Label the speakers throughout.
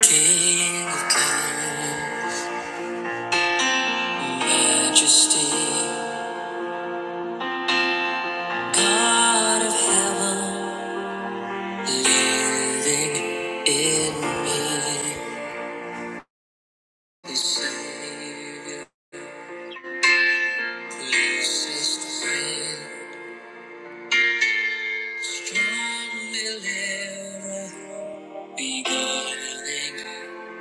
Speaker 1: King of kings, majesty, God of heaven, living in me. The same closest friend, strong deliverer, beginning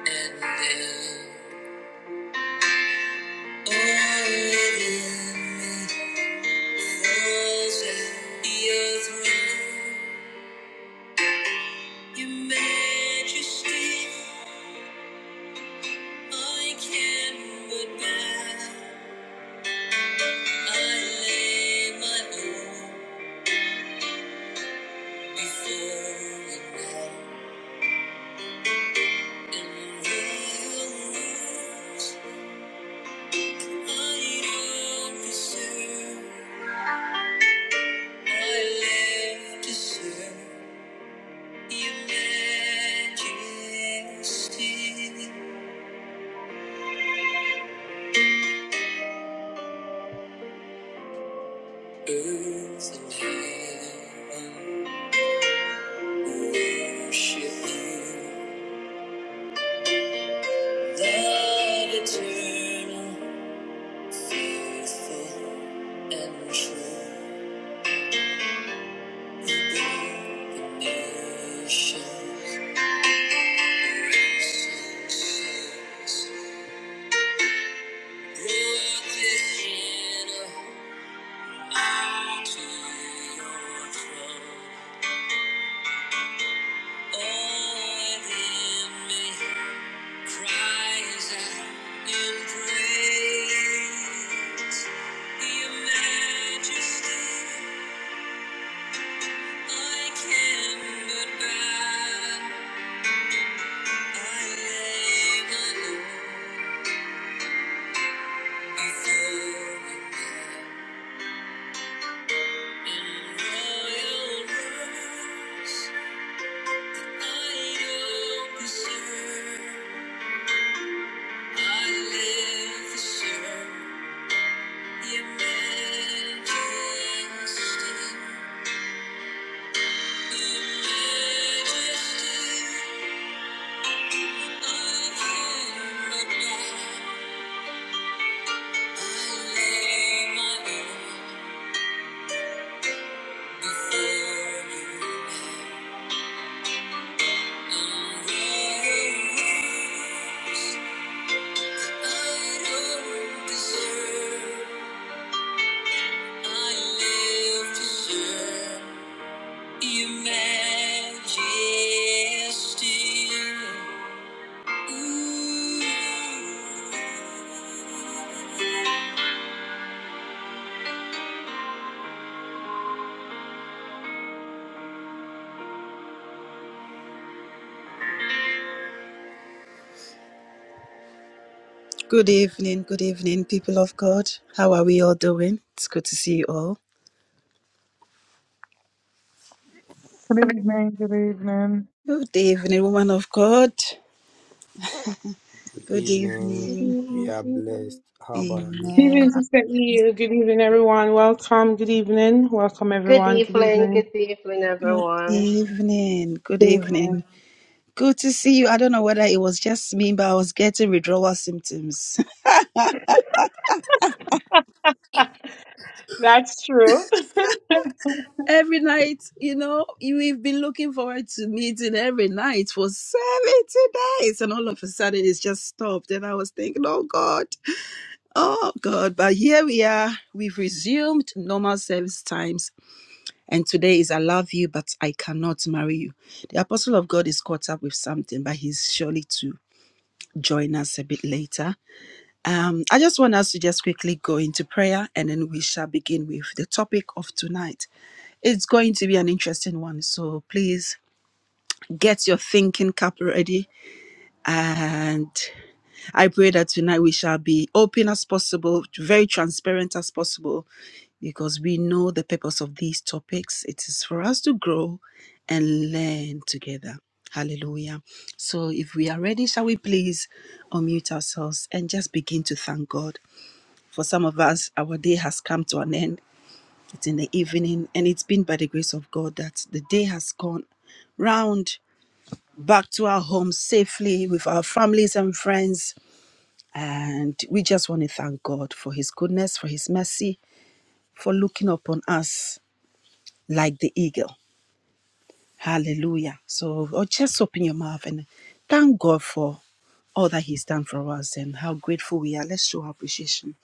Speaker 1: and end. All living me, falls at your throne. Your majesty, I can but bow. I lay my own before you now. And royal rules I don't deserve. I live to serve your majesty. Earth and heaven worship you. That eternal, faithful, and true the nations will sing, brought this sinner unto your throne. All within me cries out in praise. Your majesty. I can but bow. I lay my own before you in royal robes. I don't deserve. I live to serve your majesty. Your majesty. I can but bow. I lay my lord. Good evening, good evening, people of God. How are we all doing? It's good to see you all.
Speaker 2: Good evening, good evening.
Speaker 1: Good evening, woman of God.
Speaker 3: Good
Speaker 1: Good
Speaker 3: evening.
Speaker 4: Good
Speaker 1: evening.
Speaker 3: We
Speaker 4: evening,
Speaker 3: are
Speaker 4: good evening.
Speaker 3: blessed. How about you?
Speaker 5: Good
Speaker 1: Amen.
Speaker 5: evening, Sister E. Good evening, everyone. Welcome. Good evening. Welcome,
Speaker 6: Good
Speaker 5: everyone. Good
Speaker 6: evening,
Speaker 5: evening.
Speaker 6: good evening,
Speaker 1: Good
Speaker 6: everyone.
Speaker 1: evening. Good
Speaker 5: Good evening.
Speaker 1: evening. Good to see you. I don't know whether it was just me, but I was getting withdrawal symptoms.
Speaker 5: That's true. Father,
Speaker 1: Every night, you know, you- we've been looking forward to meeting every night for 70 days. And all of a sudden, it's just stopped. And I was thinking, oh God, oh God. But here we are. We've resumed normal service times. And today is I love you, but I cannot marry you. The apostle of God is caught up with something, but he's surely to join us a bit later. Um, I just want us to just quickly go into prayer and then we shall begin with the topic of tonight. It's going to be an interesting one, so please get your thinking cap ready. And I pray that tonight we shall be open as possible, very transparent as possible, because we know the purpose of these topics. It is for us to grow and learn together. Hallelujah. So if we are ready, shall we please unmute ourselves and just begin to thank God? For some of us, our day has come to an end. It's in the evening, and it's been by the grace of God that the day has gone round back to our homes safely with our families and friends. And we just want to thank God for His goodness, for His mercy, for looking upon us like the eagle. Hallelujah. So oh, just open your mouth and thank God for all that He's done for us and how grateful we are. Let's show our appreciation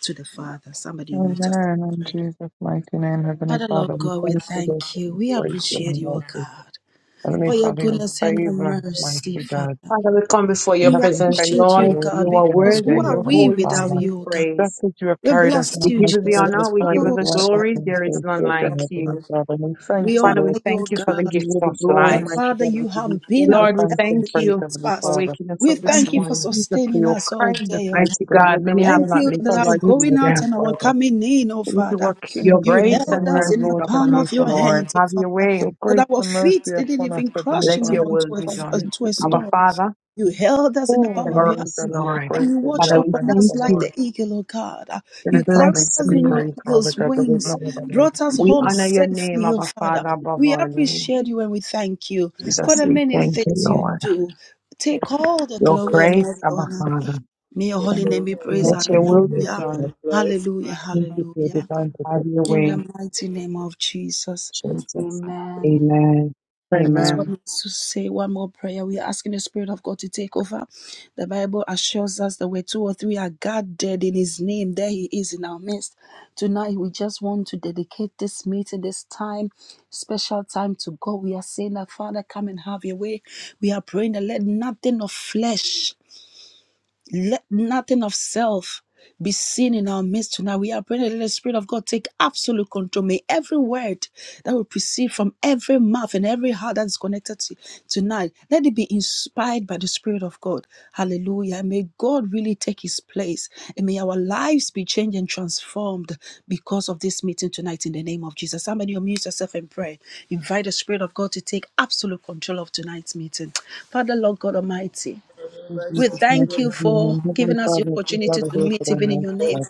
Speaker 1: to the Father. Somebody unmute us.
Speaker 2: Amen. In Jesus' mighty name, Heavenly
Speaker 1: Father, Lord
Speaker 2: Father, we
Speaker 1: God, we
Speaker 2: thank you for
Speaker 1: thank you.
Speaker 2: this
Speaker 1: We
Speaker 2: grace
Speaker 1: appreciate
Speaker 2: and
Speaker 1: you, O
Speaker 2: mercy.
Speaker 1: God,
Speaker 2: Heavenly
Speaker 1: for your
Speaker 2: Father, your
Speaker 1: goodness and your
Speaker 2: favor,
Speaker 1: mercy,
Speaker 2: mighty God.
Speaker 1: Father.
Speaker 5: we come before
Speaker 2: You
Speaker 5: your
Speaker 1: We
Speaker 2: have been
Speaker 5: presence,
Speaker 1: appreciate
Speaker 2: faithful,
Speaker 1: you,
Speaker 5: Lord.
Speaker 2: Lord,
Speaker 5: You
Speaker 1: God,
Speaker 2: each
Speaker 5: are
Speaker 2: and
Speaker 1: because
Speaker 2: every
Speaker 5: worthy.
Speaker 1: who
Speaker 2: day,
Speaker 1: are
Speaker 5: You're
Speaker 1: we
Speaker 2: Heavenly
Speaker 5: holy to
Speaker 1: without
Speaker 2: Father.
Speaker 5: be
Speaker 1: you, O God?
Speaker 2: Just
Speaker 5: praised.
Speaker 2: as you have
Speaker 1: We
Speaker 2: carried us
Speaker 1: bless
Speaker 5: We
Speaker 2: out,
Speaker 1: you,
Speaker 5: give you
Speaker 2: mighty
Speaker 5: the
Speaker 1: Jesus.
Speaker 2: God, you
Speaker 5: honor. We
Speaker 2: have carried
Speaker 5: give
Speaker 2: us
Speaker 5: you
Speaker 1: Oh,
Speaker 5: the
Speaker 2: right back
Speaker 5: glory.
Speaker 2: in
Speaker 5: There is
Speaker 2: faith,
Speaker 5: none
Speaker 2: dear
Speaker 5: like
Speaker 2: God,
Speaker 1: shadadadadadada.
Speaker 2: Heavenly
Speaker 5: you.
Speaker 2: Father. And we thank
Speaker 1: we
Speaker 2: you,
Speaker 5: Father,
Speaker 1: honor
Speaker 5: we
Speaker 2: Lord.
Speaker 1: you, O
Speaker 5: thank you
Speaker 2: We
Speaker 5: for the
Speaker 2: give
Speaker 1: God.
Speaker 2: you
Speaker 5: gift
Speaker 2: all the
Speaker 5: of
Speaker 2: glory,
Speaker 1: But
Speaker 5: life.
Speaker 2: mighty
Speaker 1: Father,
Speaker 2: God. We
Speaker 1: you
Speaker 2: give you
Speaker 1: have been
Speaker 2: all the
Speaker 1: our
Speaker 5: Lord, we
Speaker 2: thanks
Speaker 1: help
Speaker 2: and
Speaker 1: in
Speaker 5: thank
Speaker 2: praise,
Speaker 5: you
Speaker 1: ages
Speaker 2: Heavenly
Speaker 5: for
Speaker 1: past.
Speaker 2: Father.
Speaker 5: waking us
Speaker 1: We
Speaker 5: up
Speaker 2: Thank
Speaker 5: this
Speaker 1: thank you
Speaker 2: you,
Speaker 1: for
Speaker 5: morning.
Speaker 2: Jesus, for
Speaker 1: sustaining
Speaker 2: your
Speaker 1: us all
Speaker 2: kindness,
Speaker 1: day, O God.
Speaker 2: mighty
Speaker 5: Mighty
Speaker 2: God.
Speaker 5: God,
Speaker 2: Lord, there
Speaker 5: many
Speaker 2: is
Speaker 5: have
Speaker 1: Thank
Speaker 2: no
Speaker 5: not
Speaker 1: you
Speaker 5: lived
Speaker 1: that
Speaker 2: other
Speaker 5: to
Speaker 1: our
Speaker 2: like
Speaker 5: see
Speaker 1: going
Speaker 2: you,
Speaker 5: today.
Speaker 1: out
Speaker 2: Heavenly
Speaker 1: and our
Speaker 2: Father.
Speaker 1: coming in, oh
Speaker 2: Lord, you
Speaker 1: Father.
Speaker 2: are King
Speaker 5: Your
Speaker 2: of
Speaker 1: You
Speaker 2: kings
Speaker 5: grace
Speaker 1: held
Speaker 2: and
Speaker 5: and
Speaker 2: Lord
Speaker 1: us
Speaker 5: mercy
Speaker 2: of
Speaker 1: in
Speaker 5: is
Speaker 1: the
Speaker 2: lords,
Speaker 1: palm
Speaker 5: upon
Speaker 2: Heavenly
Speaker 1: of
Speaker 5: us,
Speaker 1: your
Speaker 2: Father.
Speaker 5: Lord.
Speaker 1: hand,
Speaker 5: Have
Speaker 1: oh
Speaker 5: your
Speaker 1: Father.
Speaker 5: way.
Speaker 2: Your grace
Speaker 1: That our
Speaker 2: and
Speaker 1: feet
Speaker 2: mercy
Speaker 1: didn't
Speaker 2: upon us,
Speaker 1: even
Speaker 2: Heavenly
Speaker 1: crush
Speaker 5: Let
Speaker 1: even
Speaker 5: your
Speaker 2: Father, is
Speaker 5: will
Speaker 1: onto a,
Speaker 5: be
Speaker 1: uh,
Speaker 5: done.
Speaker 2: something
Speaker 1: to
Speaker 2: to
Speaker 1: a
Speaker 2: be.
Speaker 5: Our
Speaker 1: stone.
Speaker 5: Father,
Speaker 1: You held us in the
Speaker 2: Oh,
Speaker 1: palm of
Speaker 2: mighty
Speaker 5: ever
Speaker 1: your
Speaker 5: us,
Speaker 2: God,
Speaker 1: hand
Speaker 2: we are
Speaker 5: Lord.
Speaker 1: and you
Speaker 2: grateful. We
Speaker 1: watched
Speaker 5: Father,
Speaker 2: are
Speaker 5: we
Speaker 1: upon
Speaker 5: thank
Speaker 1: us
Speaker 2: thankful,
Speaker 1: like
Speaker 2: Lord.
Speaker 5: you.
Speaker 1: the eagle, oh God.
Speaker 2: It
Speaker 5: We
Speaker 1: You
Speaker 2: is something
Speaker 1: carried
Speaker 5: bless
Speaker 2: to
Speaker 1: us
Speaker 2: be
Speaker 1: in
Speaker 5: you.
Speaker 1: your
Speaker 2: praised, Father
Speaker 1: eagle's
Speaker 2: God, but there's
Speaker 1: wings,
Speaker 2: not about it.
Speaker 1: brought us
Speaker 5: We
Speaker 1: home
Speaker 2: So,
Speaker 5: honor your name,
Speaker 1: safely, oh
Speaker 5: our
Speaker 1: Father.
Speaker 5: Father, above
Speaker 1: We
Speaker 5: our name.
Speaker 1: appreciate you and we thank you for
Speaker 5: Jesus,
Speaker 1: the
Speaker 5: we
Speaker 1: many
Speaker 5: thank you,
Speaker 1: things you
Speaker 5: Lord.
Speaker 1: do.
Speaker 7: and
Speaker 1: Take all the
Speaker 5: Your
Speaker 1: glory and
Speaker 7: grace
Speaker 5: great,
Speaker 1: all the
Speaker 5: our
Speaker 1: honor.
Speaker 5: Father.
Speaker 1: May your
Speaker 7: take
Speaker 1: holy
Speaker 2: thank
Speaker 1: name
Speaker 7: over
Speaker 1: be
Speaker 2: you for
Speaker 1: praised.
Speaker 2: your
Speaker 5: Let your
Speaker 2: favor,
Speaker 5: will
Speaker 2: and
Speaker 5: be
Speaker 7: your
Speaker 1: Hallelujah.
Speaker 2: mercy,
Speaker 7: name
Speaker 5: done.
Speaker 2: God.
Speaker 7: and glorify
Speaker 1: Hallelujah.
Speaker 2: Thank you for your
Speaker 1: Hallelujah.
Speaker 2: divine
Speaker 5: Have your
Speaker 1: In
Speaker 2: protection.
Speaker 1: the
Speaker 5: way,
Speaker 1: mighty name of Jesus.
Speaker 5: Jesus.
Speaker 1: Amen.
Speaker 5: Amen.
Speaker 1: I just want
Speaker 5: Amen.
Speaker 2: Amen.
Speaker 1: to say one more prayer. We are asking the Spirit of God to take over. The Bible assures us that where two or three are gathered in His name, there He is in our midst. Tonight, we just want to dedicate this meeting, this time, special time to God. We are saying that, Father, come and have your way. We are praying that let nothing of flesh let nothing of self be seen in our midst tonight. We are praying that let the Spirit of God take absolute control. May every word that will proceed from every mouth and every heart that is connected to tonight, let it be inspired by the Spirit of God. Hallelujah. And May God really take his place. And may our lives be changed and transformed because of this meeting tonight in the name of Jesus. Somebody unmute yourself and pray. Invite the Spirit of God to take absolute control of tonight's meeting. Father, Lord God Almighty.
Speaker 2: In
Speaker 7: Realize
Speaker 1: We
Speaker 7: your
Speaker 2: Jesus'
Speaker 1: thank
Speaker 7: you.
Speaker 2: mercy,
Speaker 1: you for
Speaker 2: amen. Heavenly
Speaker 1: giving us the
Speaker 2: Father, as we
Speaker 1: opportunity
Speaker 2: gather
Speaker 1: to
Speaker 2: here
Speaker 1: meet
Speaker 2: today,
Speaker 1: even in
Speaker 2: mercy,
Speaker 1: your name.
Speaker 2: God.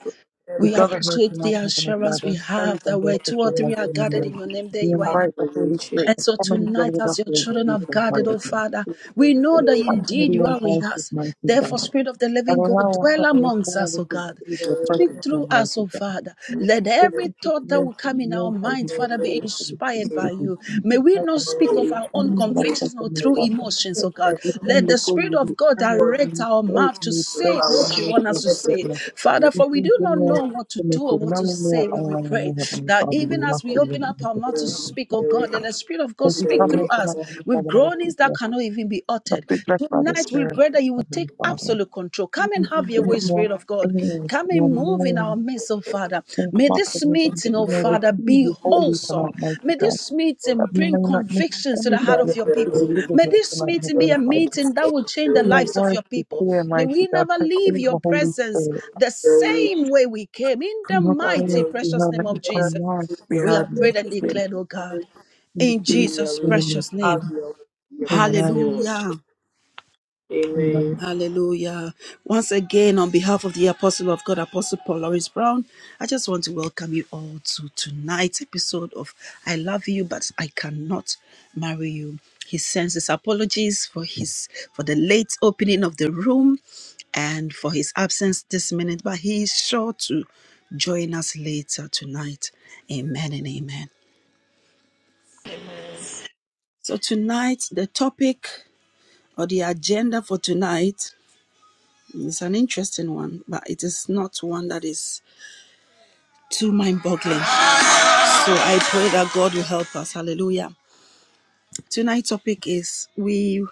Speaker 2: We
Speaker 1: We
Speaker 7: everything
Speaker 2: gather here
Speaker 1: appreciate
Speaker 2: tonight,
Speaker 1: the
Speaker 2: Heavenly
Speaker 1: assurance
Speaker 2: Father,
Speaker 1: we
Speaker 2: praise
Speaker 1: have
Speaker 2: and
Speaker 1: that where
Speaker 7: that
Speaker 2: worship
Speaker 1: two
Speaker 7: comes to
Speaker 1: or
Speaker 2: your
Speaker 7: us
Speaker 1: three
Speaker 2: mighty
Speaker 1: are
Speaker 7: in
Speaker 2: name,
Speaker 1: gathered
Speaker 7: your
Speaker 1: in
Speaker 2: Lord.
Speaker 1: your name, there
Speaker 2: We
Speaker 1: you are in our
Speaker 2: invite
Speaker 7: after
Speaker 2: the Holy Spirit
Speaker 1: and
Speaker 2: to
Speaker 1: so
Speaker 2: come and dwell
Speaker 1: tonight,
Speaker 2: with us
Speaker 1: as your
Speaker 2: here in
Speaker 1: children have
Speaker 2: Jesus'
Speaker 7: the
Speaker 1: gathered,
Speaker 2: mighty
Speaker 1: oh
Speaker 2: name.
Speaker 1: Father, we know
Speaker 2: We
Speaker 1: that
Speaker 2: come and
Speaker 1: indeed
Speaker 2: be
Speaker 1: you
Speaker 2: in
Speaker 1: are with
Speaker 2: Christ's
Speaker 1: us.
Speaker 2: mercy,
Speaker 1: Therefore,
Speaker 2: God.
Speaker 1: Spirit of the
Speaker 2: And
Speaker 1: Living God,
Speaker 2: allow us,
Speaker 1: dwell
Speaker 2: Heavenly
Speaker 1: amongst us,
Speaker 2: Father,
Speaker 1: oh
Speaker 2: to
Speaker 1: God.
Speaker 2: receive your
Speaker 1: Speak
Speaker 2: presence, your
Speaker 1: through us,
Speaker 2: mercy,
Speaker 1: oh
Speaker 2: God.
Speaker 1: Father. Let
Speaker 2: Give
Speaker 1: every
Speaker 2: us this
Speaker 1: thought that
Speaker 2: mercy,
Speaker 1: will come in our
Speaker 2: mercy, we
Speaker 1: mind,
Speaker 2: give us
Speaker 1: Father,
Speaker 2: that
Speaker 1: be
Speaker 2: we thank you,
Speaker 1: inspired
Speaker 2: we
Speaker 1: by
Speaker 2: thank
Speaker 1: you.
Speaker 2: you.
Speaker 1: May we not speak of our own
Speaker 2: And we ask that
Speaker 1: convictions or
Speaker 2: from the
Speaker 1: through
Speaker 2: Father.
Speaker 1: emotions, oh
Speaker 2: As
Speaker 1: God.
Speaker 2: we come
Speaker 1: Let the
Speaker 2: before
Speaker 1: Spirit
Speaker 2: you, we
Speaker 1: of God
Speaker 2: ask
Speaker 1: direct
Speaker 2: you,
Speaker 1: our
Speaker 2: save
Speaker 1: mouth to
Speaker 2: me, beg
Speaker 1: say
Speaker 2: for
Speaker 1: what you want
Speaker 2: mercy
Speaker 1: us
Speaker 2: and
Speaker 1: to say.
Speaker 2: forgiveness.
Speaker 1: Father,
Speaker 2: We
Speaker 1: for we
Speaker 2: do
Speaker 1: do not
Speaker 2: bring us
Speaker 1: know what to
Speaker 2: to make
Speaker 1: do or
Speaker 2: it
Speaker 1: what to
Speaker 2: known in your
Speaker 1: say when
Speaker 2: own
Speaker 1: we
Speaker 2: and
Speaker 1: pray.
Speaker 2: we have our
Speaker 1: That
Speaker 2: Father, we
Speaker 1: even
Speaker 2: ask
Speaker 1: as we
Speaker 2: you, we
Speaker 1: open up our
Speaker 2: ask
Speaker 1: mouth to
Speaker 2: you, we
Speaker 1: speak, oh
Speaker 2: thank
Speaker 1: God, let
Speaker 2: you.
Speaker 1: the Spirit of
Speaker 2: As
Speaker 1: God
Speaker 2: we
Speaker 1: speak
Speaker 2: come here
Speaker 1: through us
Speaker 2: tonight, we
Speaker 1: with
Speaker 2: Father, let us be
Speaker 1: groanings that
Speaker 2: blessed.
Speaker 1: cannot even be
Speaker 2: Let us
Speaker 1: uttered.
Speaker 2: be blessed by the
Speaker 1: Tonight we
Speaker 2: Spirit,
Speaker 1: pray that you would.
Speaker 2: Heavenly
Speaker 1: Take
Speaker 2: Father.
Speaker 1: absolute control. Come and have your
Speaker 2: Bring
Speaker 1: way,
Speaker 2: it now,
Speaker 1: Spirit of God.
Speaker 2: ears,
Speaker 1: Come
Speaker 2: in your
Speaker 1: and move in our
Speaker 2: mind,
Speaker 1: midst, oh Father.
Speaker 2: search
Speaker 1: May
Speaker 2: not for
Speaker 1: this
Speaker 2: anything that
Speaker 1: meeting,
Speaker 2: we
Speaker 1: oh
Speaker 2: may
Speaker 1: Father,
Speaker 2: receive
Speaker 1: be
Speaker 2: you wholly
Speaker 1: wholesome.
Speaker 2: tonight, mighty
Speaker 1: May
Speaker 2: God.
Speaker 1: this meeting
Speaker 2: that we
Speaker 1: bring
Speaker 2: may not miss
Speaker 1: convictions to
Speaker 2: any
Speaker 1: the
Speaker 2: of
Speaker 1: heart
Speaker 2: you
Speaker 1: of your
Speaker 2: since we
Speaker 1: people.
Speaker 2: deliver
Speaker 1: May
Speaker 2: here
Speaker 1: this
Speaker 2: tonight,
Speaker 1: meeting be
Speaker 2: Heavenly
Speaker 1: a
Speaker 2: Father.
Speaker 1: meeting that will change
Speaker 2: Let
Speaker 1: the
Speaker 2: your
Speaker 1: lives of
Speaker 2: words
Speaker 1: your
Speaker 2: be
Speaker 1: people.
Speaker 2: clear,
Speaker 1: May
Speaker 2: mighty
Speaker 1: we
Speaker 2: God.
Speaker 1: never
Speaker 2: Take
Speaker 1: leave your
Speaker 2: over, Holy
Speaker 1: presence
Speaker 2: Spirit.
Speaker 1: the same way we came. In the
Speaker 2: We hope
Speaker 1: mighty,
Speaker 2: prayers
Speaker 7: chief
Speaker 2: be
Speaker 1: precious
Speaker 2: heard. Let
Speaker 1: name
Speaker 2: your
Speaker 1: of
Speaker 7: Let us
Speaker 1: Jesus,
Speaker 2: commands
Speaker 7: do
Speaker 2: be
Speaker 7: your
Speaker 1: we
Speaker 2: heard,
Speaker 1: have
Speaker 2: mighty
Speaker 1: prayed and
Speaker 7: business. Let
Speaker 2: God.
Speaker 1: declared, oh
Speaker 7: your
Speaker 1: God,
Speaker 7: will
Speaker 2: In
Speaker 1: in
Speaker 2: Jesus'
Speaker 1: Jesus'
Speaker 7: your way.
Speaker 2: name,
Speaker 1: precious
Speaker 2: we pray.
Speaker 7: Have
Speaker 1: name.
Speaker 7: your way mighty
Speaker 2: amen.
Speaker 7: name of Jesus.
Speaker 1: Hallelujah.
Speaker 7: Amen.
Speaker 2: Amen.
Speaker 1: Hallelujah. Once again, on behalf of the Apostle of God, Apostle Paul Lawrence Brown, I just want to welcome you all to tonight's episode of I Love You, but I Cannot Marry You. He sends his apologies for his for the late opening of the room and for his absence this minute, but he is sure to join us later tonight. Amen and amen. So tonight the topic or the agenda for tonight It's an interesting one, but it is not one that is too mind boggling. So I pray that God will help us. Hallelujah. Tonight's topic is we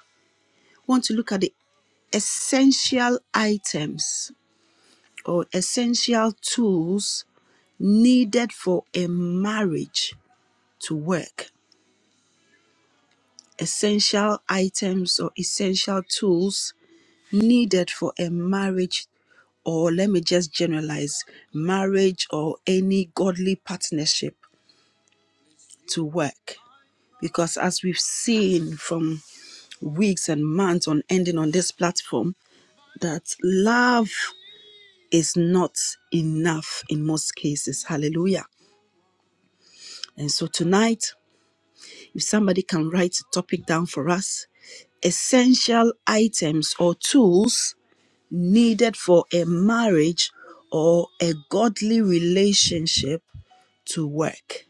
Speaker 1: want to look at the essential items or essential tools needed for a marriage to work. Essential items or essential tools needed for a marriage, or let me just generalize marriage or any godly partnership to work because as we've seen from weeks and months on ending on this platform that love is not enough in most cases hallelujah and so tonight if somebody can write a topic down for us essential items or tools needed for a marriage or a godly relationship to work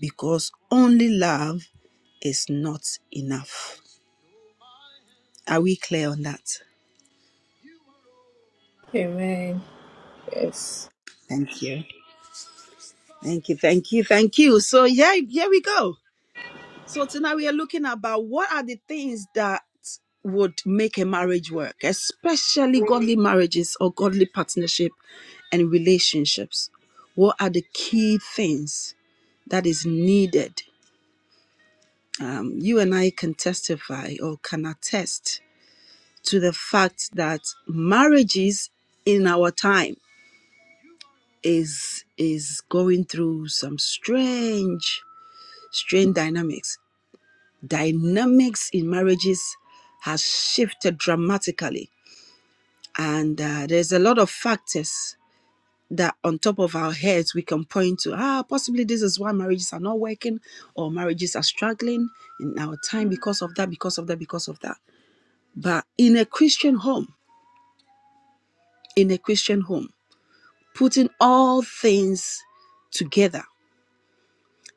Speaker 1: because only love is not enough Are we clear on that?
Speaker 7: Amen. Yes.
Speaker 1: Thank you. Thank you. Thank you. Thank you. So yeah, here we go. So tonight we are looking about what are the things that would make a marriage work, especially godly marriages or godly partnership and relationships. What are the key things that is needed? Um, you and I can testify or can attest to the fact that marriages in our time is is going through some strange strange dynamics dynamics in marriages has shifted dramatically and uh, there's a lot of factors that on top of our heads we can point to ah possibly this is why marriages are not working or marriages are struggling in our time because of that because of that because of that but in a christian home in a christian home putting all things together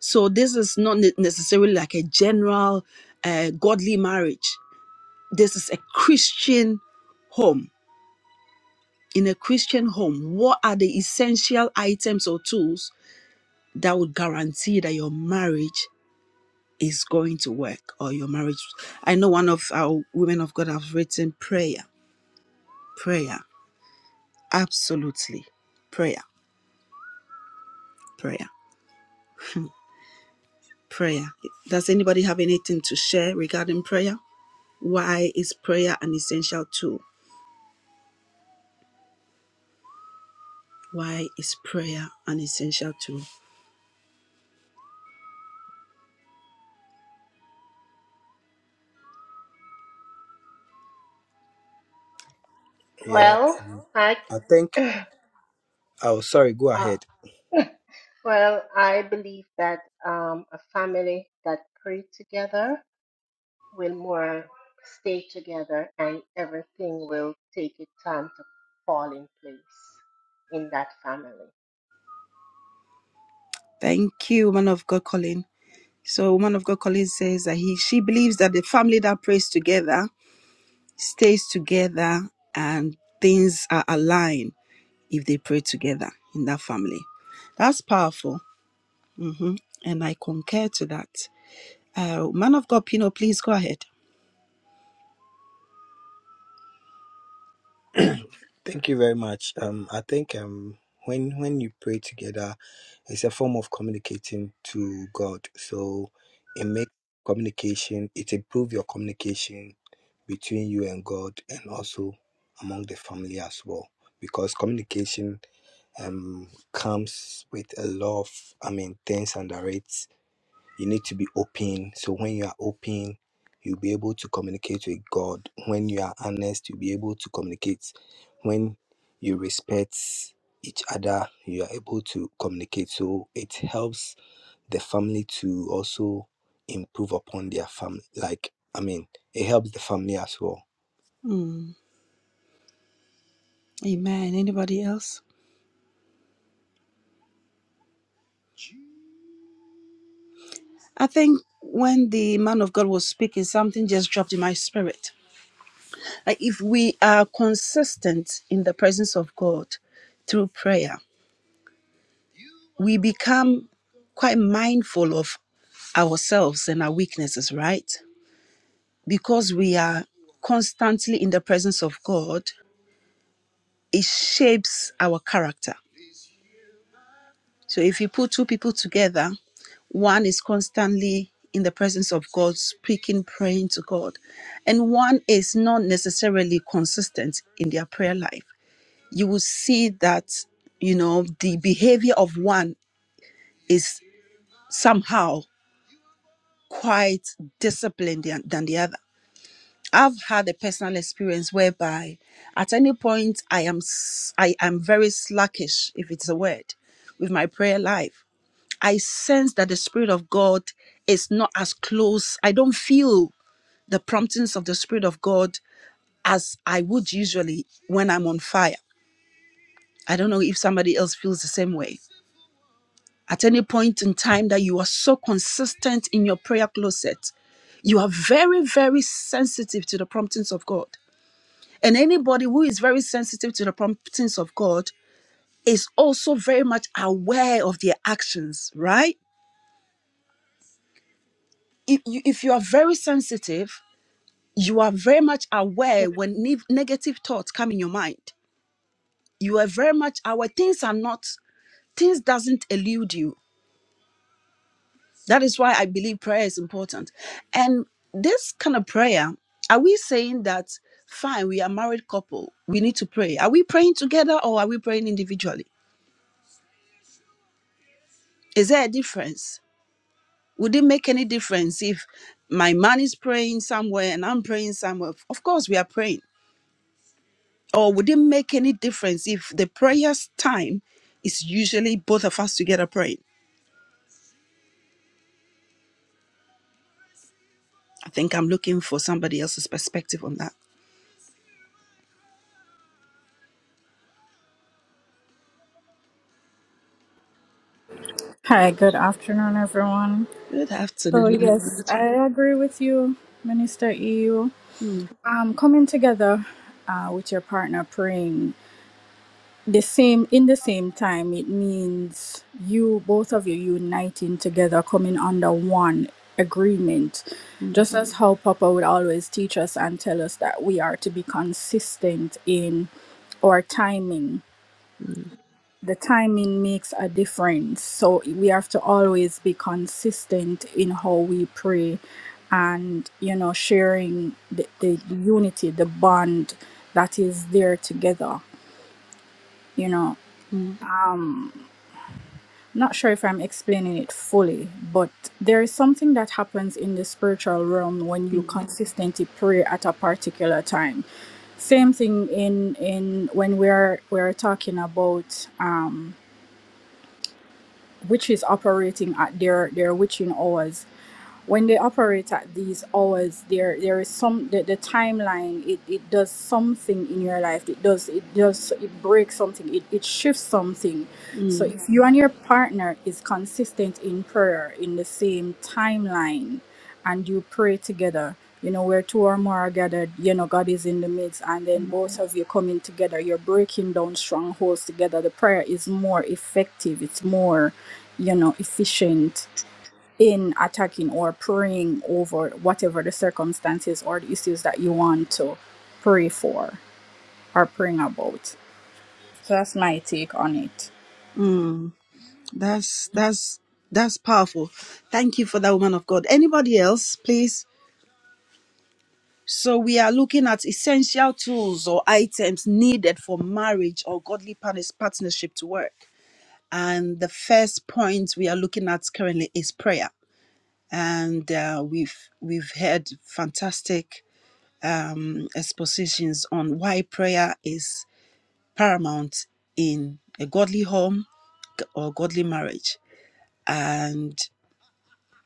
Speaker 1: So this is not ne- necessarily like a general uh, godly marriage. This is a Christian home. In a Christian home, what are the essential items or tools that would guarantee that your marriage is going to work or your marriage? I know one of our women of God have written prayer, prayer, absolutely, prayer, prayer, prayer. Does anybody have anything to share regarding prayer? Why is prayer an essential tool? why is prayer an essential tool?
Speaker 3: Yeah.
Speaker 6: Well,
Speaker 3: Um,
Speaker 6: I
Speaker 3: I think.
Speaker 6: uh,
Speaker 3: Oh, sorry. Go ahead.
Speaker 6: well, I believe that um, a family that pray together will more stay together, and everything will take its time to fall in place in that family.
Speaker 1: Thank you, woman of God, Colin. So, woman of God, Colin says that he she believes that the family that prays together stays together and things are aligned if they pray together in that family. That's powerful, hmm and I concur to that. Uh, man of God, Pino, please go ahead.
Speaker 3: Thank you very much. Um, I think um, when when you pray together, it's a form of communicating to God. So it makes communication. It improves your communication between you and God, and also among the family as well, because communication um comes with a lot of I mean things under it You need to be open. So when you are open, you'll be able to communicate with God. When you are honest, you'll be able to communicate. When you respect each other, you are able to communicate. So it helps the family to also improve upon their family. Like, I mean, it helps the family as well.
Speaker 1: Amen. Anybody else? I think when the man of God was speaking, something just dropped in my spirit. Like if we are consistent in the presence of God through prayer, we become quite mindful of ourselves and our weaknesses, right? Because we are constantly in the presence of God, it shapes our character. So if you put two people together, one is constantly in the presence of God, speaking, praying to God, and one is not necessarily consistent in their prayer life. you will see that you know the behavior of one is somehow quite disciplined than than the other i've had a personal experience whereby at any point i am s- i am very slackish if it's a word with my prayer life i sense that the spirit of god is not as close i don't feel the promptings of the spirit of god as i would usually when i'm on fire i don't know if somebody else feels the same way At any point in time that you are so consistent in your prayer closet, you are very, very sensitive to the promptings of God. And anybody who is very sensitive to the promptings of God is also very much aware of their actions, right? If you, if you are very sensitive, you are very much aware when ne- negative thoughts come in your mind. You are very much aware things are not, things doesn't elude you That is why I believe prayer is important. And this kind of prayer, are we saying that, fine, we are married couple, we need to pray? Are we praying together or are we praying individually? Is there a difference? Would it make any difference if my man is praying somewhere and I'm praying somewhere? Of course, we are praying. Or would it make any difference if the prayer's time is usually both of us together praying? I think I'm looking for somebody else's perspective on that.
Speaker 8: Hi, good afternoon, everyone.
Speaker 1: Good
Speaker 8: So,
Speaker 1: afternoon. man of
Speaker 8: yes,
Speaker 1: God.
Speaker 8: I agree with you, Minister EU.
Speaker 1: Mm,
Speaker 8: Um, coming together uh, with your partner praying the same in the same time, it means you both of you uniting together, coming under one agreement.
Speaker 1: mm,
Speaker 8: Just as how Papa would always teach us and tell us that we are to be consistent in our timing
Speaker 1: mm.
Speaker 8: the timing makes a difference. So we have to always be consistent in how we pray and, you know, sharing the, the, the unity, the bond that is there together. You know,
Speaker 1: Mm,
Speaker 8: not sure if I'm explaining it fully, but there is something that happens in the spiritual realm when you
Speaker 1: mm,
Speaker 8: consistently pray at a particular time. Same thing in in when we're we're talking about um, witches operating at their their witching hours when they operate at these hours there there is some the, the timeline it, it does something in your life it does it does it breaks something it, it shifts something so
Speaker 1: mm,
Speaker 8: if you and your partner is consistent in prayer in the same timeline and you pray together you know where two or more are gathered you know god is in the midst and then both of you coming together you're breaking down strongholds together the prayer is more effective it's more you know efficient in attacking or praying over whatever the circumstances or the issues that you want to pray for or praying about. So that's my take on it.
Speaker 1: mm. That's that's that's powerful. Thank you for that woman of God. Anybody else, please? So we are looking at essential tools or items needed for marriage or godly partners- partnership to work. And the first point we are looking at currently is prayer. And uh, we've we've heard fantastic um, expositions on why prayer is paramount in a godly home or godly marriage. And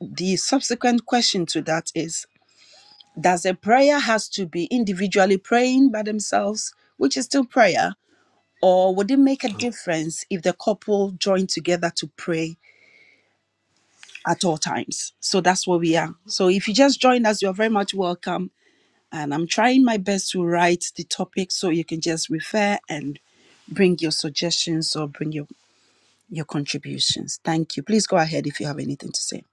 Speaker 1: the subsequent question to that is Does a prayer has to be individually praying by themselves, which is still prayer, or would it make a
Speaker 3: Oh.
Speaker 1: difference if the couple join together to pray at all times? So that's where we are. So if you just join us, you're very much welcome. And I'm trying my best to write the topic so you can just refer and bring your suggestions or bring your, your contributions. Thank you. Please go ahead if you have anything to say.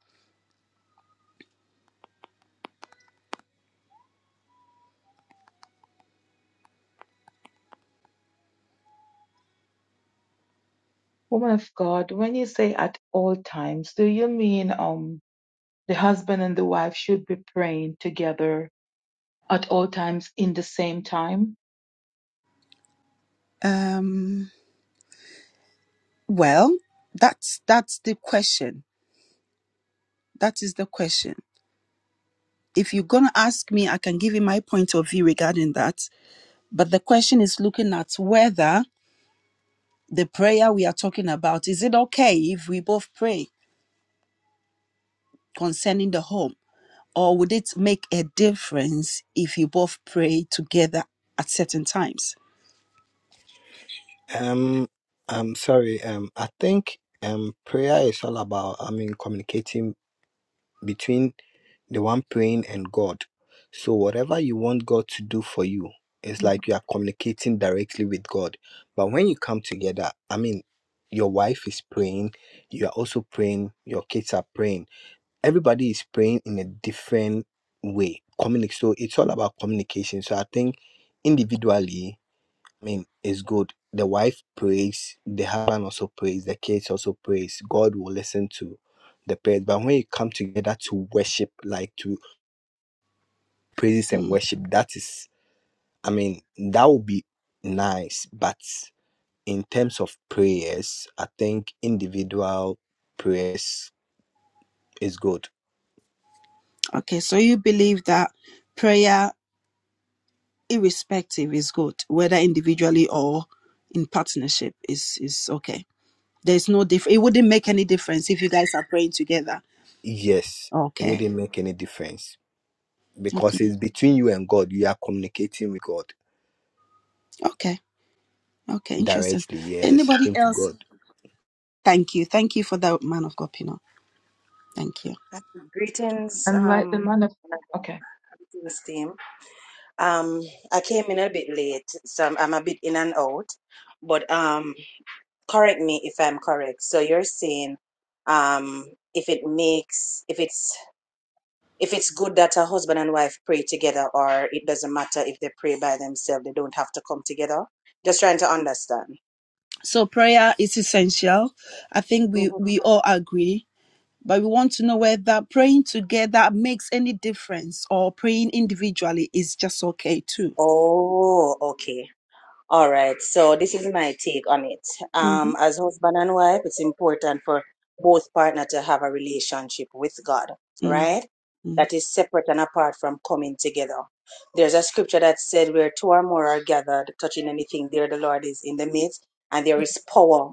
Speaker 9: Woman of God, when you say at all times, do you mean um the husband and the wife should be praying together at all times in the same time?
Speaker 1: Um, Well, that's that's the question. That is the question. If you're gonna ask me, I can give you my point of view regarding that. But the question is looking at whether the prayer we are talking about is it okay if we both pray concerning the home, or would it make a difference if you both pray together at certain times?
Speaker 3: Um, I'm sorry. Um, I think um, prayer is all about, I mean, communicating between the one praying and God. So whatever you want God to do for you, it's like you are communicating directly with God. But when you come together, I mean, your wife is praying, you are also praying, your kids are praying. Everybody is praying in a different way. Communic so it's all about communication. So I think individually, I mean, it's good. The wife prays, the husband also prays, the kids also prays. God will listen to the prayers. But when you come together to worship, like to praises and
Speaker 1: Hmm.
Speaker 3: worship that is i mean that would be nice but in terms of prayers i think individual prayers is good
Speaker 1: Okay, so you believe that prayer irrespective is good whether individually or in partnership is is okay there's no diff it wouldn't make any difference if you guys are praying together
Speaker 3: yes it
Speaker 1: okay
Speaker 3: wouldn't make any difference
Speaker 1: okay
Speaker 3: because it's between you and god you are communicating with god
Speaker 1: okay okay interesting
Speaker 3: directly yes
Speaker 1: anybody
Speaker 3: speaking to
Speaker 1: else
Speaker 3: god
Speaker 1: thank you thank you for that man of god pino thank you
Speaker 10: Greetings,
Speaker 9: And like the
Speaker 10: um,
Speaker 9: man of
Speaker 10: and
Speaker 9: okay,
Speaker 10: greetings team. Um, I came in a bit late, so I'm, I'm a bit in and out. But um, correct me if I'm correct. So you're saying, um, if it makes, if it's, if it's good that a husband and wife pray together, or it doesn't matter if they pray by themselves, they don't have to come together. Just trying to understand.
Speaker 1: so prayer is essential i think we
Speaker 10: hmm
Speaker 1: we all agree but we want to know whether praying together makes any difference or praying individually is just okay too
Speaker 10: Oh, okay. All right, so this is my take on it.
Speaker 1: mm-hmm.
Speaker 10: Um, as husband and wife, it's important for both partner to have a relationship with God,
Speaker 1: mm
Speaker 10: right?
Speaker 1: mm,
Speaker 10: That is separate and apart from coming together. There's a scripture that said, "Where two or more are gathered, touching anything, there the Lord is in the midst," and there is power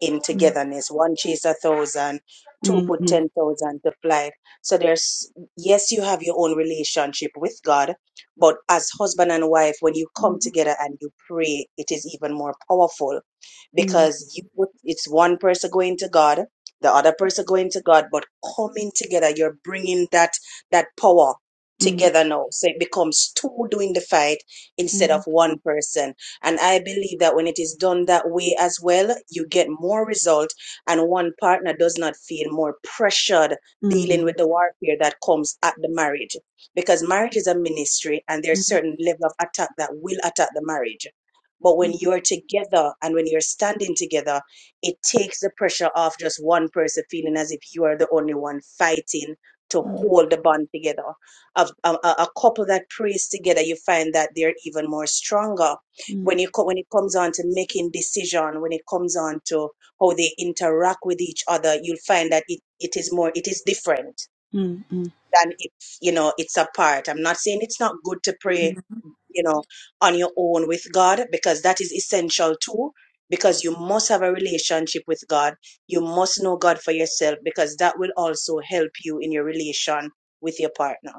Speaker 10: in togetherness. One chase a thousand, two
Speaker 1: mm,
Speaker 10: put
Speaker 1: mm.
Speaker 10: ten thousand to flight. So there's yes, you have your own relationship with God but as husband and wife, when you come
Speaker 1: Mm,
Speaker 10: together and you pray, it is even more powerful
Speaker 1: mm,
Speaker 10: because you it's one person going to God, the other person going to God, but coming together, you're bringing that that power
Speaker 1: mm,
Speaker 10: together now. So it becomes two doing the fight instead of
Speaker 1: mm,
Speaker 10: one person. And I believe that when it is done that way as well, you get more result and one partner does not feel more pressured dealing with
Speaker 1: mm, mm,
Speaker 10: the warfare that comes at the marriage because marriage is a ministry and
Speaker 1: mm,
Speaker 10: there's certain level of attack that will attack the marriage but when you're together and when you're standing together it takes the pressure off just one person feeling as if you are the only one fighting to
Speaker 1: mm,
Speaker 10: hold the bond together a, a, a a couple that prays together you find that they're even more stronger
Speaker 1: mm,
Speaker 10: when you co- when it comes on to making decision when it comes on to how they interact with each other you'll find that it, it is more it is different
Speaker 1: mm,
Speaker 10: then it's you know it's a part i'm not saying it's not good to pray
Speaker 1: mm.
Speaker 10: you know on your own with god because that is essential too because you must have a relationship with god you must know god for yourself because that will also help you in your relation with your partner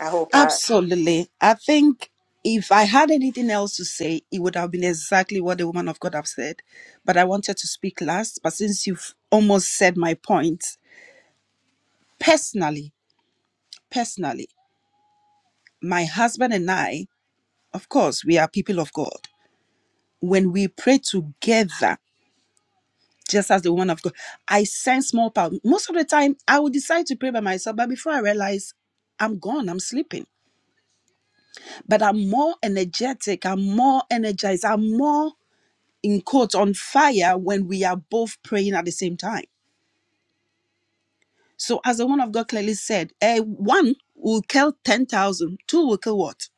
Speaker 10: i hope i
Speaker 1: Absolutely. I think if I had anything else to say, it would have been exactly what the woman of God have said. But I wanted to speak last. But since you've almost said my point, personally, personally, my husband and I, of course, we are people of God. When we pray together, just as the woman of God. I sense more power. Most of the time, I will decide to pray by myself, but before I realize, I'm gone, I'm sleeping. But I'm more energetic, I'm more energized, I'm more in quotes on fire when we are both praying at the same time. So, as the woman of God clearly said, eh, one will kill 10,000, two will kill what?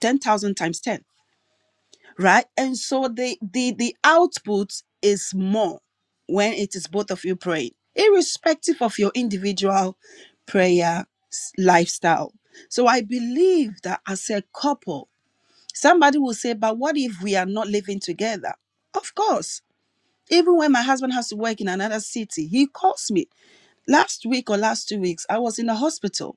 Speaker 1: 10,000 times 10. right? And so the the the output is more when it is both of you praying, irrespective of your individual prayer s- lifestyle. So I believe that as a couple, somebody will say, "But what if we are not living together?" Of course. Even when my husband has to work in another city, he calls me. Last week or last two weeks, I was in the hospital.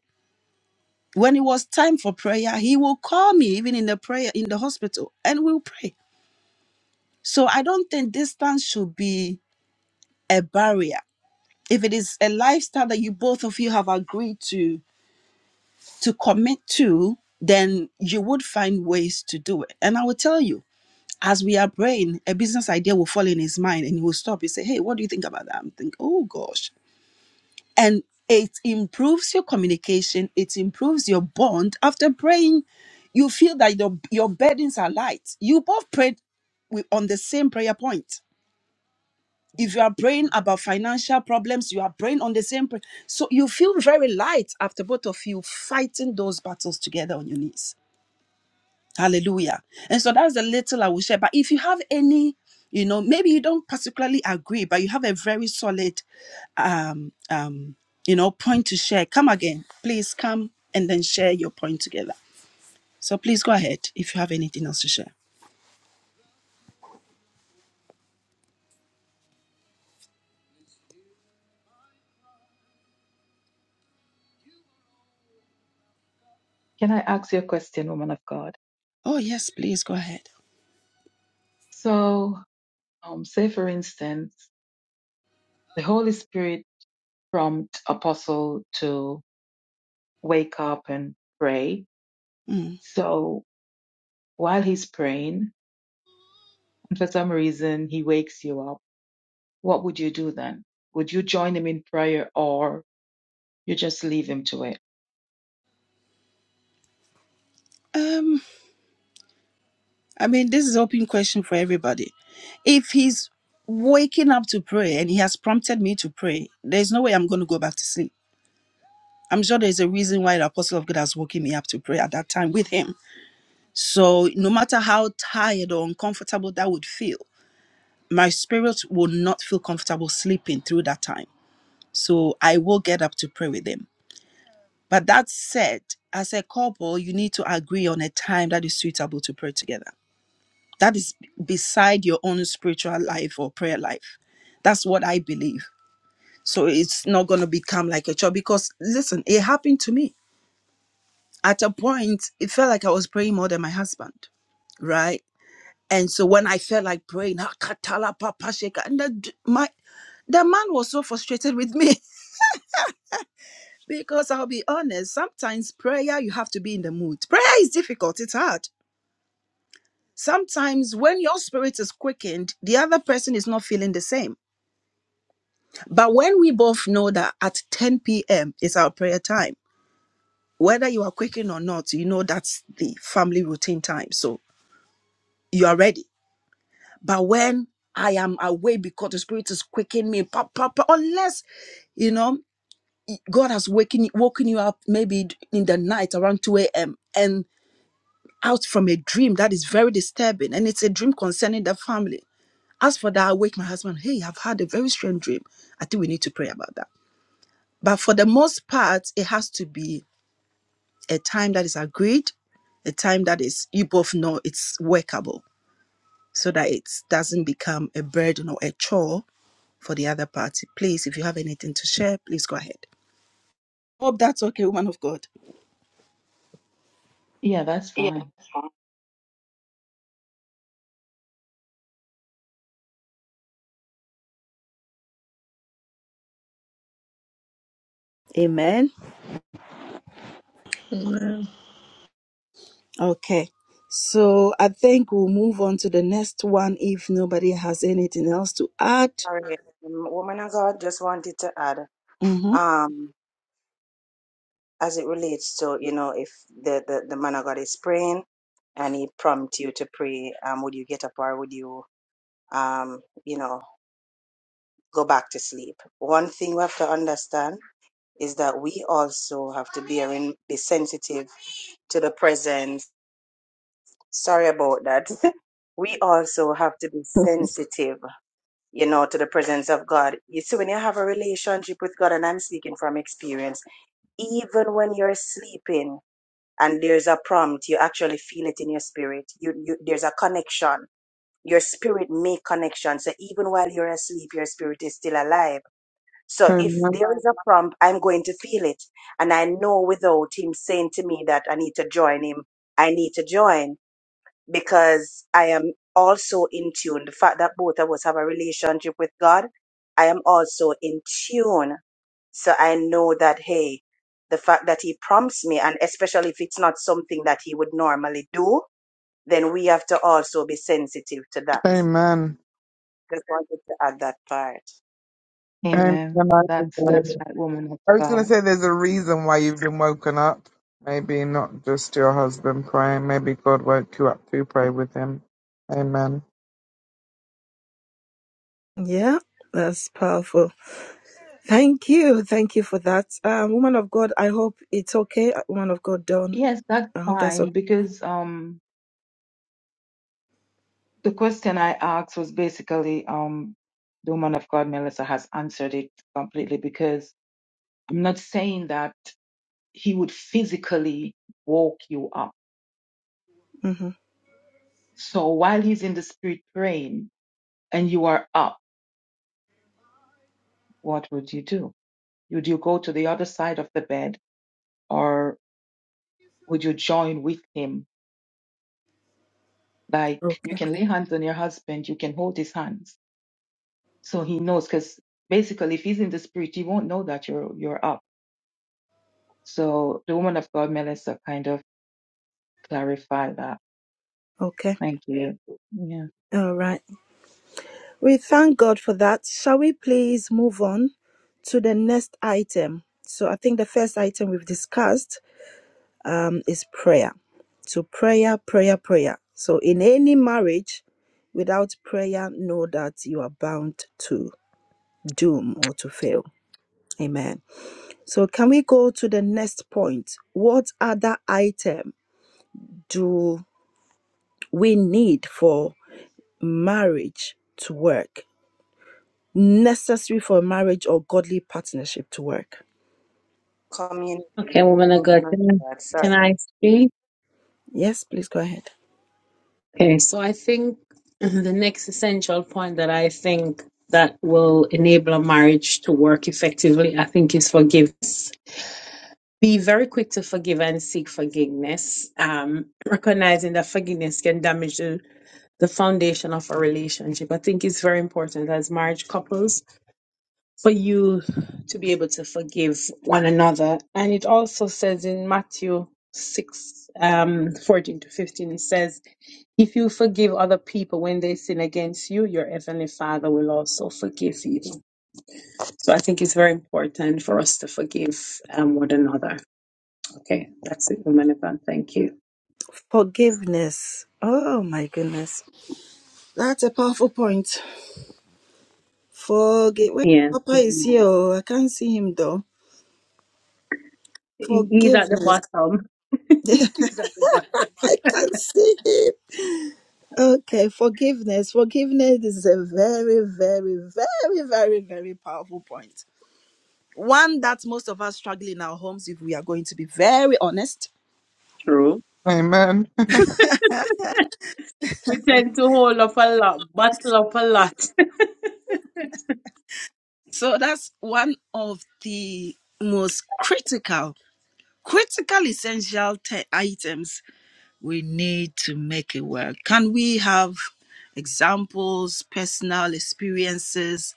Speaker 1: When it was time for prayer, he will call me even in the prayer in the hospital and we'll pray. So I don't think distance should be a barrier. If it is a lifestyle that you both of you have agreed to to commit to, then you would find ways to do it. And I will tell you, as we are praying, a business idea will fall in his mind and he will stop. He say, Hey, what do you think about that? I'm thinking, oh gosh. And it improves your communication, it improves your bond. After praying, you feel that your, your burdens are light. You both prayed with, on the same prayer point if you are praying about financial problems, you are praying on the same prayer. So you feel very light after both of you fighting those battles together on your knees. Hallelujah. And so that's the little I will share. But if you have any, you know, maybe you don't particularly agree, but you have a very solid um um you know point to share. Come again. Please come and then share your point together. So please go ahead if you have anything else to share.
Speaker 9: can I ask you a question, woman of God?
Speaker 1: Oh yes, please go ahead.
Speaker 9: So, um, say for instance, the Holy Spirit prompt apostle to wake up and pray.
Speaker 1: Mm.
Speaker 9: So while he's praying, and for some reason he wakes you up, what would you do then? Would you join him in prayer or You just leave him to it.
Speaker 1: Um, I mean, this is open question for everybody. If he's waking up to pray and he has prompted me to pray, there's no way I'm going to go back to sleep. I'm sure there's a reason why the apostle of God has woken me up to pray at that time with him. So no matter how tired or uncomfortable that would feel, my spirit will not feel comfortable sleeping through that time. So I will get up to pray with him. But that said, as a couple, you need to agree on a time that is suitable to pray together that is beside your own spiritual life or prayer life that's what i believe so it's not going to become like a chore because listen it happened to me at a point it felt like i was praying more than my husband right and so when i felt like praying "Ah, katala papa sheka," and the, my the man was so frustrated with me because i'll be honest sometimes prayer you have to be in the mood prayer is difficult it's hard sometimes when your spirit is quickened the other person is not feeling the same But when we both know that at 10 p.m. is our prayer time, whether you are quaking or not, you know that's the family routine time. So you are ready. But when I am away because the spirit is quaking me, pop, pop, pop, unless you know God has waking woken you up maybe in the night around 2 a.m. and out from a dream that is very disturbing, and it's a dream concerning the family. As for that, I wake my husband, hey, I've had a very strange dream. I think we need to pray about that. But for the most part, it has to be a time that is agreed, a time that is you both know it's workable, so that it doesn't become a burden or a chore for the other party. Please, if you have anything to share, please go ahead. Hope that's okay, woman of God.
Speaker 9: Yeah, that's fine.
Speaker 1: Amen.
Speaker 7: Amen.
Speaker 1: Okay. So I think we'll move on to the next one if nobody has anything else to add.
Speaker 10: sorry um, woman of god just wanted to add
Speaker 1: Mm-hmm.
Speaker 10: um as it relates to you know if the the, the man of god is praying and he prompts you to pray um would you get up or would you um you know go back to sleep. One thing we have to understand is that we also have to be in, be sensitive to the presence. Sorry about that. We also have to be sensitive, you know, to the presence of God. You see, when you have a relationship with God, and I'm speaking from experience, even when you're sleeping and there's a prompt, you actually feel it in your spirit. You, you there's a connection. Your spirit make connection. So even while you're asleep, your spirit is still alive So if
Speaker 2: Amen.
Speaker 10: there is a prompt, I'm going to feel it. And I know without him saying to me that I need to join him, I need to join because I am also in tune. The fact that both of us have a relationship with God, I am also in tune. So I know that, hey, the fact that he prompts me, and especially if it's not something that he would normally do, then we have to also be sensitive to that.
Speaker 2: Amen.
Speaker 10: Just wanted to add that part.
Speaker 2: Amen.
Speaker 9: Amen.
Speaker 2: I
Speaker 9: That's that's
Speaker 2: agree.
Speaker 9: right, woman of
Speaker 2: I was going to
Speaker 9: God.
Speaker 2: say there's a reason why you've been woken up. Maybe not just your husband praying. Maybe God woke you up to pray with him. Amen.
Speaker 1: Yeah, that's powerful. Thank you. Thank you for that. Um, woman of God, I hope it's okay. Uh, Woman of God, Dawn,
Speaker 9: Yes, that's
Speaker 1: I hope that's okay.
Speaker 9: fine because um the question I asked was basically um the woman of God Melissa has answered it completely because I'm not saying that he would physically walk you up.
Speaker 1: Mm-hmm.
Speaker 9: So while he's in the spirit praying and you are up, what would you do? Would you go to the other side of the bed or would you join with him Like you
Speaker 1: Okay.
Speaker 9: can lay hands on your husband, you can hold his hands. So he knows because basically if he's in the spirit, he won't know that you're you're up. So the woman of God Melissa kind of clarified that.
Speaker 1: Okay.
Speaker 9: Thank you.
Speaker 1: All right. We thank God for that. Shall we please move on to the next item? So I think the first item we've discussed um, is prayer. So prayer, prayer, prayer. So in any marriage, without prayer, know that you are bound to doom or to fail. Amen. So can we go to the next point? What other item do we need for marriage to work? necessary for marriage or godly partnership to work.
Speaker 10: Communication.
Speaker 5: Okay, woman of God, can I, can I speak?
Speaker 1: Yes, please go ahead.
Speaker 5: Okay, so I think the next essential point that I think that will enable a marriage to work effectively, I think, is forgiveness. Be very quick to forgive and seek forgiveness, um, recognizing that forgiveness can damage the, the foundation of a relationship. I think it's very important as marriage couples for you to be able to forgive one another. And it also says in Matthew 6, um, 14 to 15, it says, If you forgive other people when they sin against you, your heavenly Father will also forgive you. So I think it's very important for us to forgive um, one another. Okay, that's it, woman of God. Thank you.
Speaker 1: Forgiveness. Oh my goodness. That's a powerful point. Forgive. Wait,
Speaker 5: Yeah,
Speaker 1: Papa is
Speaker 5: He-
Speaker 1: here. oh, I can't see him though.
Speaker 5: he's at the
Speaker 1: Forgiveness.
Speaker 5: bottom.
Speaker 1: I
Speaker 5: He's at the bottom.
Speaker 1: can't see him. Okay, forgiveness. Forgiveness is a very, very, very, very, very powerful point. One that most of us struggle in our homes, if we are going to be very honest
Speaker 5: True.
Speaker 2: Amen.
Speaker 5: We tend to hold up a lot, bottle up a lot.
Speaker 1: So that's one of the most critical, critical essential te- items we need to make it work. Can we have examples, personal experiences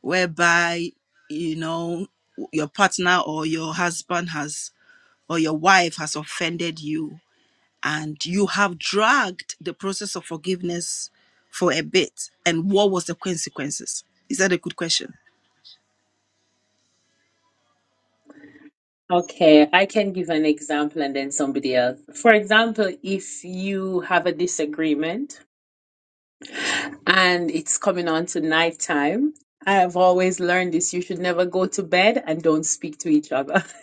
Speaker 1: whereby, you know, your partner or your husband has, or your wife has offended you and you have dragged the process of forgiveness for a bit? And what was the consequences? Is that a good question?
Speaker 5: Okay, I can give an example and then somebody else. For example, if you have a disagreement and it's coming on to nighttime, I've always learned this. You should never go to bed and don't speak to each other.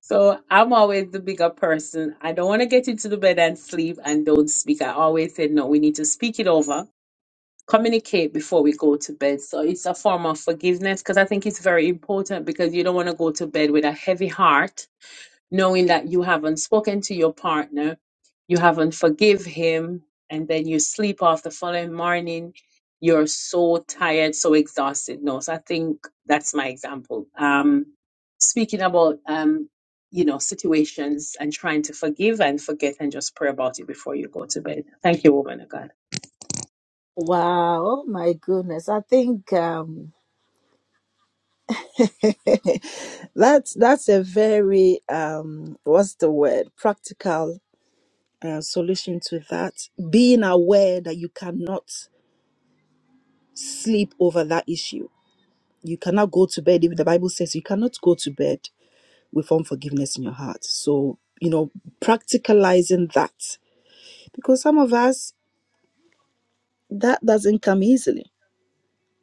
Speaker 5: So I'm always the bigger person. I don't want to get into the bed and sleep and don't speak. I always say, no, we need to speak it over, communicate before we go to bed. So it's a form of forgiveness because I think it's very important because you don't want to go to bed with a heavy heart knowing that you haven't spoken to your partner, you haven't forgive him, and then you sleep off the following morning. You're so tired, so exhausted. No, so I think that's my example. Um, speaking about um, you know situations and trying to forgive and forget and just pray about it before you go to bed. Thank you, woman of God.
Speaker 1: Wow, oh my goodness. I think um that's that's a very um what's the word? practical uh, solution to that. Being aware that you cannot sleep over that issue. You cannot go to bed if the Bible says you cannot go to bed with unforgiveness in your heart. So, you know, practicalizing that because some of us that doesn't come easily.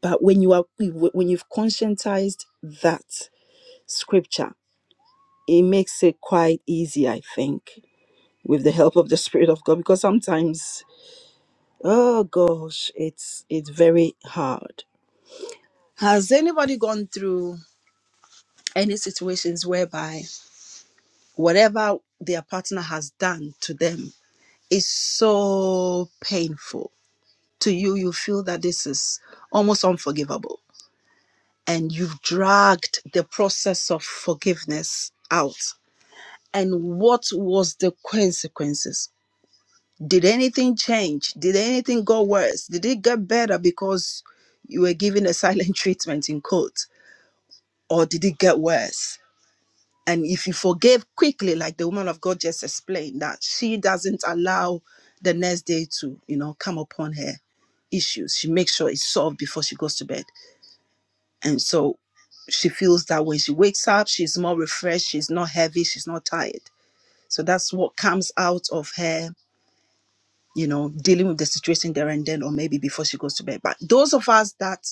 Speaker 1: But when you are when you've conscientized that scripture it makes it quite easy, I think, with the help of the Spirit of God, because sometimes, oh gosh, it's it's very hard. Has anybody gone through any situations whereby whatever their partner has done to them is so painful to you? You feel that this is almost unforgivable, and you've dragged the process of forgiveness out. And what was the consequences? Did anything change? Did anything go worse? Did it get better because you were given a silent treatment in court? Or did it get worse? And if you forgave quickly, like the woman of God just explained, that she doesn't allow the next day to, you know, come upon her issues. She makes sure it's solved before she goes to bed. And so she feels that when she wakes up, she's more refreshed, she's not heavy, she's not tired. So that's what comes out of her you know, dealing with the situation there and then, or maybe before she goes to bed. But those of us that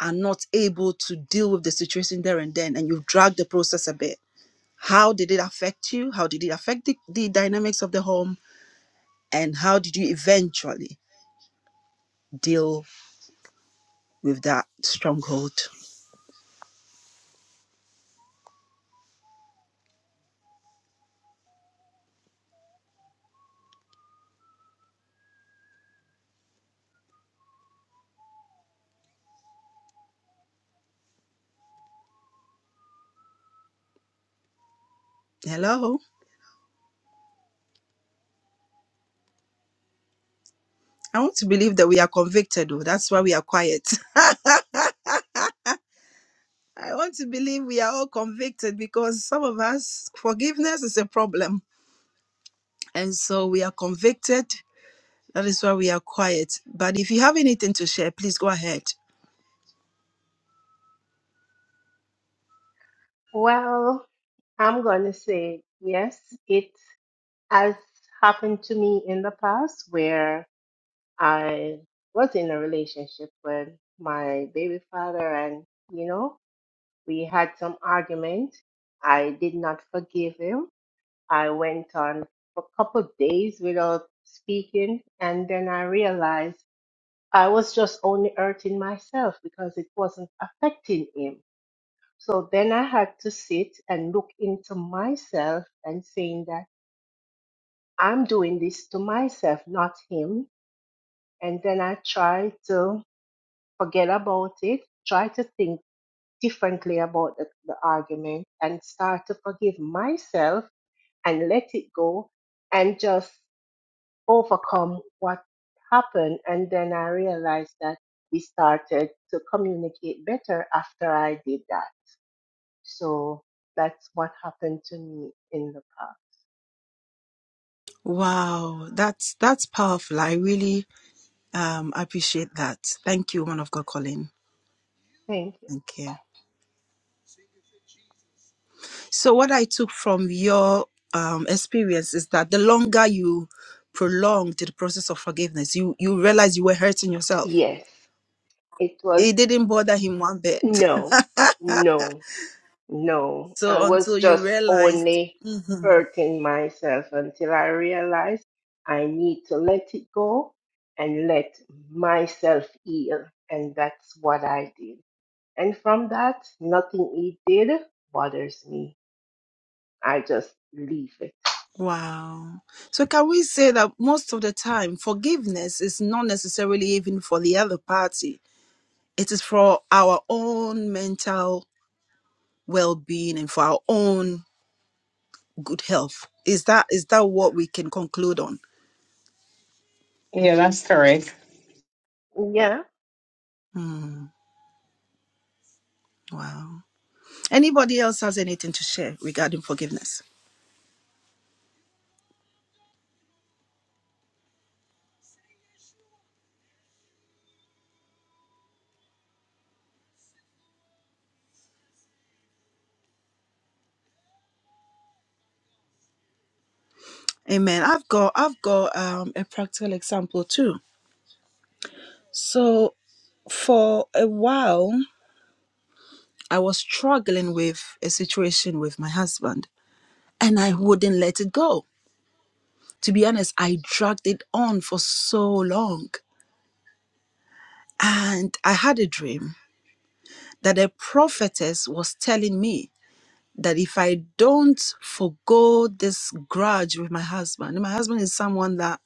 Speaker 1: are not able to deal with the situation there and then, and you've dragged the process a bit, how did it affect you? How did it affect the, the dynamics of the home? And how did you eventually deal with that stronghold? Hello? I want to believe that we are convicted, though. That's why we are quiet. I want to believe we are all convicted because some of us, forgiveness is a problem. And so we are convicted That is why we are quiet. But if you have anything to share, please go ahead.
Speaker 6: Well, I'm going to say yes. It has happened to me in the past where I was in a relationship with my baby father, and you know, we had some arguments. I did not forgive him. I went on for a couple of days without speaking, and then I realized I was just only hurting myself because it wasn't affecting him. So then I had to sit and look into myself and saying that I'm doing this to myself, not him. And then I tried to forget about it, try to think differently about the, the argument and start to forgive myself and let it go and just overcome what happened. And then I realized that we started to communicate better after I did that. So that's what happened to me in the past.
Speaker 1: Wow, that's that's powerful. I really um appreciate that. Thank you, one of God Colin.
Speaker 6: Thank you.
Speaker 1: Thank you. So what I took from your um experience is that the longer you prolonged the process of forgiveness, you you realize you were hurting yourself.
Speaker 6: Yes, it was
Speaker 1: It didn't bother him one bit.
Speaker 6: no, no. No, I
Speaker 1: so
Speaker 6: was
Speaker 1: until you
Speaker 6: just
Speaker 1: realized
Speaker 6: only
Speaker 1: mm-hmm,
Speaker 6: hurting myself until I realized I need to let it go and let myself heal. And that's what I did. And from that, nothing he did bothers me. I just leave it.
Speaker 1: Wow. So can we say that most of the time forgiveness is not necessarily even for the other party. It is for our own mental well-being and for our own good health. Is that is that what we can conclude on?
Speaker 5: Yeah, that's correct.
Speaker 6: Yeah.
Speaker 1: Hmm. wow. Anybody else has anything to share regarding forgiveness? Amen. I've got I've got um, a practical example too. So for a while I was struggling with a situation with my husband and I wouldn't let it go. To be honest, I dragged it on for so long. And I had a dream that a prophetess was telling me that if I don't forgo this grudge with my husband, and my husband is someone that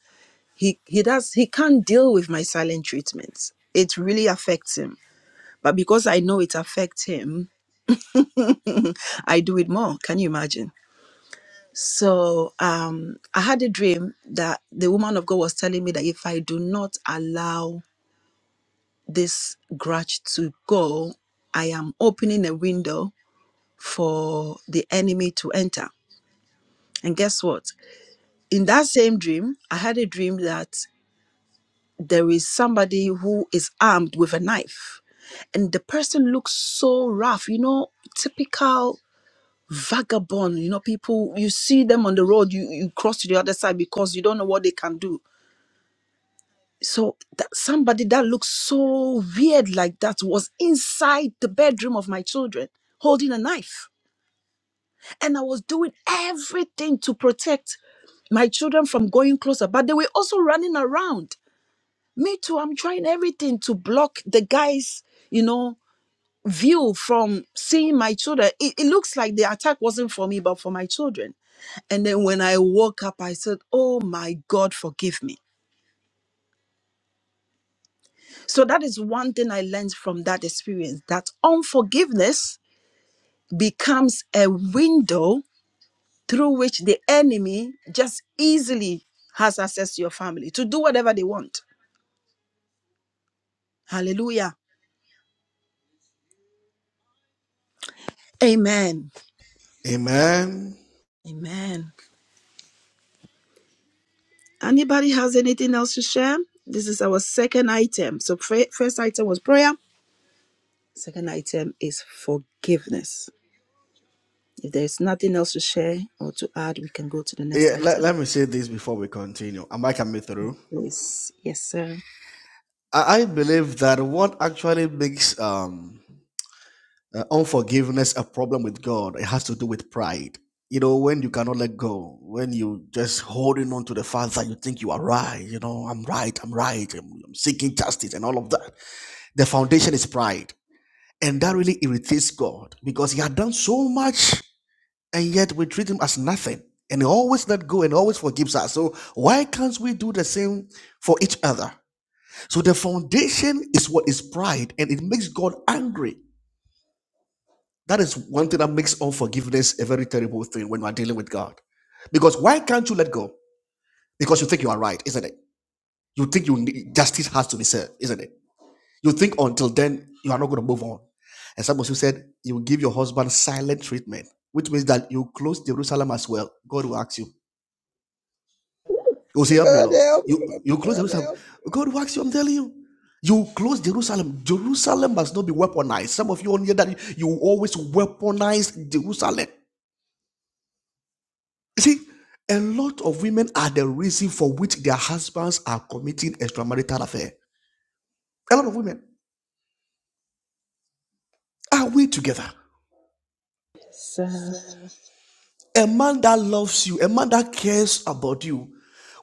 Speaker 1: he, he does he can't deal with my silent treatments. It really affects him. But because I know it affects him, I do it more. Can you imagine? So um, I had a dream that the woman of God was telling me that if I do not allow this grudge to go, I am opening a window for the enemy to enter. And guess what? In that same dream, I had a dream that there is somebody who is armed with a knife. And the person looks so rough, you know, typical vagabond. You know, people, you see them on the road, you, you cross to the other side because you don't know what they can do So that somebody that looks so weird like that was inside the bedroom of my children holding a knife. And I was doing everything to protect my children from going closer, but they were also running around. Me too, I'm trying everything to block the guys, you know, view from seeing my children. It, it looks like the attack wasn't for me, but for my children. And then when I woke up, I said, Oh my God, forgive me. So that is one thing I learned from that experience that unforgiveness becomes a window through which the enemy just easily has access to your family to do whatever they want. Hallelujah. Amen.
Speaker 11: Amen.
Speaker 1: Amen. Anybody has anything else to share? This is our second item. So fir- first item was prayer. Second item is forgiveness. If there is nothing else to share or to add, we can go to the next
Speaker 11: Yeah, let,
Speaker 1: item.
Speaker 11: let me say this before we continue. Am I coming through?
Speaker 1: Please. Yes, sir.
Speaker 11: I, I believe that what actually makes um, uh, unforgiveness a problem with God, it has to do with pride. You know, when you cannot let go, when you just holding on to the fact that you think you are right, you know, I'm right, I'm right, I'm, I'm seeking justice and all of that. The foundation is pride. And that really irritates God because He had done so much and yet we treat him as nothing. And he always let go and always forgives us. So why can't we do the same for each other? So the foundation is what is pride, and it makes God angry. That is one thing that makes unforgiveness a very terrible thing when you are dealing with God. Because why can't you let go? Because you think you are right, isn't it? You think you need, justice has to be served, isn't it? You think until then you are not going to move on. And some of you said you give your husband silent treatment, which means that you close Jerusalem as well. God will ask you, You say, Help me, Lord. You, you close Jerusalem. God works you, I'm telling you. You close Jerusalem. Jerusalem must not be weaponized. Some of you on here that you always weaponize Jerusalem. You See, a lot of women are the reason for which their husbands are committing extramarital affair. A lot of women. Are we together?
Speaker 1: Seth
Speaker 11: A man that loves you, a man that cares about you,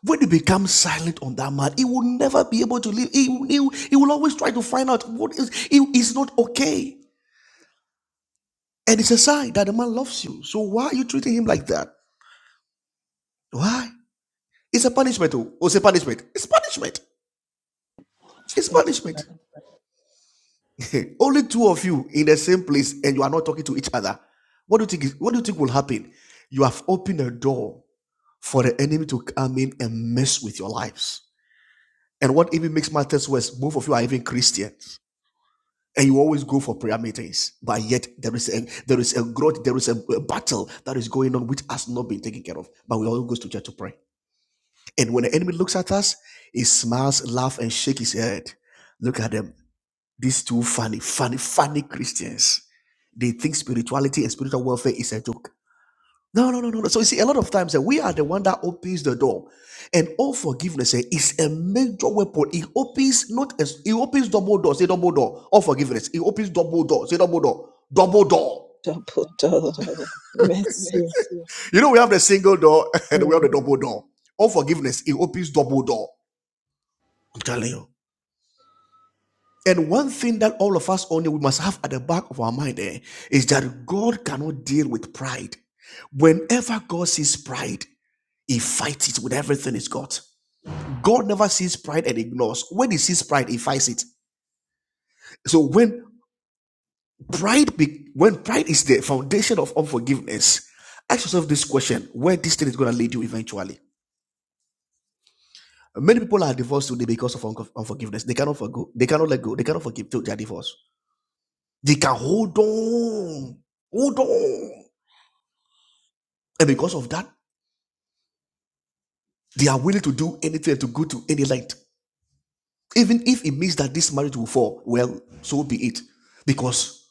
Speaker 11: when you become silent on that man, he will never be able to live. He, he, he will always try to find out what is. It is not okay. And it's a sign that the man loves you. So why are you treating him like that? Why? It's a punishment. Oh, oh, it's a punishment. It's punishment. It's punishment. Only two of you in the same place and you are not talking to each other. What do you think? Is, what do you think will happen? You have opened a door for the enemy to come in and mess with your lives. And what even makes matters worse, both of you are even Christians, and you always go for prayer meetings. But yet there is a there is a growth, there is a, a battle that is going on which has not been taken care of. But we all go to church to pray. And when the enemy looks at us, he smiles, laughs, and shakes his head. Look at them. These two funny, funny, funny Christians. They think spirituality and spiritual warfare is a joke. No, no, no, no, no. So you see, a lot of times eh, we are the one that opens the door, and all forgiveness eh, is a major weapon. It opens not as it opens double doors, say double door. All forgiveness, it opens double doors, say double door, double door. Double
Speaker 1: Dapoto.
Speaker 11: door of
Speaker 1: Merci.
Speaker 11: mercy. You know, we have the single door and we have the
Speaker 1: Mm.
Speaker 11: double door. All forgiveness, it opens double door. I'm telling you. And one thing that all of us only we must have at the back of our mind eh, is that God cannot deal with pride. Whenever God sees pride, he fights it with everything he's got. God never sees pride and ignores. When he sees pride, he fights it. So when pride be, when pride is the foundation of unforgiveness, ask yourself this question: where this thing is gonna lead you eventually. Many people are divorced today because of unco- unforgiveness. They cannot forgo, they cannot let go, they cannot forgive till they are divorced. They can hold on, hold on. And because of that, they are willing to do anything to go to any length. Even if it means that this marriage will fall, well, so be it. Because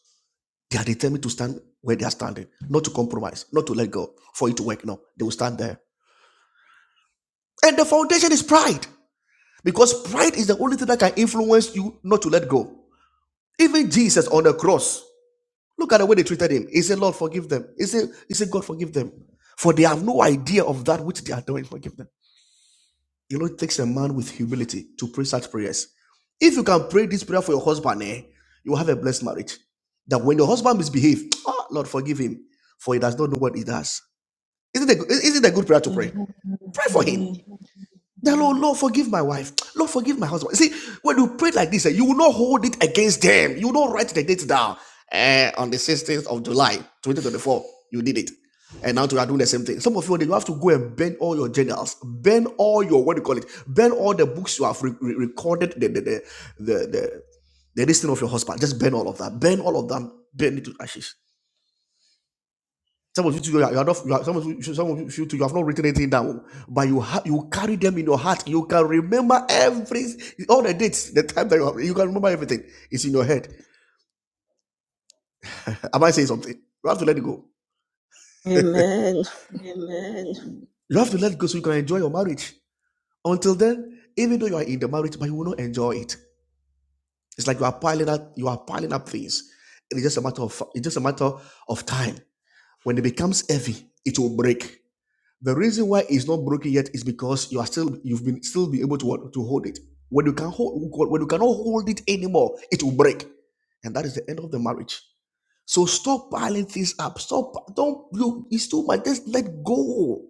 Speaker 11: they are determined to stand where they are standing, not to compromise, not to let go, for it to work. No, they will stand there. And the foundation is pride. Because pride is the only thing that can influence you not to let go. Even Jesus on the cross, look at the way they treated him. He said, Lord, forgive them. He said, he said God, forgive them. For they have no idea of that which they are doing. Forgive them. You know, it takes a man with humility to pray such prayers. If you can pray this prayer for your husband, eh, you will have a blessed marriage. That when your husband misbehaves, ah, Lord, forgive him, for he does not know what he does. Isn't it, a, isn't it a good prayer to pray?
Speaker 1: Amen.
Speaker 11: Pray for
Speaker 1: Amen.
Speaker 11: him. The Lord, Lord, forgive my wife. Lord, forgive my husband. See, when you pray like this, eh, you will not hold it against them. You will not write the date down. Eh, on the 16th of July, 2024, you did it. And now you are doing the same thing. Some of you, you have to go and burn all your journals, burn all your, what do you call it, burn all the books you have re- re- recorded, the, the, the, the, the, the listing of your husband. Just burn all of that. Burn all of them. Burn it to ashes. Some of you two, you are you are not. You are, some of you, some of you two, you have not written anything down, but you ha- you carry them in your heart. You can remember every all the dates, the time that you have. You can remember everything. It's in your head. Am I saying something? You have to let it go.
Speaker 1: Amen.
Speaker 11: Amen. You have to let it go so you can enjoy your marriage. Until then, even though you are in the marriage, but you will not enjoy it. It's like you are piling up, you are piling up things. It's just a matter of it's just a matter of time. When it becomes heavy, it will break. The reason why it's not broken yet is because you are still you've been still be able to what, to hold it. When you can hold when you cannot hold it anymore, it will break, and that is the end of the marriage. So stop piling things up. Stop. Don't look. It's too much. Just let go.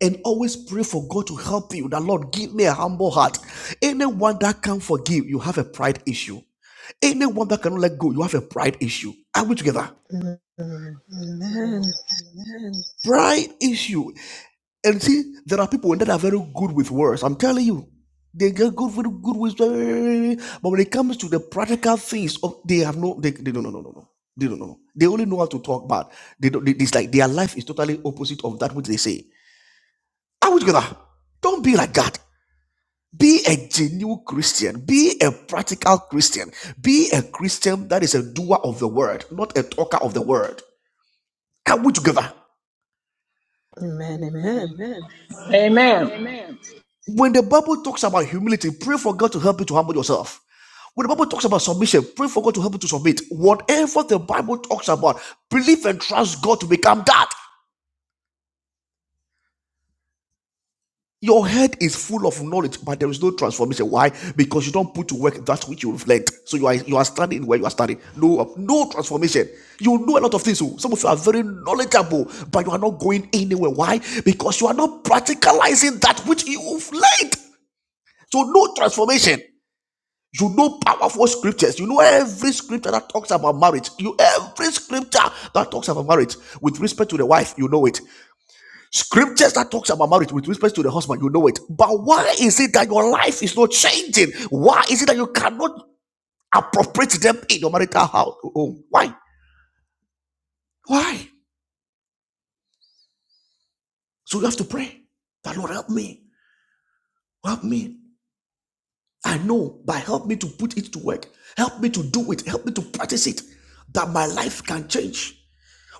Speaker 11: And always pray for God to help you. The Lord, give me a humble heart. Anyone that can not forgive, you have a pride issue. Anyone that cannot let go, you have a pride issue. Are we together?
Speaker 1: Mm. Amen.
Speaker 11: Pride issue. And see, there are people that are very good with words. I'm telling you, they get good with good with, but when it comes to the practical things, of they have no, they, they don't know, no, no, no, they don't know. They only know how to talk bad. They don't. They, it's like their life is totally opposite of that which they say. I would gonna don't be like that. Be a genuine Christian. Be a practical Christian. Be a Christian that is a doer of the word, not a talker of the word. Come we together.
Speaker 1: Amen. Amen.
Speaker 11: Amen.
Speaker 12: Amen.
Speaker 11: Amen. When the Bible talks about humility, pray for God to help you to humble yourself. When the Bible talks about submission, pray for God to help you to submit. Whatever the Bible talks about, believe and trust God to become that. Your head is full of knowledge, but there is no transformation. Why? Because you don't put to work that which you reflect. So you are you are standing where you are standing. No, no transformation. You know a lot of things. oh. Some of you are very knowledgeable, but you are not going anywhere. Why? Because you are not practicalizing that which you reflect. So no transformation. You know powerful scriptures. You know every scripture that talks about marriage. You every scripture that talks about marriage with respect to the wife, you know it. Scriptures that talks about marriage with respect to the husband, you know it. But why is it that your life is not changing? Why is it that you cannot appropriate them in your marital house? home? Why? Why? So you have to pray. That Lord help me. Help me. I know, but help me to put it to work. Help me to do it. Help me to practice it. That my life can change.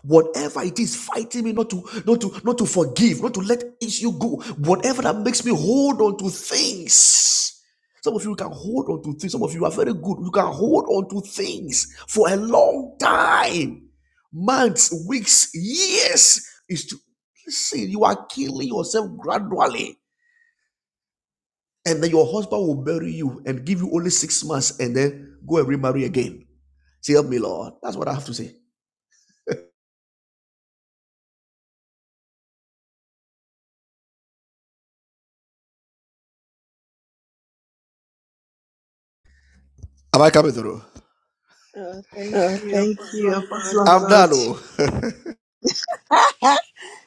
Speaker 11: whatever it is fighting me not to not to not to forgive not to let issue go whatever that makes me hold on to things some of you can hold on to things some of you are very good you can hold on to things for a long time months weeks years is to listen you are killing yourself gradually and then your husband will bury you and give you only six months and then go and remarry again say help me lord that's what i have to say am i coming through Uh, thank
Speaker 1: Oh,
Speaker 11: you,
Speaker 1: thank you,
Speaker 11: Apostle of God.
Speaker 1: Apostle of
Speaker 11: I'm
Speaker 1: God.
Speaker 11: done.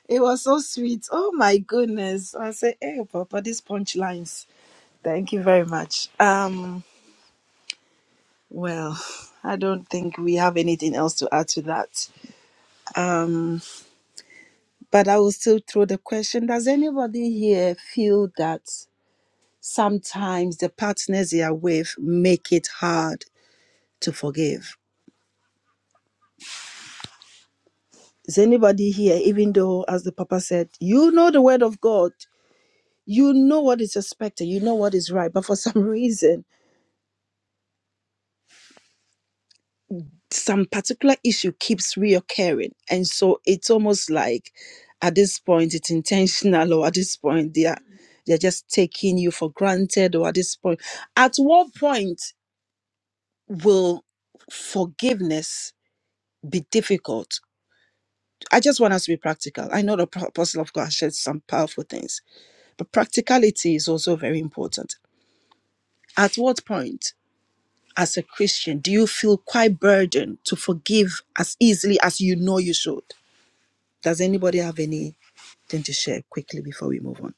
Speaker 1: It was so sweet. Oh my goodness. I said, hey, Papa, these punchlines. Thank you very much. Um, well, I don't think we have anything else to add to that. Um. But I will still throw the question Does anybody here feel that sometimes the partners they are with make it hard to forgive? Is anybody here, even though, as the Papa said, you know the word of God, you know what is expected, you know what is right, but for some reason, some particular issue keeps reoccurring. And so it's almost like at this point it's intentional, or at this point they are they're just taking you for granted, or at this point. At what point will forgiveness be difficult? I just want us to be practical. I know the pro- apostle of God shared some powerful things, but practicality is also very important. At what point, as a Christian, do you feel quite burdened to forgive as easily as you know you should? Does anybody have anything to share quickly before we move on?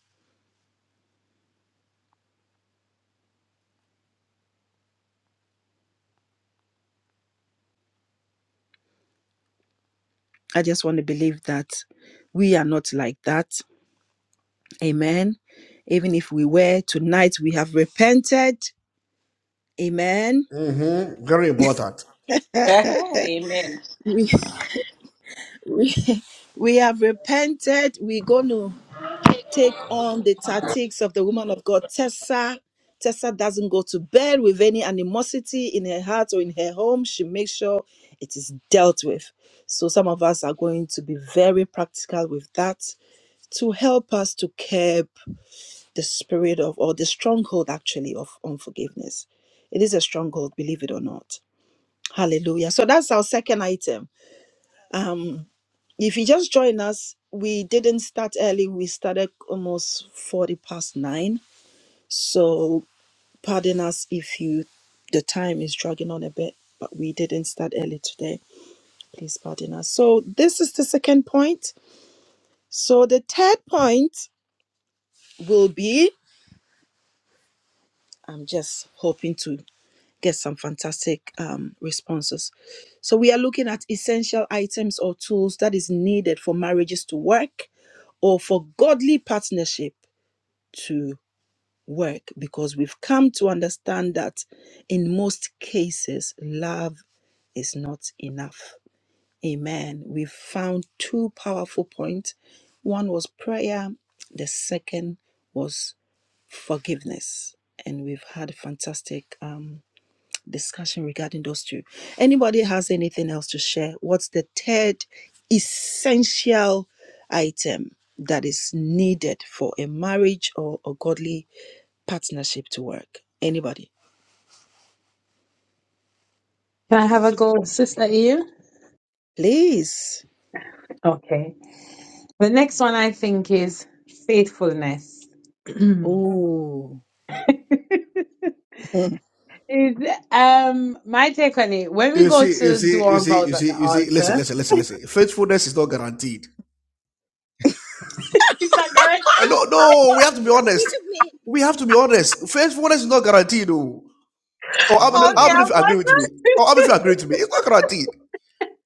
Speaker 1: I just want to believe that we are not like that. Amen. Even if we were tonight, we have repented. Amen.
Speaker 11: Mm-hmm. Very important.
Speaker 12: Amen.
Speaker 1: we, we have repented. We're going to take on the tactics of the woman of God, Tessa. Tessa doesn't go to bed with any animosity in her heart or in her home. She makes sure it is dealt with. So, some of us are going to be very practical with that to help us to curb the spirit of, or the stronghold actually, of unforgiveness. It is a stronghold, believe it or not. Hallelujah. So, that's our second item. Um, if you just join us, we didn't start early. We started almost 40 past nine. So pardon us if you the time is dragging on a bit, but we didn't start early today. Please pardon us. So this is the second point. So the third point will be I'm just hoping to get some fantastic um, responses. So we are looking at essential items or tools that is needed for marriages to work or for godly partnership to. work because we've come to understand that in most cases, love is not enough. Amen. We found two powerful points. One was prayer, the second was forgiveness. And we've had a fantastic um, discussion regarding those two. Anybody has anything else to share? What's the third essential item that is needed for a marriage or a godly partnership to work? Anybody?
Speaker 5: Can I have a go, Sister Eve?
Speaker 1: Please.
Speaker 5: Okay. The next one I think is faithfulness.
Speaker 1: Oh,
Speaker 5: Is um my take on it when we
Speaker 11: You
Speaker 5: go
Speaker 11: see, you
Speaker 5: to
Speaker 11: see,
Speaker 5: do
Speaker 11: you
Speaker 5: our
Speaker 11: see,
Speaker 5: vows
Speaker 11: you
Speaker 5: at the
Speaker 11: see, you see. Listen,
Speaker 5: altar,
Speaker 11: listen, listen, listen. Faithfulness is not guaranteed.
Speaker 5: it's not
Speaker 11: Uh,
Speaker 5: guaranteed.
Speaker 11: No, no, we have to be honest. We have to be honest. Faithfulness is not guaranteed. Oh, oh how many, how
Speaker 1: Oh.
Speaker 5: Okay,
Speaker 11: many of you agree with me?
Speaker 5: Apostle,
Speaker 11: Or how many of you agree with me? It's not guaranteed.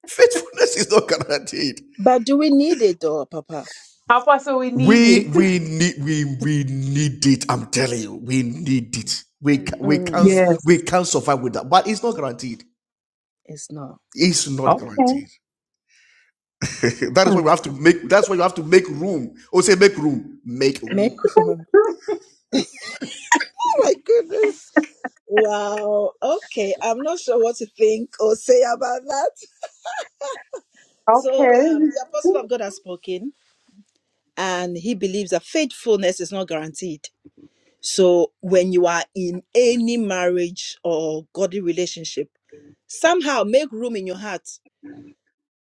Speaker 11: Faithfulness is not guaranteed.
Speaker 1: but do we need it though, Papa?
Speaker 5: Apostle, we need it.
Speaker 11: We we need we we need it. I'm telling you, we need it. We ca- we can't
Speaker 1: Mm.
Speaker 11: we
Speaker 5: Yes.
Speaker 11: can't survive without. But it's not guaranteed.
Speaker 1: It's not.
Speaker 11: It's not
Speaker 5: Okay.
Speaker 11: guaranteed. that is why we
Speaker 5: Hmm.
Speaker 11: have to make. That's why you have to make room. Oh, say make room. Make
Speaker 1: Make
Speaker 11: room.
Speaker 1: room. Oh my goodness. Wow. Okay. I'm not sure what to think or say about that. So
Speaker 5: Okay.
Speaker 1: um the apostle of God has spoken and he believes that faithfulness is not guaranteed. So when you are in any marriage or godly relationship, somehow make room in your heart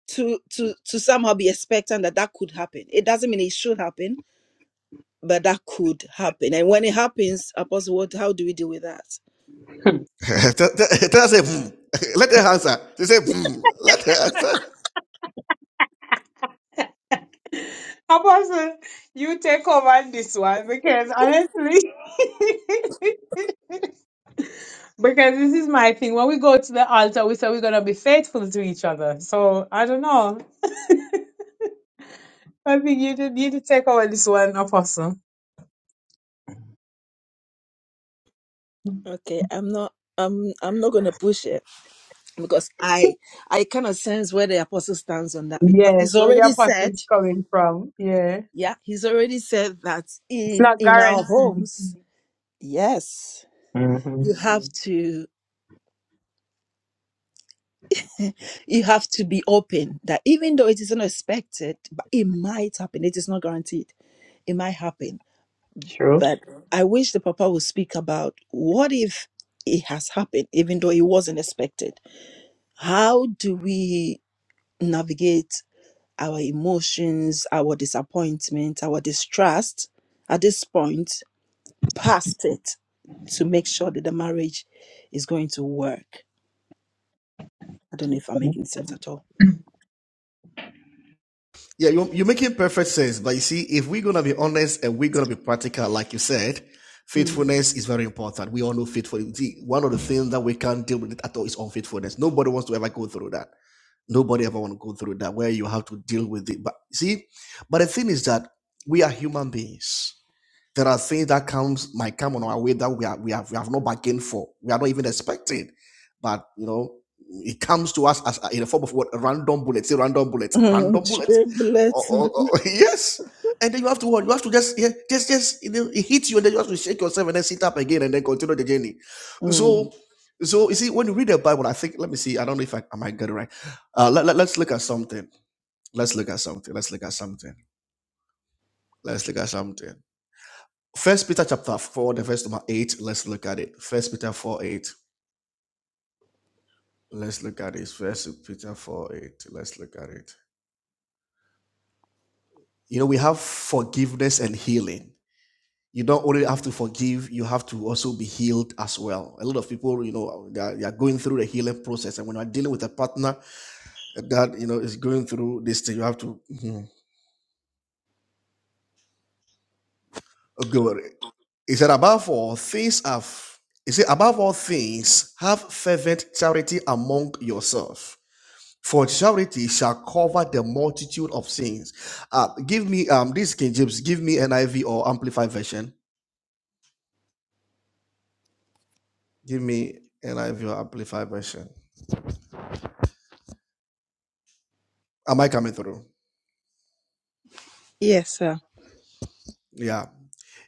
Speaker 1: to to to somehow be expecting that that could happen. It doesn't mean it should happen, but that could happen. And when it happens, Apostle, what? How do we deal with that?
Speaker 11: tell, tell- tell her say "Hmm." Let her answer. They say "Hmm." Let her answer.
Speaker 5: Apostle, you take over this one because honestly, because this is my thing. When we go to the altar, we say we're gonna be faithful to each other. So I don't know. I think you did you did take over this one, Apostle.
Speaker 1: Okay, I'm not. I'm. I'm not gonna push it. Because I I kind of sense where the apostle stands on that because
Speaker 5: Yes,
Speaker 1: he's
Speaker 5: where the
Speaker 1: already
Speaker 5: apostle
Speaker 1: said,
Speaker 5: is coming from. Yeah.
Speaker 1: yeah, he's already said that
Speaker 5: It's
Speaker 1: in
Speaker 5: not
Speaker 1: in our
Speaker 5: guaranteed.
Speaker 1: homes, yes,
Speaker 5: Mm-hmm.
Speaker 1: you have to you have to be open that even though it is unexpected, but it might happen. It is not guaranteed. It might happen.
Speaker 5: True.
Speaker 1: But I wish the papa would speak about what if it has happened, even though it wasn't expected. How do we navigate our emotions, our disappointment, our distrust at this point, past it, to make sure that the marriage is going to work? I don't know if I'm making sense at all.
Speaker 11: Yeah, you're, you're making perfect sense. But you see, if we're gonna be honest and we're gonna be practical, like you said,
Speaker 1: Mm.
Speaker 11: faithfulness is very important. We all know faithfulness. See, one of the things that we can't deal with at all is unfaithfulness. Nobody wants to ever go through that. Nobody ever want to go through that where you have to deal with it. But see, but the thing is that we are human beings There are things that comes might come on our way that we are we have we have not bargained for. We are not even expecting, but you know it comes to us as in the form of what random bullets, say random bullets,
Speaker 1: Mm,
Speaker 11: random bullets. Oh,
Speaker 1: triplets.
Speaker 11: oh,
Speaker 1: Mm.
Speaker 11: oh, yes, and then you have to what you have to just yeah, just just you know, it hits you and then you have to shake yourself and then sit up again and then continue the journey.
Speaker 1: Mm.
Speaker 11: So so you see when you read the Bible, I think let me see. I don't know if I, I might get it right. Uh, let, let, let's look at something. Let's look at something. Let's look at something. Let's look at something. First Peter chapter 4, the verse number 8. Let's look at it. First Peter 4 8. Let's look at it. First Peter 4 8. Let's look at it. You know, we have forgiveness and healing. You don't only have to forgive, you have to also be healed as well. A lot of people, you know, they are, they are going through the healing process. And when you're dealing with a partner that, you know, is going through this thing, you have to mhm, go with it. He said, above all things have, he said, above all things, have fervent charity among yourself For charity shall cover the multitude of sins. Uh, give me um this King James. Give me NIV or Amplified version. Give me NIV or Amplified version. Am I coming through?
Speaker 1: Yes, sir.
Speaker 11: Yeah.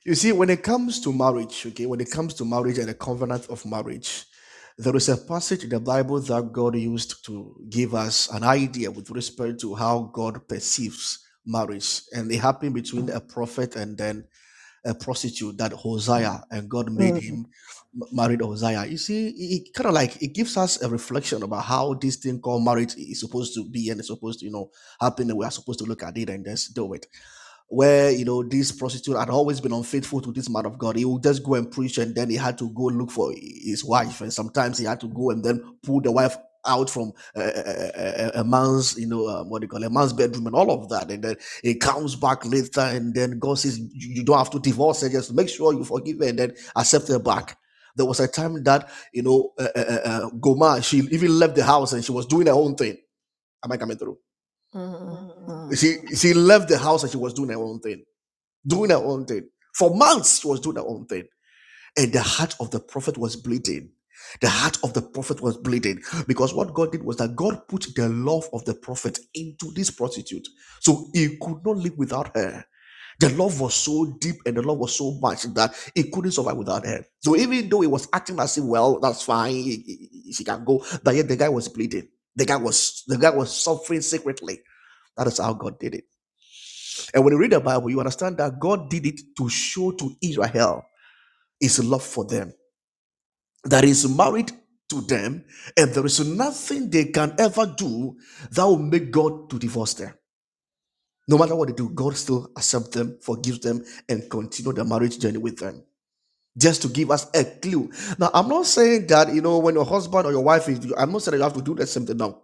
Speaker 11: You see, when it comes to marriage, okay, when it comes to marriage and the covenant of marriage, there is a passage in the Bible that God used to give us an idea with respect to how God perceives marriage, and it happened between a prophet and then a prostitute that Hosea and God made
Speaker 1: Mm.
Speaker 11: him married Hosea. You see, it, it kind of like it gives us a reflection about how this thing called marriage is supposed to be and it's supposed to, you know, happen and we are supposed to look at it and just do it where you know this prostitute had always been unfaithful to this man of God. He would just go and preach, and then he had to go look for his wife, and sometimes he had to go and then pull the wife out from a, a, a a man's, you know, um, what do you call it, a man's bedroom, and all of that, and then he comes back later, and then God says, "You you don't have to divorce her, just make sure you forgive her, and then accept her back." There was a time that you know, uh, uh, uh, uh, Goma, she even left the house and she was doing her own thing. Am I coming through?
Speaker 1: Mm,
Speaker 11: Mhm.
Speaker 1: mm,
Speaker 11: She she left the house and she was doing her own thing doing her own thing. For months, she was doing her own thing. And the heart of the prophet was bleeding. The heart of the prophet was bleeding because what God did was that God put the love of the prophet into this prostitute. So he could not live without her. The love was so deep and the love was so much that he couldn't survive without her. So even though he was acting as if, well, that's fine, he- he- she can go, but yet the guy was bleeding. The guy was the guy was suffering secretly. That is how God did it. And when you read the Bible, you understand that God did it to show to Israel his love for them, that is married to them, and there is nothing they can ever do that will make God to divorce them. No matter what they do, God still accepts them, forgives them, and continue the marriage journey with them. Just to give us a clue. Now, I'm not saying that, you know, when your husband or your wife is, I'm not saying that you have to do the same thing. now.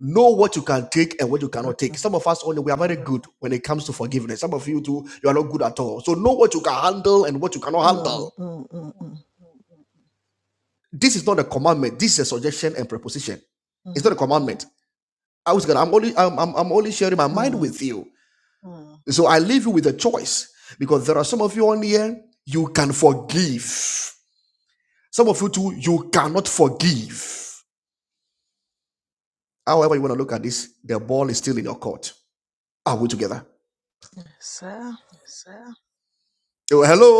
Speaker 11: know what you can take and what you
Speaker 1: mm,
Speaker 11: cannot take. Some of us only we are very good when it comes to forgiveness. Some of you too, you are not good at all. So know what you can handle and what you cannot
Speaker 1: mm,
Speaker 11: handle.
Speaker 1: mm, mm, mm,
Speaker 11: This is not a commandment. This is a suggestion and proposition. It's
Speaker 1: mhm,
Speaker 11: not a commandment. I was gonna. I'm only. I'm, I'm. I'm only sharing my mind
Speaker 1: mm.
Speaker 11: with you. Mm. So I leave you with a choice because there are some of you on here you can forgive. Some of you too you cannot forgive. However you want to look at this, the ball is still in your court. Are we together?
Speaker 1: Yes, sir.
Speaker 11: Yes, sir. Oh, hello.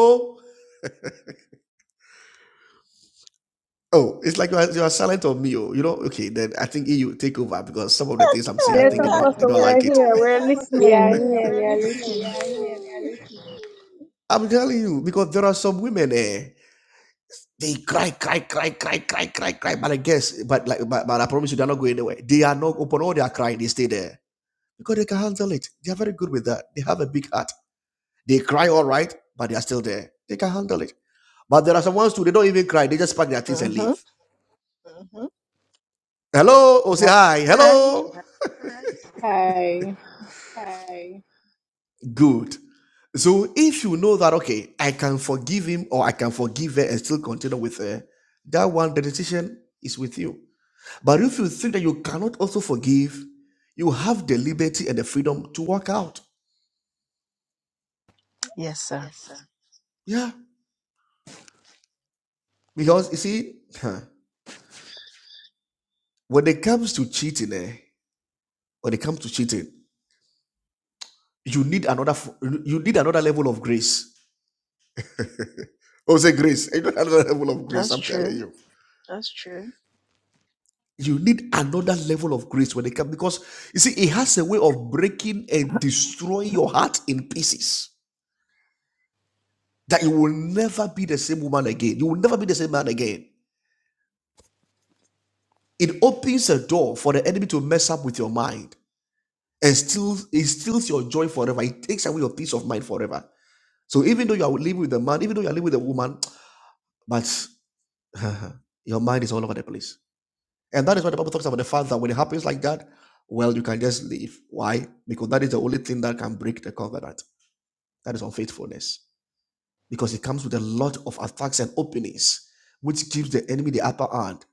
Speaker 11: Oh, it's like you are, you are silent on me. Oh, you know. Okay, then I think you take over because some of the things I'm saying, I
Speaker 5: Yes,
Speaker 11: think they
Speaker 7: Uh,
Speaker 11: don't they
Speaker 5: Apostle,
Speaker 11: don't
Speaker 5: we're
Speaker 11: like it.
Speaker 5: here.
Speaker 11: Yes,
Speaker 5: We're
Speaker 11: Apostle,
Speaker 7: we
Speaker 11: we
Speaker 5: listening.
Speaker 11: are
Speaker 7: are
Speaker 11: here. We
Speaker 7: here. We
Speaker 11: are
Speaker 7: are
Speaker 11: listening. We
Speaker 7: listening.
Speaker 11: are here. We are listening. I'm telling you because there are some women eh, they cry, cry, cry, cry, cry, cry, cry. But I guess, but like, but, but I promise you, they're not going anywhere. They are not open. All they are crying, they stay there because they can handle it. They are very good with that. They have a big heart. They cry all right, but they are still there. They can handle it. But there are some ones too. They don't even cry. They just pack their things and
Speaker 1: Mm-hmm.
Speaker 11: leave. Hello, or say hi. Hello.
Speaker 7: Hi.
Speaker 11: Hi. Good. So if you know that, okay, I can forgive him or I can forgive her and still continue with her, that one, the decision is with you. But if you think that you cannot also forgive, you have the liberty and the freedom to walk out.
Speaker 1: Yes, sir.
Speaker 11: Yes, sir. Yeah. Because you see, huh, when it comes to cheating, eh, when it comes to cheating, you need another f- you need another level of grace. Oh, say grace. You need another level of grace,
Speaker 1: That's
Speaker 11: I'm telling
Speaker 1: true.
Speaker 11: you. That's true. You need another level of grace when it comes because you see, it has a way of breaking and destroying your heart in pieces. That you will never be the same woman again. You will never be the same man again. It opens a door for the enemy to mess up with your mind and steals, it steals your joy forever. It takes away your peace of mind forever. So even though you are living with a man, even though you are living with a woman, but your mind is all over the place And that is what the Bible talks about the fact that when it happens like that, well, you can just leave. Why? Because that is the only thing that can break the covenant. That is unfaithfulness. Because it comes with a lot of attacks and openings, which gives the enemy the upper hand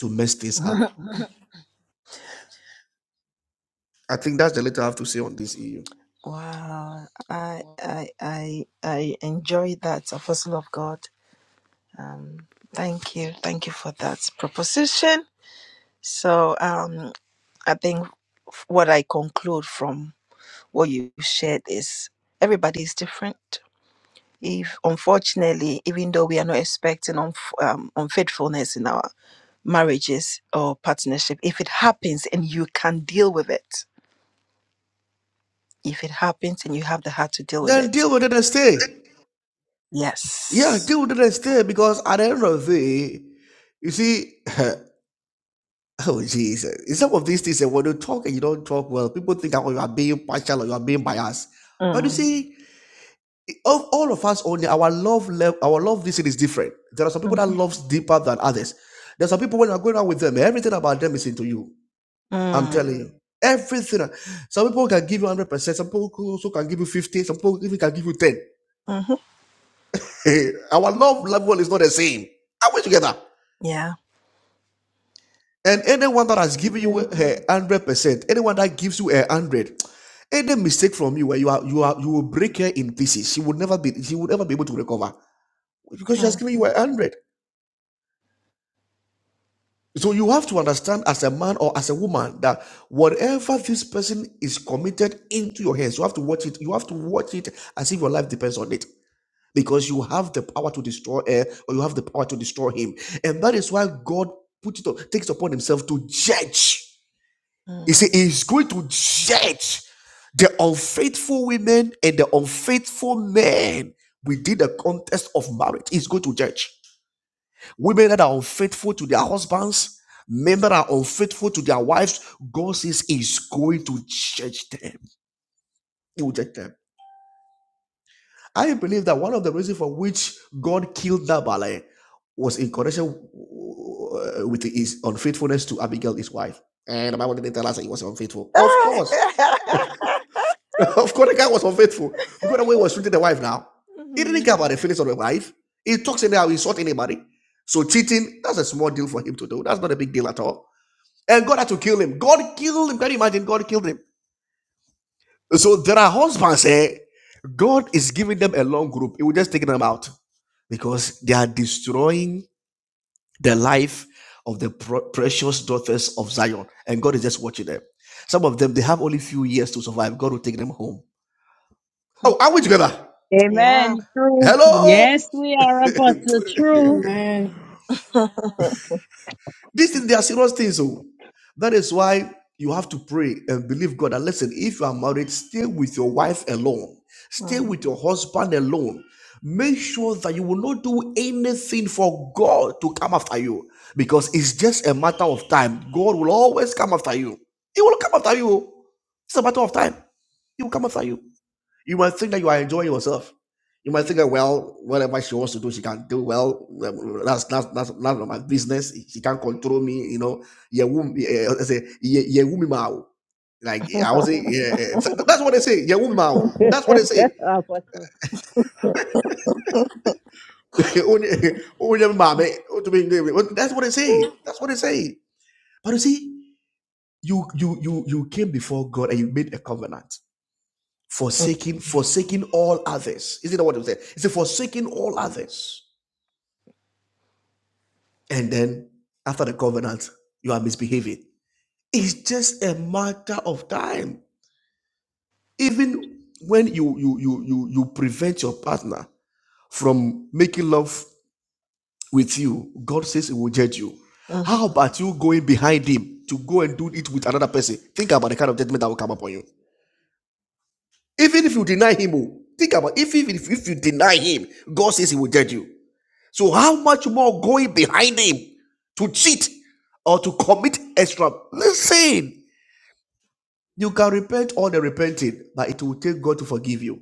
Speaker 11: to mess things up. I think that's the little I have to say on this EU.
Speaker 1: Wow, I I I I enjoy that, Apostle of God. Um, thank you, thank you for that proposition. So, um, I think f- what I conclude from what you shared is everybody is different. If unfortunately, even though we are not expecting unf- um, unfaithfulness in our marriages or partnership, if it happens and you can deal with it, if it happens and you have the heart to deal with
Speaker 11: Then
Speaker 1: it,
Speaker 11: deal with it and stay. Yeah,
Speaker 1: yes
Speaker 11: deal with it and stay because at the end of the day, you see, oh Jesus, in some of these things, eh, when you talk and you don't talk well, people think that oh, you are being partial or you are being biased. But you
Speaker 1: Mm.
Speaker 11: see, it- of all of us only our love level our love this is different there are some people that
Speaker 1: Mm-hmm.
Speaker 11: loves deeper than others there are some people when you're going out with them everything about them is into you i'm
Speaker 1: Mm.
Speaker 11: telling you Mm. everything some people can give you 100 percent some people also can give you 50 some people even can give you 10
Speaker 1: Mm-hmm.
Speaker 11: our love level is not the same are we together
Speaker 1: Yeah.
Speaker 11: and anyone that has given you
Speaker 7: Amen.
Speaker 11: a 100 percent anyone that gives you a 100 any mistake from you where you are you are you will break her in pieces she will never be she will never be able to recover because she has
Speaker 1: Mm.
Speaker 11: given you a 100 So you have to understand as a man or as a woman that whatever this person is committed into your hands, you have to watch it. You have to watch it as if your life depends on it. Because you have the power to destroy her or you have the power to destroy him. And that is why God put it on, takes upon himself to judge. He said
Speaker 1: Mm.
Speaker 11: he's going to judge the unfaithful women and the unfaithful men within the context of marriage. He's going to judge. Women that are unfaithful to their husbands, men that are unfaithful to their wives, God says is going to judge them. He will judge them. I believe that one of the reasons for which God killed Nabal was in connection uh, with his unfaithfulness to Abigail, his wife. And the Bible didn't tell us that he was unfaithful. Of course. of course, the guy was unfaithful because the way he was treating the wife now, he
Speaker 1: Mhm.
Speaker 11: didn't care about the feelings of the wife. He talks anyhow, he insult anybody. So cheating, that's a small deal for him to do. That's not a big deal at all. And God had to kill him. God killed him. Can you imagine? God killed him. So there are husbands, eh? God is giving them a long group. He will just take them out because they are destroying the life of the pr- precious daughters of Zion. And God is just watching them. Some of them, they have only few years to survive. God will take them home. Oh, are we together?
Speaker 1: yeah.
Speaker 5: Amen. True.
Speaker 11: Hello?
Speaker 5: Yes, we are apostle. True.
Speaker 7: Amen.
Speaker 11: These things, they are serious things. So that is why you have to pray and believe God. And listen, if you are married, stay with your wife alone, stay
Speaker 1: Mm.
Speaker 11: with your husband alone. Make sure that you will not do anything for God to come after you because it's just a matter of time. God will always come after you. He will come after you. oh. It's a matter of time. He will come after you. You might think that you are enjoying yourself. You might think that well, whatever she wants to do, she can do well. That's that's that's none of my business. She can't control me, you know. Yeah, wom- yeah, I say, yeah, yeah, woman, mao. Like I was saying, yeah, yeah. that's what they say. Yeah, woman, mao. that's what they say.
Speaker 13: Apostle.
Speaker 11: Only- only them mame, oh, to be- that's what they say. That's what they say. But you see, you you you you came before God and you made a covenant forsaking forsaking all others. Isn't that what it said? It's forsaking all others. and then after the covenant, you are misbehaving. It's just a matter of time. Even when you you you you you prevent your partner from making love with you, God says He will judge you.
Speaker 1: Mhm.
Speaker 11: How about you going behind him to go and do it with another person? Think about the kind of judgment that will come upon you. Even if you deny him, oh, think about if even if, if you deny him, God says He will judge you. So how much more going behind him to cheat or to commit extra? Listen, you can repent all the repenting, but it will take God to forgive you.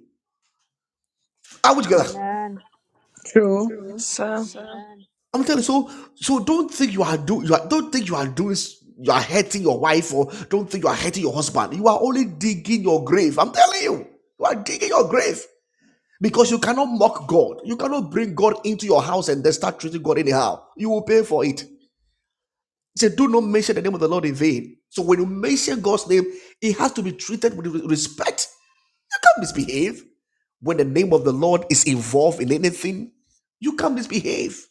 Speaker 11: Are we together?
Speaker 13: Amen.
Speaker 5: True.
Speaker 11: True.
Speaker 1: So,
Speaker 11: Wow. Amen. I'm telling you. So, so don't think you are doing. You are, don't think you are doing. You are hurting your wife, or don't think you are hurting your husband. You are only digging your grave. I'm telling you, you are digging your grave because you cannot mock God. You cannot bring God into your house and then start treating God anyhow. You will pay for it. He said, Do not mention the name of the Lord in vain. So when you mention God's name, it has to be treated with respect. You can't misbehave. When the name of the Lord is involved in anything, you can't misbehave.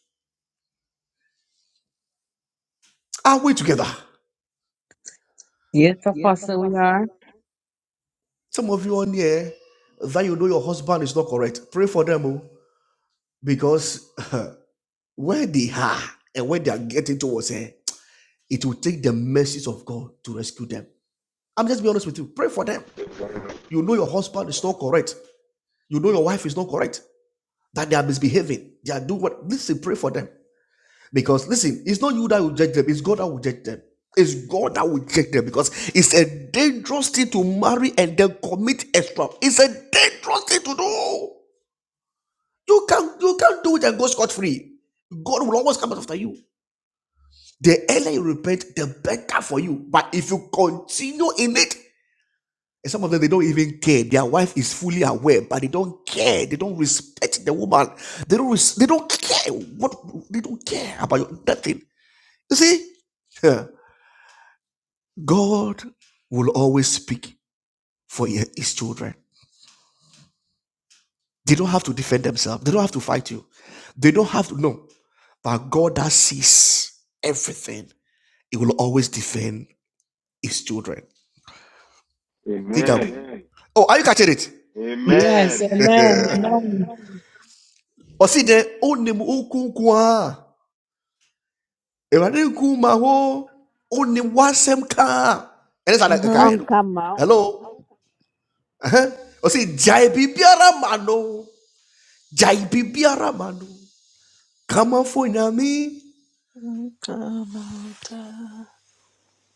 Speaker 11: Are we together?
Speaker 5: Yes, apostle, we are.
Speaker 11: Some of you on here that you know your husband is not correct, pray for them oh, because where they are and where they are getting towards, eh, it will take the mercies of God to rescue them. I'm just being honest with you. Pray for them. You know your husband is not correct. You know your wife is not correct that they are misbehaving. They are doing what? Listen, pray for them. Because listen, it's not you that will judge them, it's God that will judge them. It's God that will judge them because it's a dangerous thing to marry and then commit extra. It's a dangerous thing to do. You can't you can't do it and go scot-free. God will always come after you. The earlier you repent, the better for you. But if you continue in it, And some of them, they don't even care. Their wife is fully aware, but they don't care. They don't respect the woman. They don't. Res- they don't care. What they don't care about your, nothing. You see, Yeah. God will always speak for His children. They don't have to defend themselves. They don't have to fight you. They don't have to. No, but God that sees everything, He will always defend His children. Think of.
Speaker 14: Amen.
Speaker 11: Oh, are you catching it?
Speaker 5: Yes.
Speaker 14: Amen.
Speaker 5: Amen. Amen.
Speaker 11: Or see the old name, oh, cool, cool, ah. Ewurade nkruma hɔ one wasɛm kaa ɛne saa na
Speaker 1: Mhm.
Speaker 11: ɛkaeɛ
Speaker 13: On
Speaker 11: no
Speaker 13: come out.
Speaker 11: hello ɛhɛn. ɔse gyae biribiara ma no gyae biribiara ma no kamafo nyame
Speaker 1: about, uh,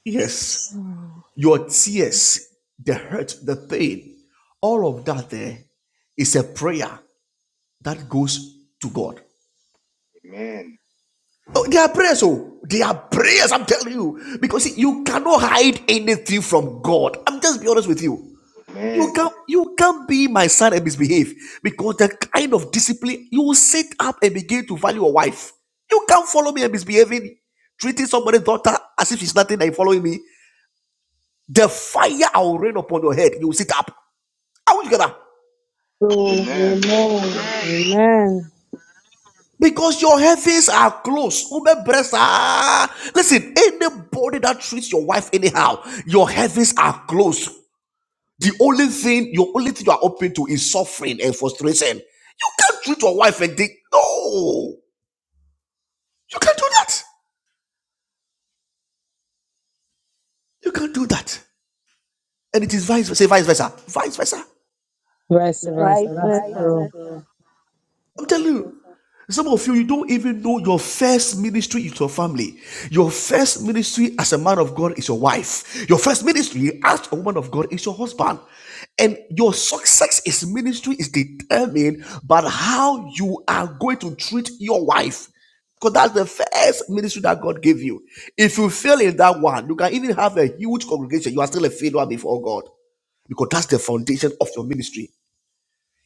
Speaker 11: yes
Speaker 1: Mm.
Speaker 11: your tears the hurt the pain all of that there is a prayer that goes to god
Speaker 14: Amen.
Speaker 11: Oh, they are prayers, oh, they are prayers,
Speaker 14: Amen.
Speaker 11: I'm telling you. Because see, you cannot hide anything from God. I'm just be honest with you. You
Speaker 14: Amen. Amen.
Speaker 11: can't you can't be my son and misbehave because the kind of discipline you will sit up and begin to value a wife. You can't follow me and misbehaving, treating somebody's daughter as if she's nothing and following me. The fire I will rain upon your head. You will sit up. How will you get up?
Speaker 5: True.
Speaker 14: Amen.
Speaker 5: Amen.
Speaker 13: Amen.
Speaker 5: Amen.
Speaker 11: Because your heavens are close. Woman breasts are- Listen, anybody that treats your wife anyhow, your heavens are close. The only thing, your only thing you are open to is suffering and frustration. You can't treat your wife and think, no, you can't do that. You can't do that. And it is vice versa. Say vice versa. Vice versa.
Speaker 5: Vice versa.
Speaker 13: Vice
Speaker 5: That's
Speaker 11: Vice
Speaker 13: versa.
Speaker 5: true.
Speaker 11: versa. I'm telling you. Some of you, you don't even know your first ministry is your family. Your first ministry as a man of God is your wife. Your first ministry as a woman of God is your husband. And your success is ministry is determined by how you are going to treat your wife. Because that's the first ministry that God gave you. If you fail in that one, you can even have a huge congregation. You are still a failure before God. Because that's the foundation of your ministry.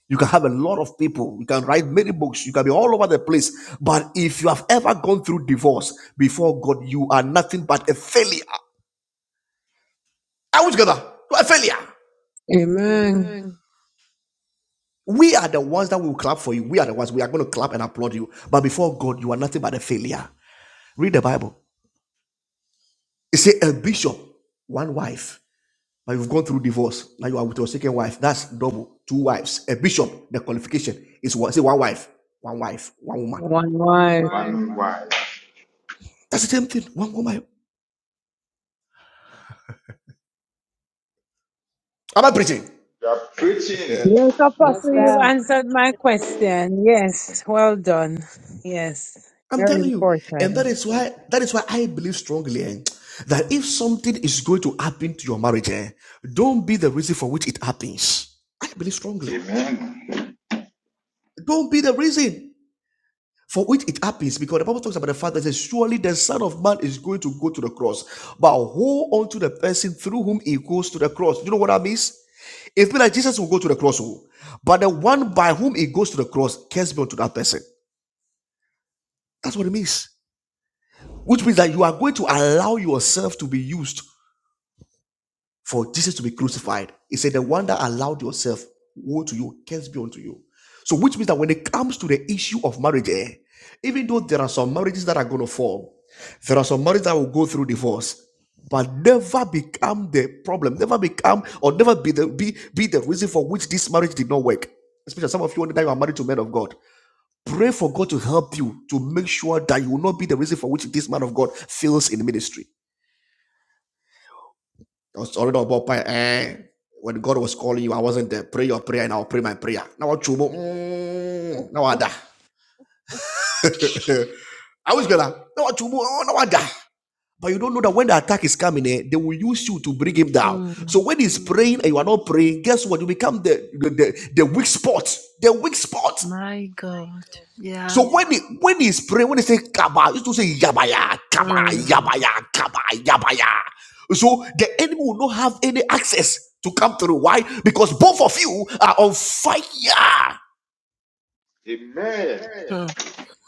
Speaker 11: You can have a lot of people. You can write many books. You can be all over the place. But if you have ever gone through divorce before God, you are nothing but a failure. Are we together? You are a failure.
Speaker 5: Amen.
Speaker 11: Amen. We are the ones that will clap for you. We are the ones we are going to clap and applaud you. But before God, you are nothing but a failure. Read the Bible. It says a bishop, one wife, but you've gone through divorce. Now you are with your second wife. That's double, two wives. A bishop, the qualification is one. Say one wife, one wife, one woman.
Speaker 5: One wife.
Speaker 14: One why.
Speaker 11: That's the same thing. One woman. Am I preaching?
Speaker 14: You are preaching.
Speaker 11: Yeah.
Speaker 5: Yes,
Speaker 13: Yes,
Speaker 7: Yes,
Speaker 5: apostle,
Speaker 7: yes,
Speaker 5: you've
Speaker 13: sir.
Speaker 7: sir.
Speaker 5: answered my
Speaker 7: Amen.
Speaker 5: question. Yes. Well done. Yes.
Speaker 11: I'm
Speaker 5: Very
Speaker 11: telling you. And
Speaker 5: important.
Speaker 11: that is why that is why I believe strongly eh, that if something is going to happen to your marriage, eh, don't be the reason for which it happens. I believe strongly.
Speaker 14: Amen.
Speaker 11: Don't be the reason for which it happens because the Bible talks about the fact that says, surely the Son of Man is going to go to the cross, but hold on the person through whom he goes to the cross. Do You know what that means? It's been like Jesus will go to the cross, oh, but the one by whom he goes to the cross cares be unto that person. That's what it means. which means that you are going to allow yourself to be used for Jesus to be crucified. He said, The one that allowed yourself, woe to you, curse be unto you. So, which means that when it comes to the issue of marriage, eh, even though there are some marriages that are going to fall, there are some marriages that will go through divorce, but never become the problem, never become or never be the be, be the reason for which this marriage did not work. Especially some of you wonder that you are married to men of God. Pray for God to help you to make sure that you will not be the reason for which this man of God fails in ministry. I was already on board. eh, when God was calling you, I wasn't there. Pray your prayer and I'll pray my prayer. Now what chubo? mm, Now I die. I was gonna now what chubo? Oh, now I die. But you don't know that when the attack is coming, eh, they will use you to bring him down. So
Speaker 1: Mm.
Speaker 11: when he's praying and you are not praying, guess what? You become the the, the, the weak spot. The weak spot.
Speaker 1: my God. Yeah.
Speaker 11: So when he when he's praying, when he say kaba, he used to say yabaya, kaba,
Speaker 1: Mm.
Speaker 11: yabaya, kaba, yabaya. So the enemy will not have any access to come through. Why? Because both of you are on fire.
Speaker 14: Amen.
Speaker 1: Hmm.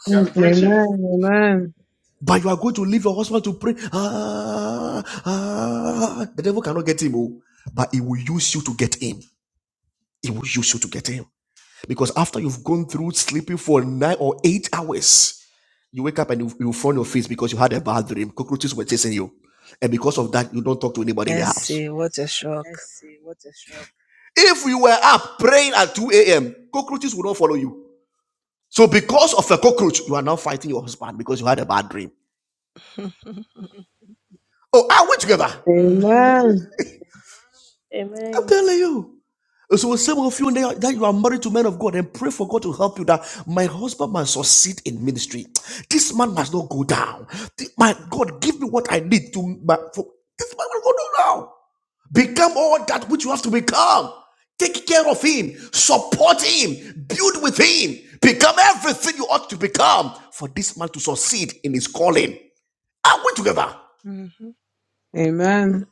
Speaker 14: You are preaching.
Speaker 5: Amen. Amen.
Speaker 11: But you are going to leave your husband to pray. Ah, ah. The devil cannot get him, oh. but he will use you to get him. He will use you to get him. Because after you've gone through sleeping for nine or eight hours, You wake up and you, you fall your face because you had a bad dream. Cockroaches were chasing you. And because of that, you don't talk to anybody in the
Speaker 1: Let's
Speaker 11: house.
Speaker 1: see. What a shock.
Speaker 11: Let's see. What a shock. If you were up praying at 2 a.m., cockroaches would not follow you. So because of a cockroach, you are now fighting your husband because you had a bad dream. Oh, are we together?
Speaker 1: Hmm.
Speaker 5: Amen.
Speaker 11: I'm
Speaker 7: Amen.
Speaker 11: telling you. So some of you now that you are married to men of God and pray for God to help you that my husband must succeed in ministry. This man must not go down. Th- My God, give me what I need to. My, for, this man will go down now. Become all that which you have to become. Take care of him, support him, build with him, become everything you ought to become for this man to succeed in his calling. Are we together?
Speaker 1: Mhm.
Speaker 5: Amen.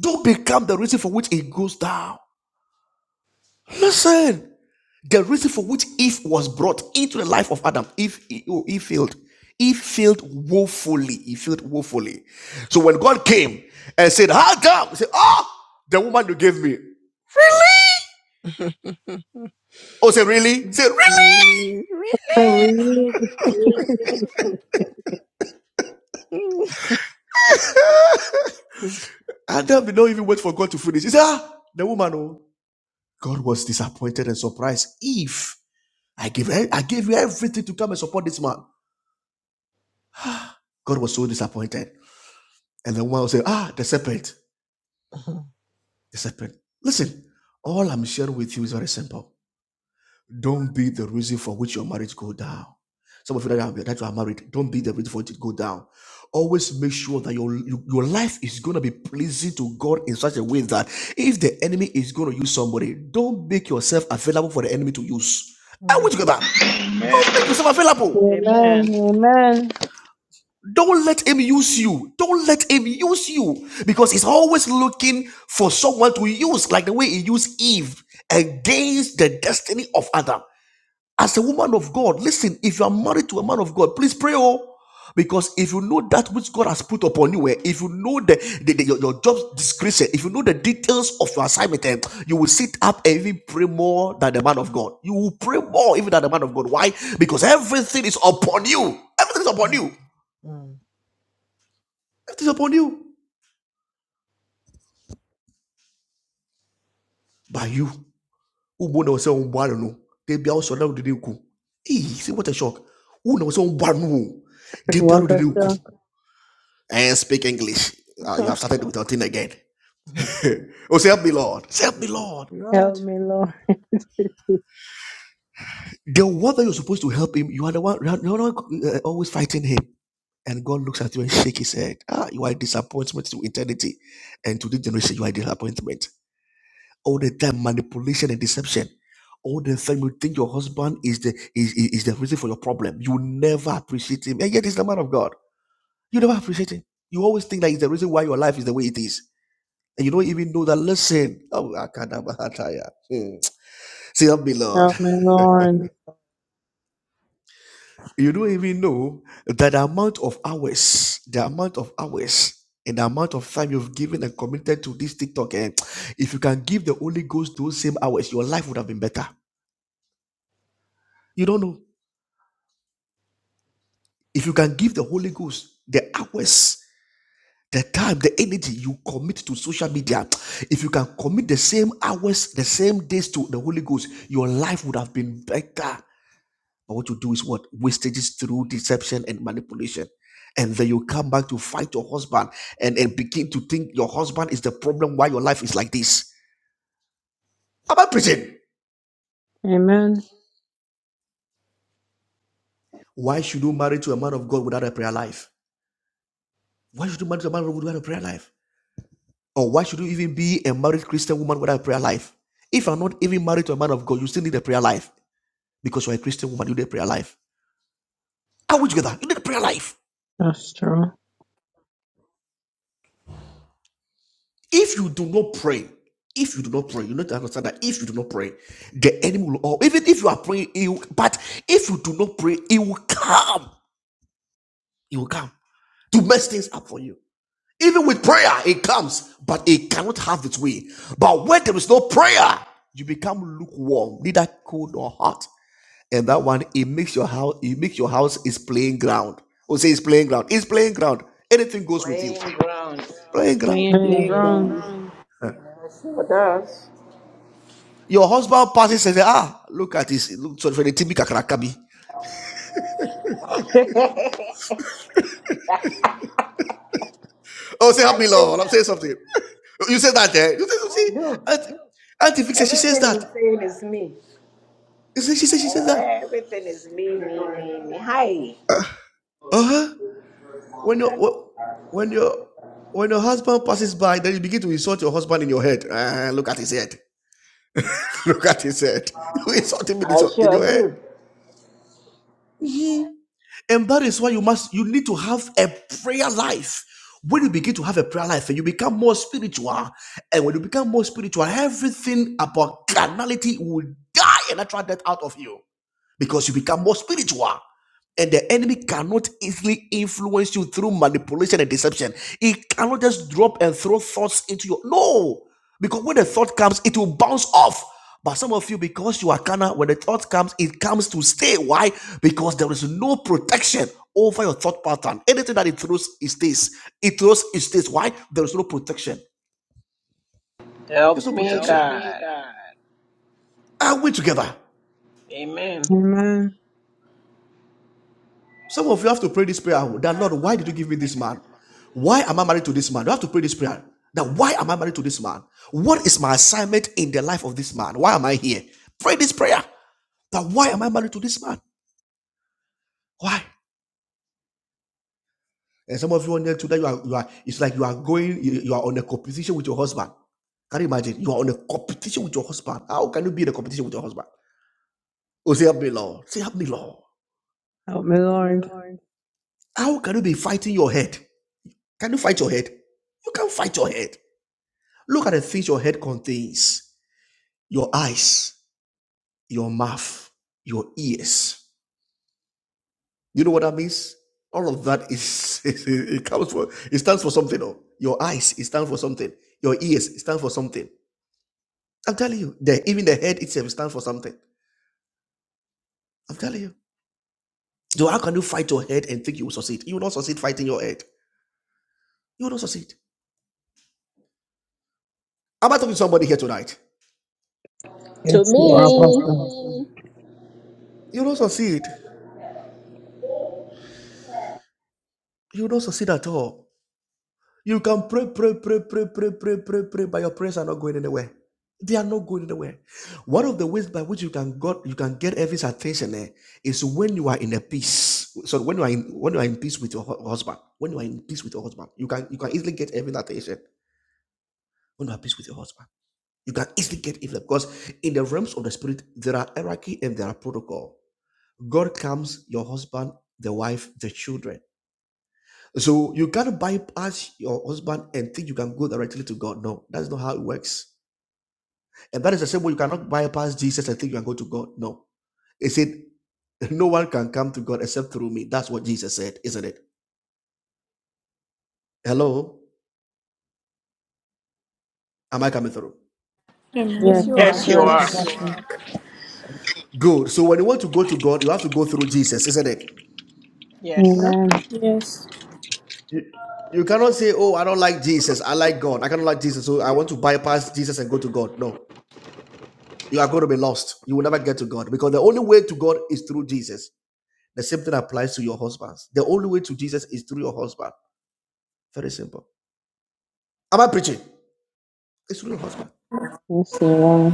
Speaker 11: Don't become the reason for which he goes down. Listen, the reason for which Eve was brought into the life of Adam, Eve, Eve failed. Eve failed woefully. He failed woefully. So when God came and said, How come? He said, Oh, the woman you gave me. Really? Oh, say, really? Say, really?
Speaker 1: really?
Speaker 5: I read.
Speaker 7: Really?
Speaker 11: And then we don't even wait for God to finish. He said, ah, the woman, oh, God was disappointed and surprised. If I gave, I gave you everything to come and support this man, God was so disappointed. And the woman will say, ah, the serpent, the serpent. Listen, all I'm sharing with you is very simple. Don't be the reason for which your marriage go down. Some of you that are, that you are married, don't be the reason for it to go down. Always make sure that your your life is going to be pleasing to God in such a way that if the enemy is going to use somebody, don't make yourself available for the enemy to use. I
Speaker 1: Mhm.
Speaker 11: want you to get that.
Speaker 1: yes, sir.
Speaker 11: Don't make
Speaker 14: Amen.
Speaker 11: yourself available.
Speaker 5: Amen.
Speaker 12: Amen.
Speaker 5: Amen.
Speaker 11: Don't let him use you. Don't let him use you because he's always looking for someone to use, like the way he used Eve against the destiny of Adam. As a woman of God, listen, if you are married to a man of God, please pray. Oh, because if you know that which God has put upon you, eh, if you know the, the, the- your, your job description, if you know the details of your assignment, eh, you will sit up and even pray more than the man of God. You will pray more even than the man of God. Why? Because everything is upon you. Everything is upon you.
Speaker 1: Mhm.
Speaker 11: Everything is upon you. By you. Who knows say, "Oh, boy, no." They be also now did you see what a shock. Who knows "Oh, no." They be out of
Speaker 5: Walk
Speaker 11: the
Speaker 5: us up.
Speaker 11: and speak English. Uh, you have started with your thing again.
Speaker 1: Mhm.
Speaker 11: oh, say, help me, Lord. Say, help me, Lord.
Speaker 5: Help
Speaker 1: Lord,
Speaker 5: me, Lord.
Speaker 11: The one that you're supposed to help him, you are the one, you are the one uh, always fighting him. And God looks at you and shake his head. Ah, you are a disappointment to eternity. And to this generation, you are a disappointment. All the time, manipulation and deception. All the time you think your husband is the is, is, is the reason for your problem. You never appreciate him. And yet he's the man of God. You never appreciate him. You always think that he's the reason why your life is the way it is And you don't even know that, listen, oh, Akadabahataya. Hmm. say help me, Lord.
Speaker 5: Help me,
Speaker 1: help
Speaker 5: Lord.
Speaker 1: me
Speaker 11: You don't even know that the amount of hours, the amount of hours, and the amount of time you've given and committed to this TikTok. And if you can give the Holy Ghost those same hours, your life would have been better. You don't know. If you can give the Holy Ghost the hours, the time, the energy you commit to social media, if you can commit the same hours, the same days to the Holy Ghost, your life would have been better. But what you do is what? Wastages through deception and manipulation. And then you come back to fight your husband and, and begin to think your husband is the problem why your life is like this. Am I preaching?
Speaker 5: Amen.
Speaker 11: Why should you marry to a man of God without a prayer life? Why should you marry to a man of God without a prayer life? Or why should you even be a married Christian woman without a prayer life? If you're not even married to a man of God, you still need a prayer life because you're a Christian woman, you need a prayer life. Are we together? You need a prayer life.
Speaker 5: That's true.
Speaker 11: If you do not pray, if you do not pray, you need to understand that if you do not pray, the enemy will all even if you are praying, it will, but if you do not pray, it will come. It will come to mess things up for you. Even with prayer, it comes, but it cannot have its way. But when there is no prayer, you become lukewarm, neither cold nor hot. And that one, it makes your house, it makes your house is playing ground. Or say it's playing ground. It's playing ground. Anything goes with
Speaker 12: Plain
Speaker 11: you.
Speaker 12: ground.
Speaker 11: Playing ground.
Speaker 15: Please,
Speaker 5: Being
Speaker 15: Lord,
Speaker 5: grown.
Speaker 7: Playground.
Speaker 12: Yes, it does.
Speaker 11: Your husband passes and says, Ah, look at this. Look, so for the TB Kakarakabi.
Speaker 12: I
Speaker 11: Oh, say, help me,
Speaker 12: say
Speaker 11: Lord. I'm
Speaker 12: that.
Speaker 11: saying something. You said that, eh? You said,
Speaker 12: I
Speaker 11: see,
Speaker 12: do.
Speaker 11: Auntie, Auntie Fix, she says
Speaker 12: Everything
Speaker 11: that.
Speaker 12: you're saying is me.
Speaker 11: She says, she says, she says that.
Speaker 12: Everything is me, me, me, me. Hi.
Speaker 11: Uh huh. When your, when your, when your husband passes by, then you begin to insult your husband in your head. Ah, look at his head. look at his head. You insult him in, his,
Speaker 12: I
Speaker 11: in
Speaker 12: sure
Speaker 11: your head.
Speaker 12: do.
Speaker 11: Mhm. And that is why you must you need to have a prayer life. When you begin to have a prayer life and you become more spiritual, and when you become more spiritual, everything about carnality will die a natural death out of you because you become more spiritual. And the enemy cannot easily influence you through manipulation and deception. It cannot just drop and throw thoughts into your no. Because when the thought comes, it will bounce off. But some of you, because you are carnal, when the thought comes, it comes to stay. Why? Because there is no protection over your thought pattern. Anything that it throws, it stays. It throws, it stays. Why? There is no protection.
Speaker 12: Help
Speaker 11: There's no Help
Speaker 12: me,
Speaker 11: protection. Help me,
Speaker 12: God.
Speaker 11: God. Are we together?
Speaker 12: Amen.
Speaker 5: Amen.
Speaker 11: Some of you have to pray this prayer that Lord, why did you give me this man? Why am I married to this man? You have to pray this prayer that why am I married to this man? What is my assignment in the life of this man? Why am I here? Pray this prayer that why am I married to this man? Why? And some of you on there today, you are, you are it's like you are going, you, you are on a competition with your husband. Can you imagine? You are on a competition with your husband. How can you be in a competition with your husband? Oh, say help me, Lord. Say help me, Lord.
Speaker 5: Help me,
Speaker 11: Help me,
Speaker 5: Lord.
Speaker 11: Lord. How can you be fighting your head? Can you fight your head? You can't fight your head. Look at the things your head contains your eyes, your mouth, your ears. You know what that means? All of that is, it comes for, it stands for something. oh. Your eyes, it stands for something. Your ears, it stands for something. I'm telling you, the, even the head itself stands for something. I'm telling you. So how can you fight your head and think you will succeed? You will not succeed fighting your head. You will not succeed. Am I talking to somebody here tonight?
Speaker 12: To
Speaker 5: Yes, you are
Speaker 11: To
Speaker 12: me.
Speaker 5: apostle.
Speaker 11: me. You will not succeed. You will not succeed at all. You can pray, pray, pray, pray, pray, pray, pray, pray, but your prayers are not going anywhere. They are not going anywhere. One of the ways by which you can God you can get heaven's attention eh, is when you are in a peace. So when you are in when you are in peace with your hu- husband, when you are in peace with your husband, you can you can easily get heaven's attention when you are at peace with your husband. You can easily get it because in the realms of the spirit there are hierarchy and there are protocol. God comes, your husband, the wife, the children. So you gotta bypass your husband and think you can go directly to God. No, that's not how it works. And that is the same way you cannot bypass Jesus and think you can go to God. No. He said, No one can come to God except through me. That's what Jesus said, isn't it? Hello? Am I coming through?
Speaker 16: Yes,
Speaker 5: Yes,
Speaker 16: you
Speaker 7: Amen.
Speaker 5: that's
Speaker 16: are.
Speaker 11: Yes,
Speaker 12: Yes, you
Speaker 5: correct,
Speaker 12: are.
Speaker 11: Yes, right.
Speaker 7: Yes.
Speaker 11: you
Speaker 5: apostle.
Speaker 11: are. Good. So when you want to go to God, you have to go through Jesus, isn't it?
Speaker 12: Yes.
Speaker 16: Yep.
Speaker 5: Amen.
Speaker 7: Yes.
Speaker 11: You, you cannot say, Oh, I don't like Jesus. I like God. I cannot like Jesus. So I want to bypass Jesus and go to God. No. You are going to be lost. You will never get to God because the only way to God is through Jesus. The same thing applies to your husbands. The only way to Jesus is through your husband. Very simple. Am I preaching? It's through your husband.
Speaker 5: Yes, you are.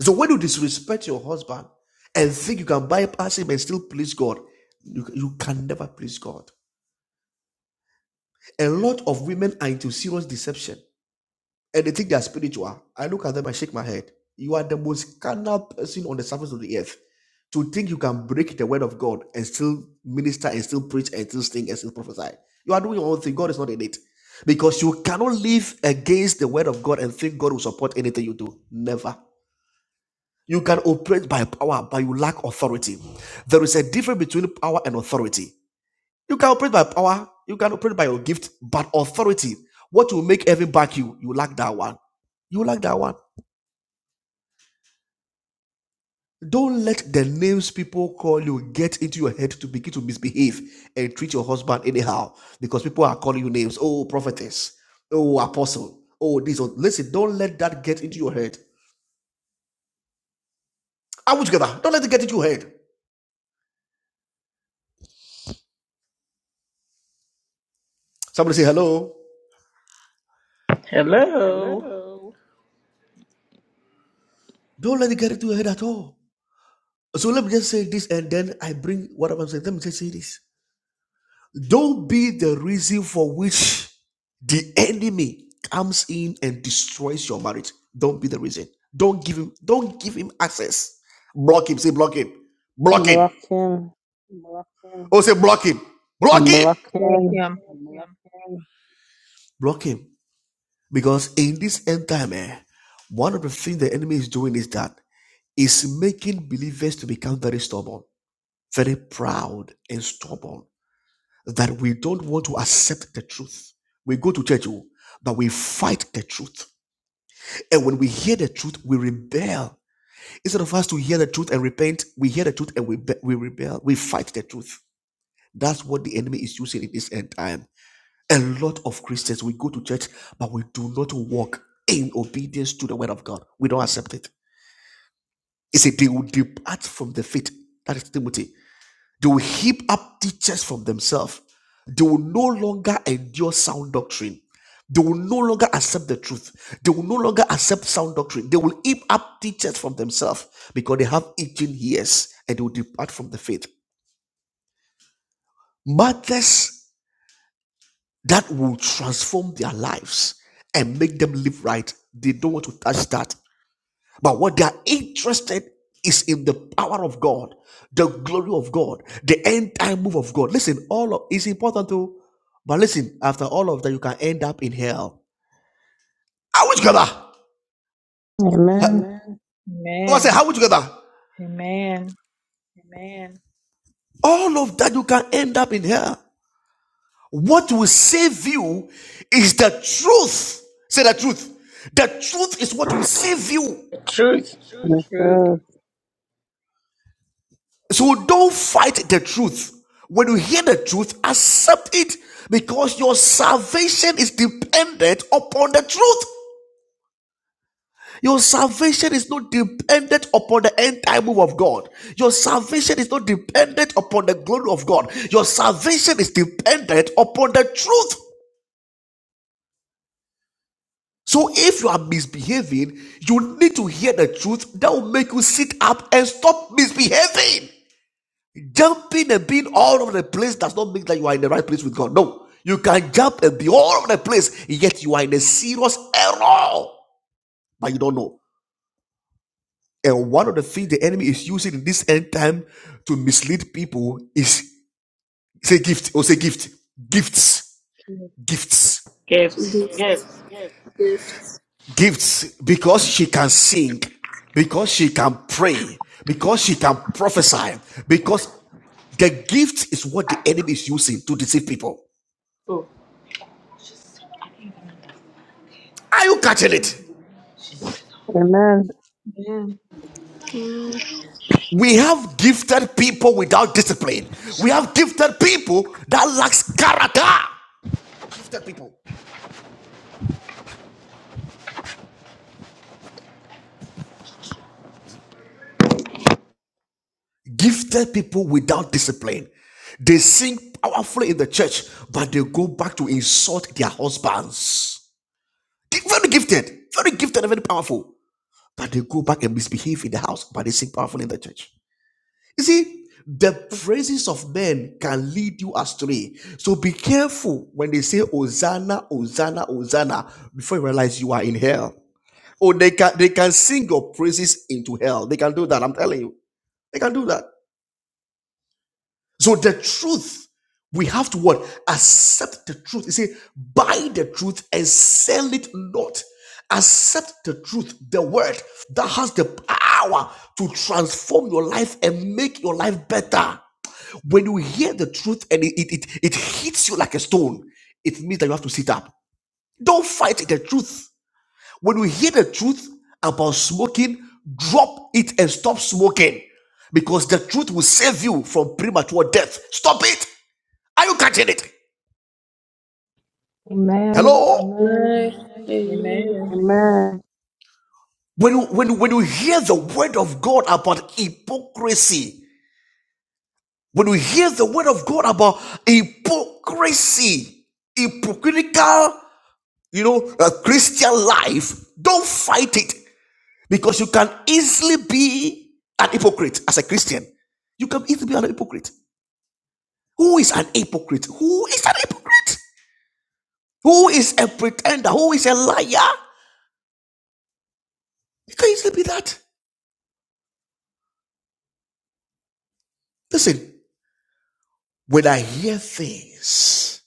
Speaker 11: So when you disrespect your husband and think you can bypass him and still please God, you, you can never please God. A lot of women are into serious deception. and they think they are spiritual. I look at them, I shake my head. You are the most carnal person on the surface of the earth. To think you can break the word of God and still minister and still preach and still sing and still prophesy. You are doing your own thing. God is not in it. Because you cannot live against the word of God and think God will support anything you do. Never. You can operate by power, but you lack authority. There is a difference between power and authority. You can operate by power, you can operate by your gift, but authority, what will make heaven back you, you lack that one. You lack that one. Don't let the names people call you get into your head to begin to misbehave and treat your husband anyhow because people are calling you names. Oh, prophetess. Oh, apostle. Oh, this. Oh. Listen, don't let that get into your head. Are we together? Don't let it get into your head. Somebody say hello.
Speaker 12: Hello.
Speaker 11: Hello. Don't let it get into your head at all. So let me just say this and then I bring whatever I'm saying. Let me just say this. Don't be the reason for which the enemy comes in and destroys your marriage. Don't be the reason. Don't give him, don't give him access. Block him. Say block him. Block him.
Speaker 5: Block him.
Speaker 11: Oh, say block him. Block him.
Speaker 5: Block
Speaker 15: bless
Speaker 5: him.
Speaker 15: him.
Speaker 11: Block him. Because in this end time, eh, one of the things the enemy is doing is that is making believers to become very stubborn, very proud and stubborn that we don't want to accept the truth. We go to church, oh, but we fight the truth. And when we hear the truth, we rebel. Instead of us to hear the truth and repent, we hear the truth and we, be- we rebel. We fight the truth. That's what the enemy is using in this end time. A lot of Christians, we go to church, but we do not walk in obedience to the word of God. We don't accept it. It's a they will depart from the faith. That is Timothy. They will heap up teachers from themselves. They will no longer endure sound doctrine. They will no longer accept the truth. They will no longer accept sound doctrine. They will heap up teachers from themselves because they have itching ears and they will depart from the faith. Mothers that will transform their lives and make them live right, they don't want to touch that But what they are interested is in the power of God, the glory of God, the end time move of God. Listen, all of it's important too. But listen, after all of that, you can end up in hell. Are we together?
Speaker 5: Amen.
Speaker 11: I say,
Speaker 15: Amen.
Speaker 11: how we together?
Speaker 15: Amen.
Speaker 11: Amen. All of that you can end up in hell. What will save you is the truth. Say the truth. The truth is what will save you.
Speaker 12: truth.
Speaker 5: The
Speaker 15: Truth.
Speaker 5: truth.
Speaker 11: So don't fight the truth. When you hear the truth, accept it because your salvation is dependent upon the truth. Your salvation is not dependent upon the end time move of God. Your salvation is not dependent upon the glory of God. Your salvation is dependent upon the truth. So if you are misbehaving, you need to hear the truth that will make you sit up and stop misbehaving. Jumping and being all over the place does not mean that you are in the right place with God. No. You can jump and be all over the place, yet you are in a serious error, but you don't know. And one of the things the enemy is using in this end time to mislead people is say gift or say gift, gifts, gifts,
Speaker 12: Gifts.
Speaker 7: Gift.
Speaker 12: Gifts.
Speaker 7: Gift.
Speaker 11: gifts. Because she can sing, because she can pray, because she can prophesy, because the gift is what the enemy is using to deceive people.
Speaker 12: Oh.
Speaker 11: Are you catching it?
Speaker 5: Amen.
Speaker 15: Amen.
Speaker 11: We have gifted people without discipline. We have gifted people that lacks character. Gifted people. Gifted people without discipline. They sing powerfully in the church, but they go back to insult their husbands. Very gifted, very gifted, and very powerful. But they go back and misbehave in the house, but they sing powerfully in the church. You see, the praises of men can lead you astray. So be careful when they say Hosanna, Hosanna, Hosanna, before you realize you are in hell. Or they can they can sing your praises into hell. They can do that. I'm telling you. They can do that. So the truth, we have to what? Accept the truth. You say, buy the truth and sell it not. Accept the truth, the word that has the power to transform your life and make your life better. When you hear the truth and it, it, it, it hits you like a stone, it means that you have to sit up. Don't fight the truth. When you hear the truth about smoking, drop it and stop smoking because the truth will save you from premature death. Stop it. Are you catching it?
Speaker 4: Amen,
Speaker 11: Hello?
Speaker 4: amen.
Speaker 7: Amen. Amen.
Speaker 15: Amen.
Speaker 5: Amen.
Speaker 11: When you, when, you- when you hear the word of God about hypocrisy, when you hear the word of God about hypocrisy, hypocritical you know, a Christian life, don't fight it because you can easily be an hypocrite as a Christian. You can easily be an hypocrite. Who is an hypocrite? Who is an hypocrite? Who is a pretender? Who is a liar? You can easily be that. Listen, when I hear things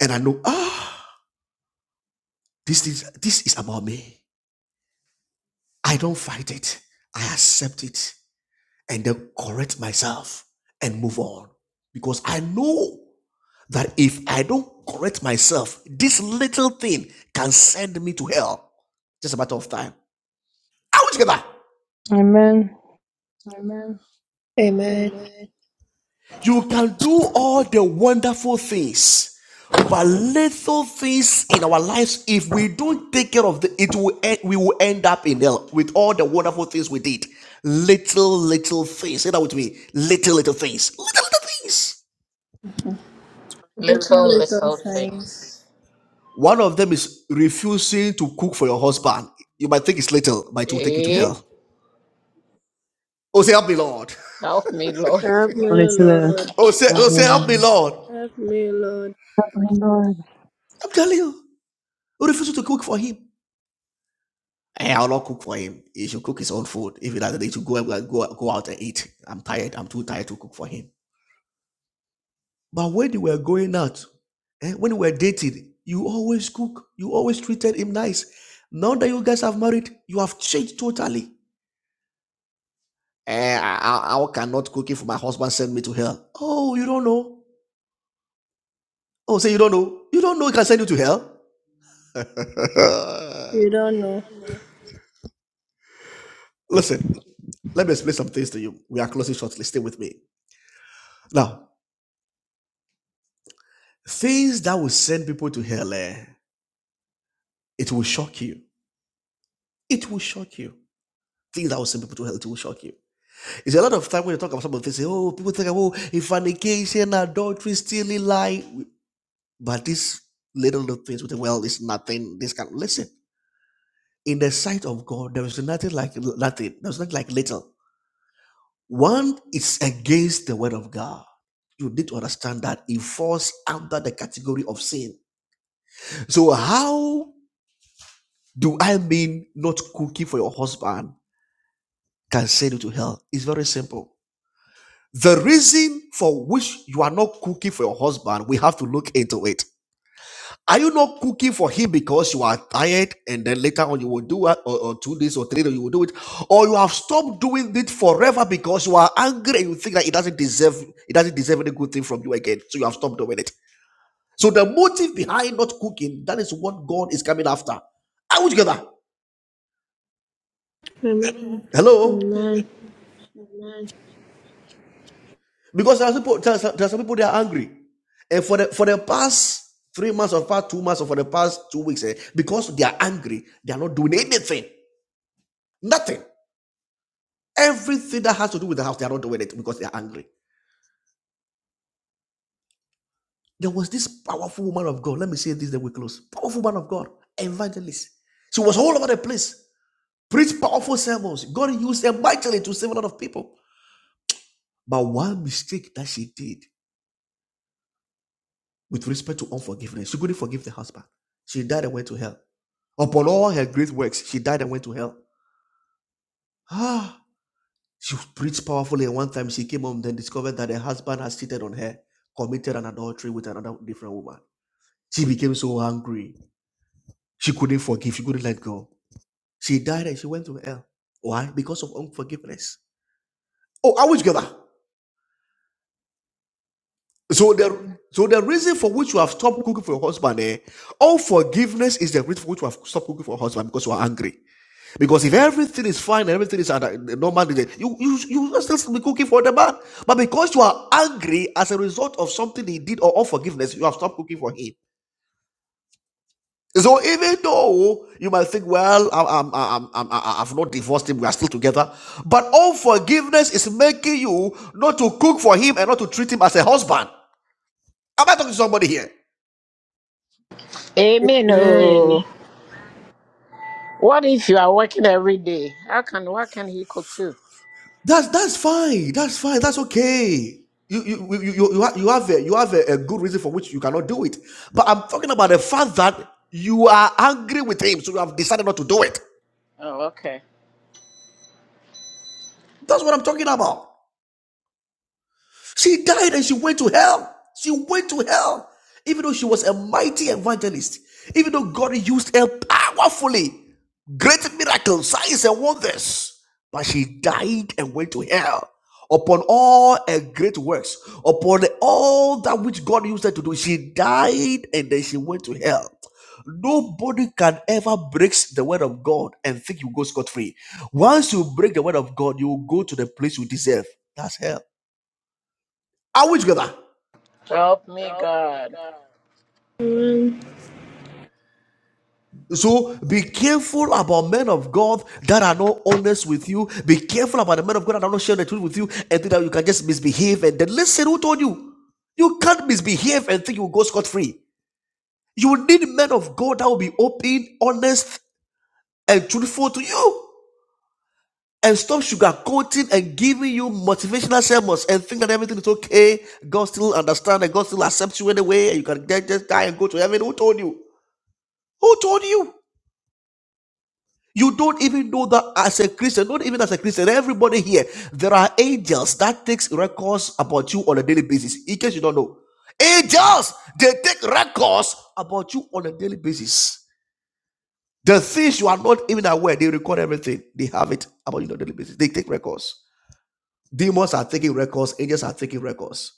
Speaker 11: and I know, ah, this is this is about me. I don't fight it. I accept it and then correct myself and move on because I know. that if I don't correct myself, this little thing can send me to hell. Just a matter of time. I will get that.
Speaker 5: Amen.
Speaker 11: Amen.
Speaker 7: Amen.
Speaker 11: Amen. You can do all the wonderful things, but little things in our lives, if we don't take care of the, it will end, we will end up in hell with all the wonderful things we did. Little, little things. Say that with me. Little, little things. Little, little things.
Speaker 7: Little,
Speaker 12: Little,
Speaker 7: little
Speaker 12: little
Speaker 7: signs.
Speaker 12: things.
Speaker 11: One of them is refusing to cook for your husband. You might think it's little, but it will take you to
Speaker 12: Eh?
Speaker 11: hell. Oh, say, help me, Lord.
Speaker 12: Help me, Lord.
Speaker 7: Help me,
Speaker 5: Listen.
Speaker 7: Lord.
Speaker 11: Oh, say, oh, say, help me,
Speaker 5: Amen.
Speaker 11: Lord.
Speaker 7: Help me, Lord.
Speaker 5: Help me, Lord.
Speaker 11: I'm telling you, you refuse to cook for him. Eh, I'll not cook for him. He should cook his own food. If he doesn't need to go, out- go, go out and eat. I'm tired. I'm too tired to cook for him. But when they were going out, eh, when we were dating, you always cook. You always treated him nice. Now that you guys have married, you have changed totally. Eh, I I, how cannot cooking for my husband send me to hell? Oh, you don't know. Oh, say you don't know. You don't know it can send you to hell.
Speaker 7: You don't
Speaker 11: You
Speaker 7: know.
Speaker 11: don't know. Listen, let me explain some things to you. We are closing shortly. Stay with me. Now, things that will send people to hell, eh, it will shock you. It will shock you. Things that will send people to hell, it will shock you. It's a lot of time when you talk about some of this, say, oh, people think, oh, fornication, adultery, stealing, lie. But these little, little things with the well it's nothing. This can listen. in the sight of God, there is nothing like nothing. There's nothing like little. One is against the word of God. You need to understand that it falls under the category of sin. So how do I mean not cooking for your husband can send you to hell? It's very simple. The reason for which you are not cooking for your husband, we have to look into it. Are you not cooking for him because you are tired and then later on you will do it or, or two days or three days you will do it? Or you have stopped doing it forever because you are angry and you think that it doesn't deserve it doesn't deserve any good thing from you again. So you have stopped doing it. So the motive behind not cooking, that is what God is coming after. Are we together?
Speaker 7: Amen.
Speaker 11: Hello? Amen.
Speaker 7: Amen.
Speaker 11: Amen. Because there are people, there are some, there are some people they are angry, and for the for the past three months or past two months or for the past two weeks, eh, because they are angry, they are not doing anything. Nothing. Everything that has to do with the house, they are not doing it because they are angry. There was this powerful woman of God. Let me say this, then we close. Powerful woman of God, evangelist. She was all over the place, preached powerful sermons. God used her mightily to save a lot of people. But one mistake that she did with respect to unforgiveness, she couldn't forgive the husband. She died and went to hell. Upon all her great works, she died and went to hell. Ah, she preached powerfully, and one time she came home, then discovered that her husband had cheated on her, committed an adultery with another different woman. She became so angry. She couldn't forgive. She couldn't let go. She died and she went to hell. Why? Because of unforgiveness. Oh, are we together? So the so the reason for which you have stopped cooking for your husband, eh, unforgiveness is the reason for which you have stopped cooking for your husband because you are angry. Because if everything is fine and everything is under uh, normal, you you you will still be cooking for the man. But because you are angry as a result of something he did or unforgiveness, you have stopped cooking for him. So even though you might think, well, I, I, I, I, I, I've not divorced him, we are still together. But unforgiveness is making you not to cook for him and not to treat him as a husband. Am I talking to somebody here?
Speaker 12: Amen.
Speaker 7: Amen.
Speaker 12: Oh, What if you are working every day? How can what can he cook too?
Speaker 11: That's that's fine. That's fine. That's okay. You you you you, you have you have, a, you have a, a good reason for which you cannot do it. But I'm talking about the fact that you are angry with him, so you have decided not to do it.
Speaker 12: Oh, okay.
Speaker 11: That's what I'm talking about. She died and she went to hell. She went to hell. Even though she was a mighty evangelist, even though God used her powerfully, great miracles, signs, and wonders, but she died and went to hell. Upon all her great works, upon all that which God used her to do, she died and then she went to hell. Nobody can ever break the word of God and think you go scot free. Once you break the word of God, you will go to the place you deserve. That's hell. Are we together?
Speaker 12: Help me, God.
Speaker 7: Amen.
Speaker 11: So be careful about men of God that are not honest with you. Be careful about the men of God that are not sharing the truth with you and think that you can just misbehave and then listen who told you. You can't misbehave and think you will go scot free. You need men of God that will be open, honest, and truthful to you. And stop sugarcoating and giving you motivational sermons and think that everything is okay. God still understands and God still accepts you anyway, and you can just just die and go to heaven. Who told you? Who told you? You don't even know that as a Christian, not even as a Christian, everybody here, there are angels that takes records about you on a daily basis. In case you don't know. Angels, they take records about you on a daily basis. The things you are not even aware, they record everything. They have it about you on a daily basis. They take records. Demons are taking records, angels are taking records.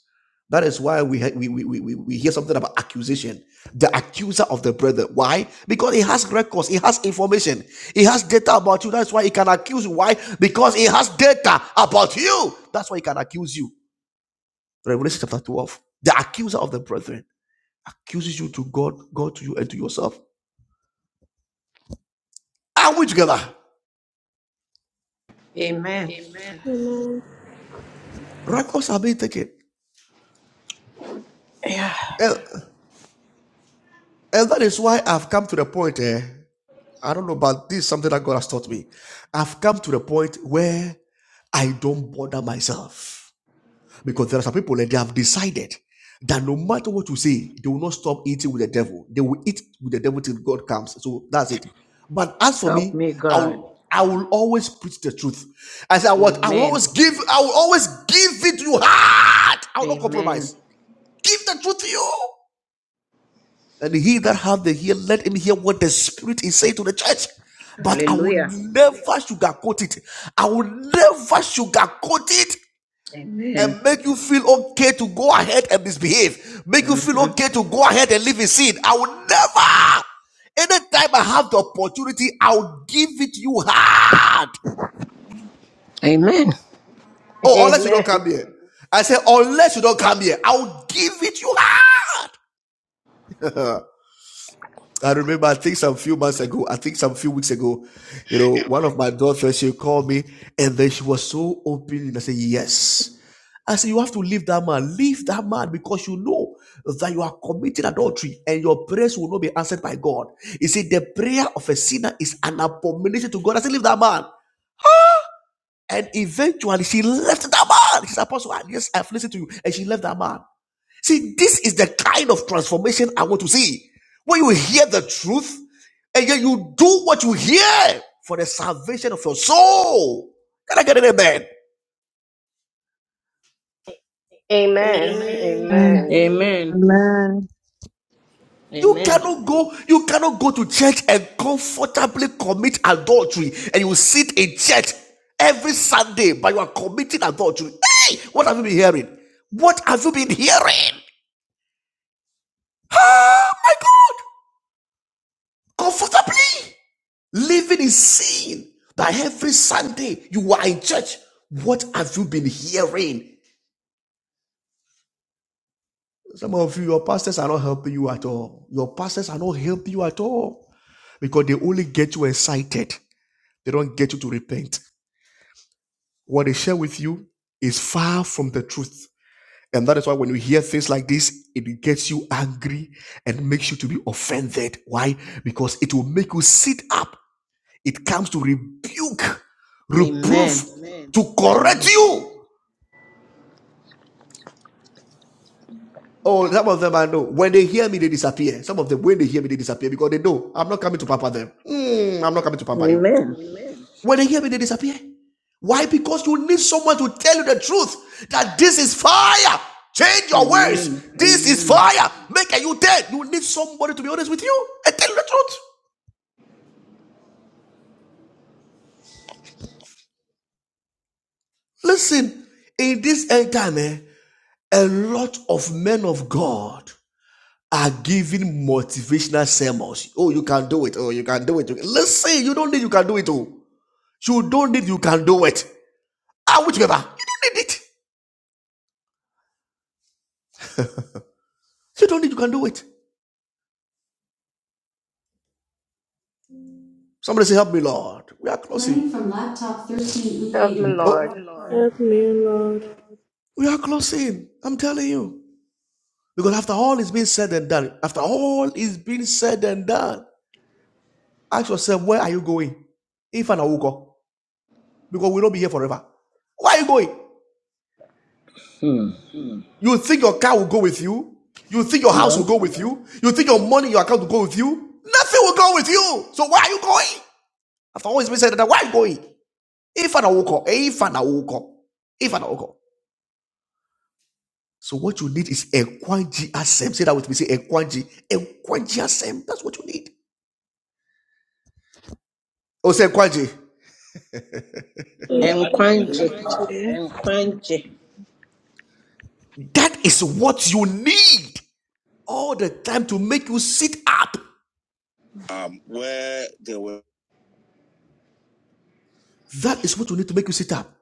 Speaker 11: That is why we, ha- we, we, we, we hear something about accusation. The accuser of the brethren. Why? Because he has records, he has information, he has data about you. That's why he can accuse you. Why? Because he has data about you. That's why he can accuse you. Revelation chapter 12. The accuser of the brethren accuses you to God, God to you, and to yourself. Are we together?
Speaker 12: Amen.
Speaker 11: Amen.
Speaker 7: Amen.
Speaker 11: Records are being taken.
Speaker 12: Yeah.
Speaker 11: And, and that is why I've come to the point eh? I don't know, but this is something that God has taught me. I've come to the point where I don't bother myself because there are some people that they have decided that no matter what you say, they will not stop eating with the devil. They will eat with the devil till God comes. So that's it. But as for
Speaker 12: Help
Speaker 11: me,
Speaker 12: me,
Speaker 11: I
Speaker 12: God.
Speaker 11: will I will always preach the truth. I said what I will
Speaker 12: Amen.
Speaker 11: always give. I will always give it to you hard. I will not
Speaker 12: Amen.
Speaker 11: compromise. Give the truth to you. And he that hath the ear, let him hear what the Spirit is saying to the church. But I will
Speaker 12: Hallelujah.
Speaker 11: never sugarcoat it. I will never sugarcoat it
Speaker 12: Amen.
Speaker 11: and make you feel okay to go ahead and misbehave. Make you
Speaker 12: hmm
Speaker 11: feel okay to go ahead and live in sin. I will never. Anytime I have the opportunity, I'll give it to you hard.
Speaker 12: Amen.
Speaker 11: Oh, unless you don't
Speaker 6: Amen.
Speaker 11: come here. I say, unless you don't come here, I'll give it you hard. I remember, I think some few months ago, I think some few weeks ago, you know, one of my daughters, she called me and then she was so open. And I said, Yes. I said, You have to leave that man. Leave that man because you know that you are committing adultery and your prayers will not be answered by God. He said, The prayer of a sinner is an abomination to God. I said, Leave that man. And eventually she left that man. She said, Apostle, yes, I've listened to you. And she left that man. See, this is the kind of transformation I want to see. When you hear the truth and yet you do what you hear for the salvation of your soul. Can I get an amen?
Speaker 6: Amen.
Speaker 7: Amen.
Speaker 11: Amen.
Speaker 5: Amen.
Speaker 6: Amen.
Speaker 7: Amen.
Speaker 12: Amen.
Speaker 5: Amen.
Speaker 11: You
Speaker 7: Yeah.
Speaker 12: Amen.
Speaker 11: cannot go, you cannot go to church and comfortably commit adultery and you sit in church every Sunday, but you are committing adultery. Hey, what have you been hearing? What have you been hearing? Oh my God! Comfortably. Living in sin. That every Sunday you are in church. What have you been hearing? Some of you, your pastors are not helping you at all. Your pastors are not helping you at all because they only get you excited. They don't get you to repent. What they share with you is far from the truth. And that is why when you hear things like this, it gets you angry and makes you to be offended. Why? Because it will make you sit up. It comes to rebuke,
Speaker 12: Amen.
Speaker 11: reproof, Amen. to correct
Speaker 12: Amen.
Speaker 11: you. Oh, some of them I know. When they hear me, they disappear. Some of them, when they hear me, they disappear because they know I'm not coming to pamper them. Mm, I'm not coming to pamper you.
Speaker 12: Amen.
Speaker 11: Amen. When they hear me, they disappear. Why? Because you need someone to tell you the truth that this is fire. Change your words.
Speaker 12: Amen.
Speaker 11: This is
Speaker 12: Amen.
Speaker 11: fire. Make a you dead. You need somebody to be honest with you and tell you the truth. Listen, in this end time, eh, a lot of men of God are giving motivational sermons. Oh, you can do it. Oh, you can do it. Listen, you don't need you can do it. Oh, you don't need you can do it. Are we together? You don't need it. You don't need you can do it. Somebody say, Help me, Lord. We are closing. Learning from laptop 13 loop
Speaker 6: Help me,
Speaker 11: Oh,
Speaker 6: Lord.
Speaker 11: Lord.
Speaker 7: Help me, Lord.
Speaker 11: we are closing. I'm telling you. Because after all is being said and done, after all is being said and done, ask yourself, where are you going? If and I will go. Because we'll not be here forever. Where are you going?
Speaker 12: Hmm.
Speaker 11: You think your car will go with you? You think your house will
Speaker 12: No.
Speaker 11: go with you? You think your money, in your account will go with you? Nothing will go with you. So why are you going? I've always been saying that. Why are you going? If an awoko, if an awoko, if an awoko. So what you need is a kwanji asem. Say that with me. Say a kwanji, a kwanji asem. That's what you need. Oh, say kwanji.
Speaker 7: Help
Speaker 12: Enkwanje.
Speaker 1: to.
Speaker 12: Enkwanje.
Speaker 11: That is what you need all the time to make you sit up.
Speaker 1: Um, where they were
Speaker 11: That is what you need to make you sit up.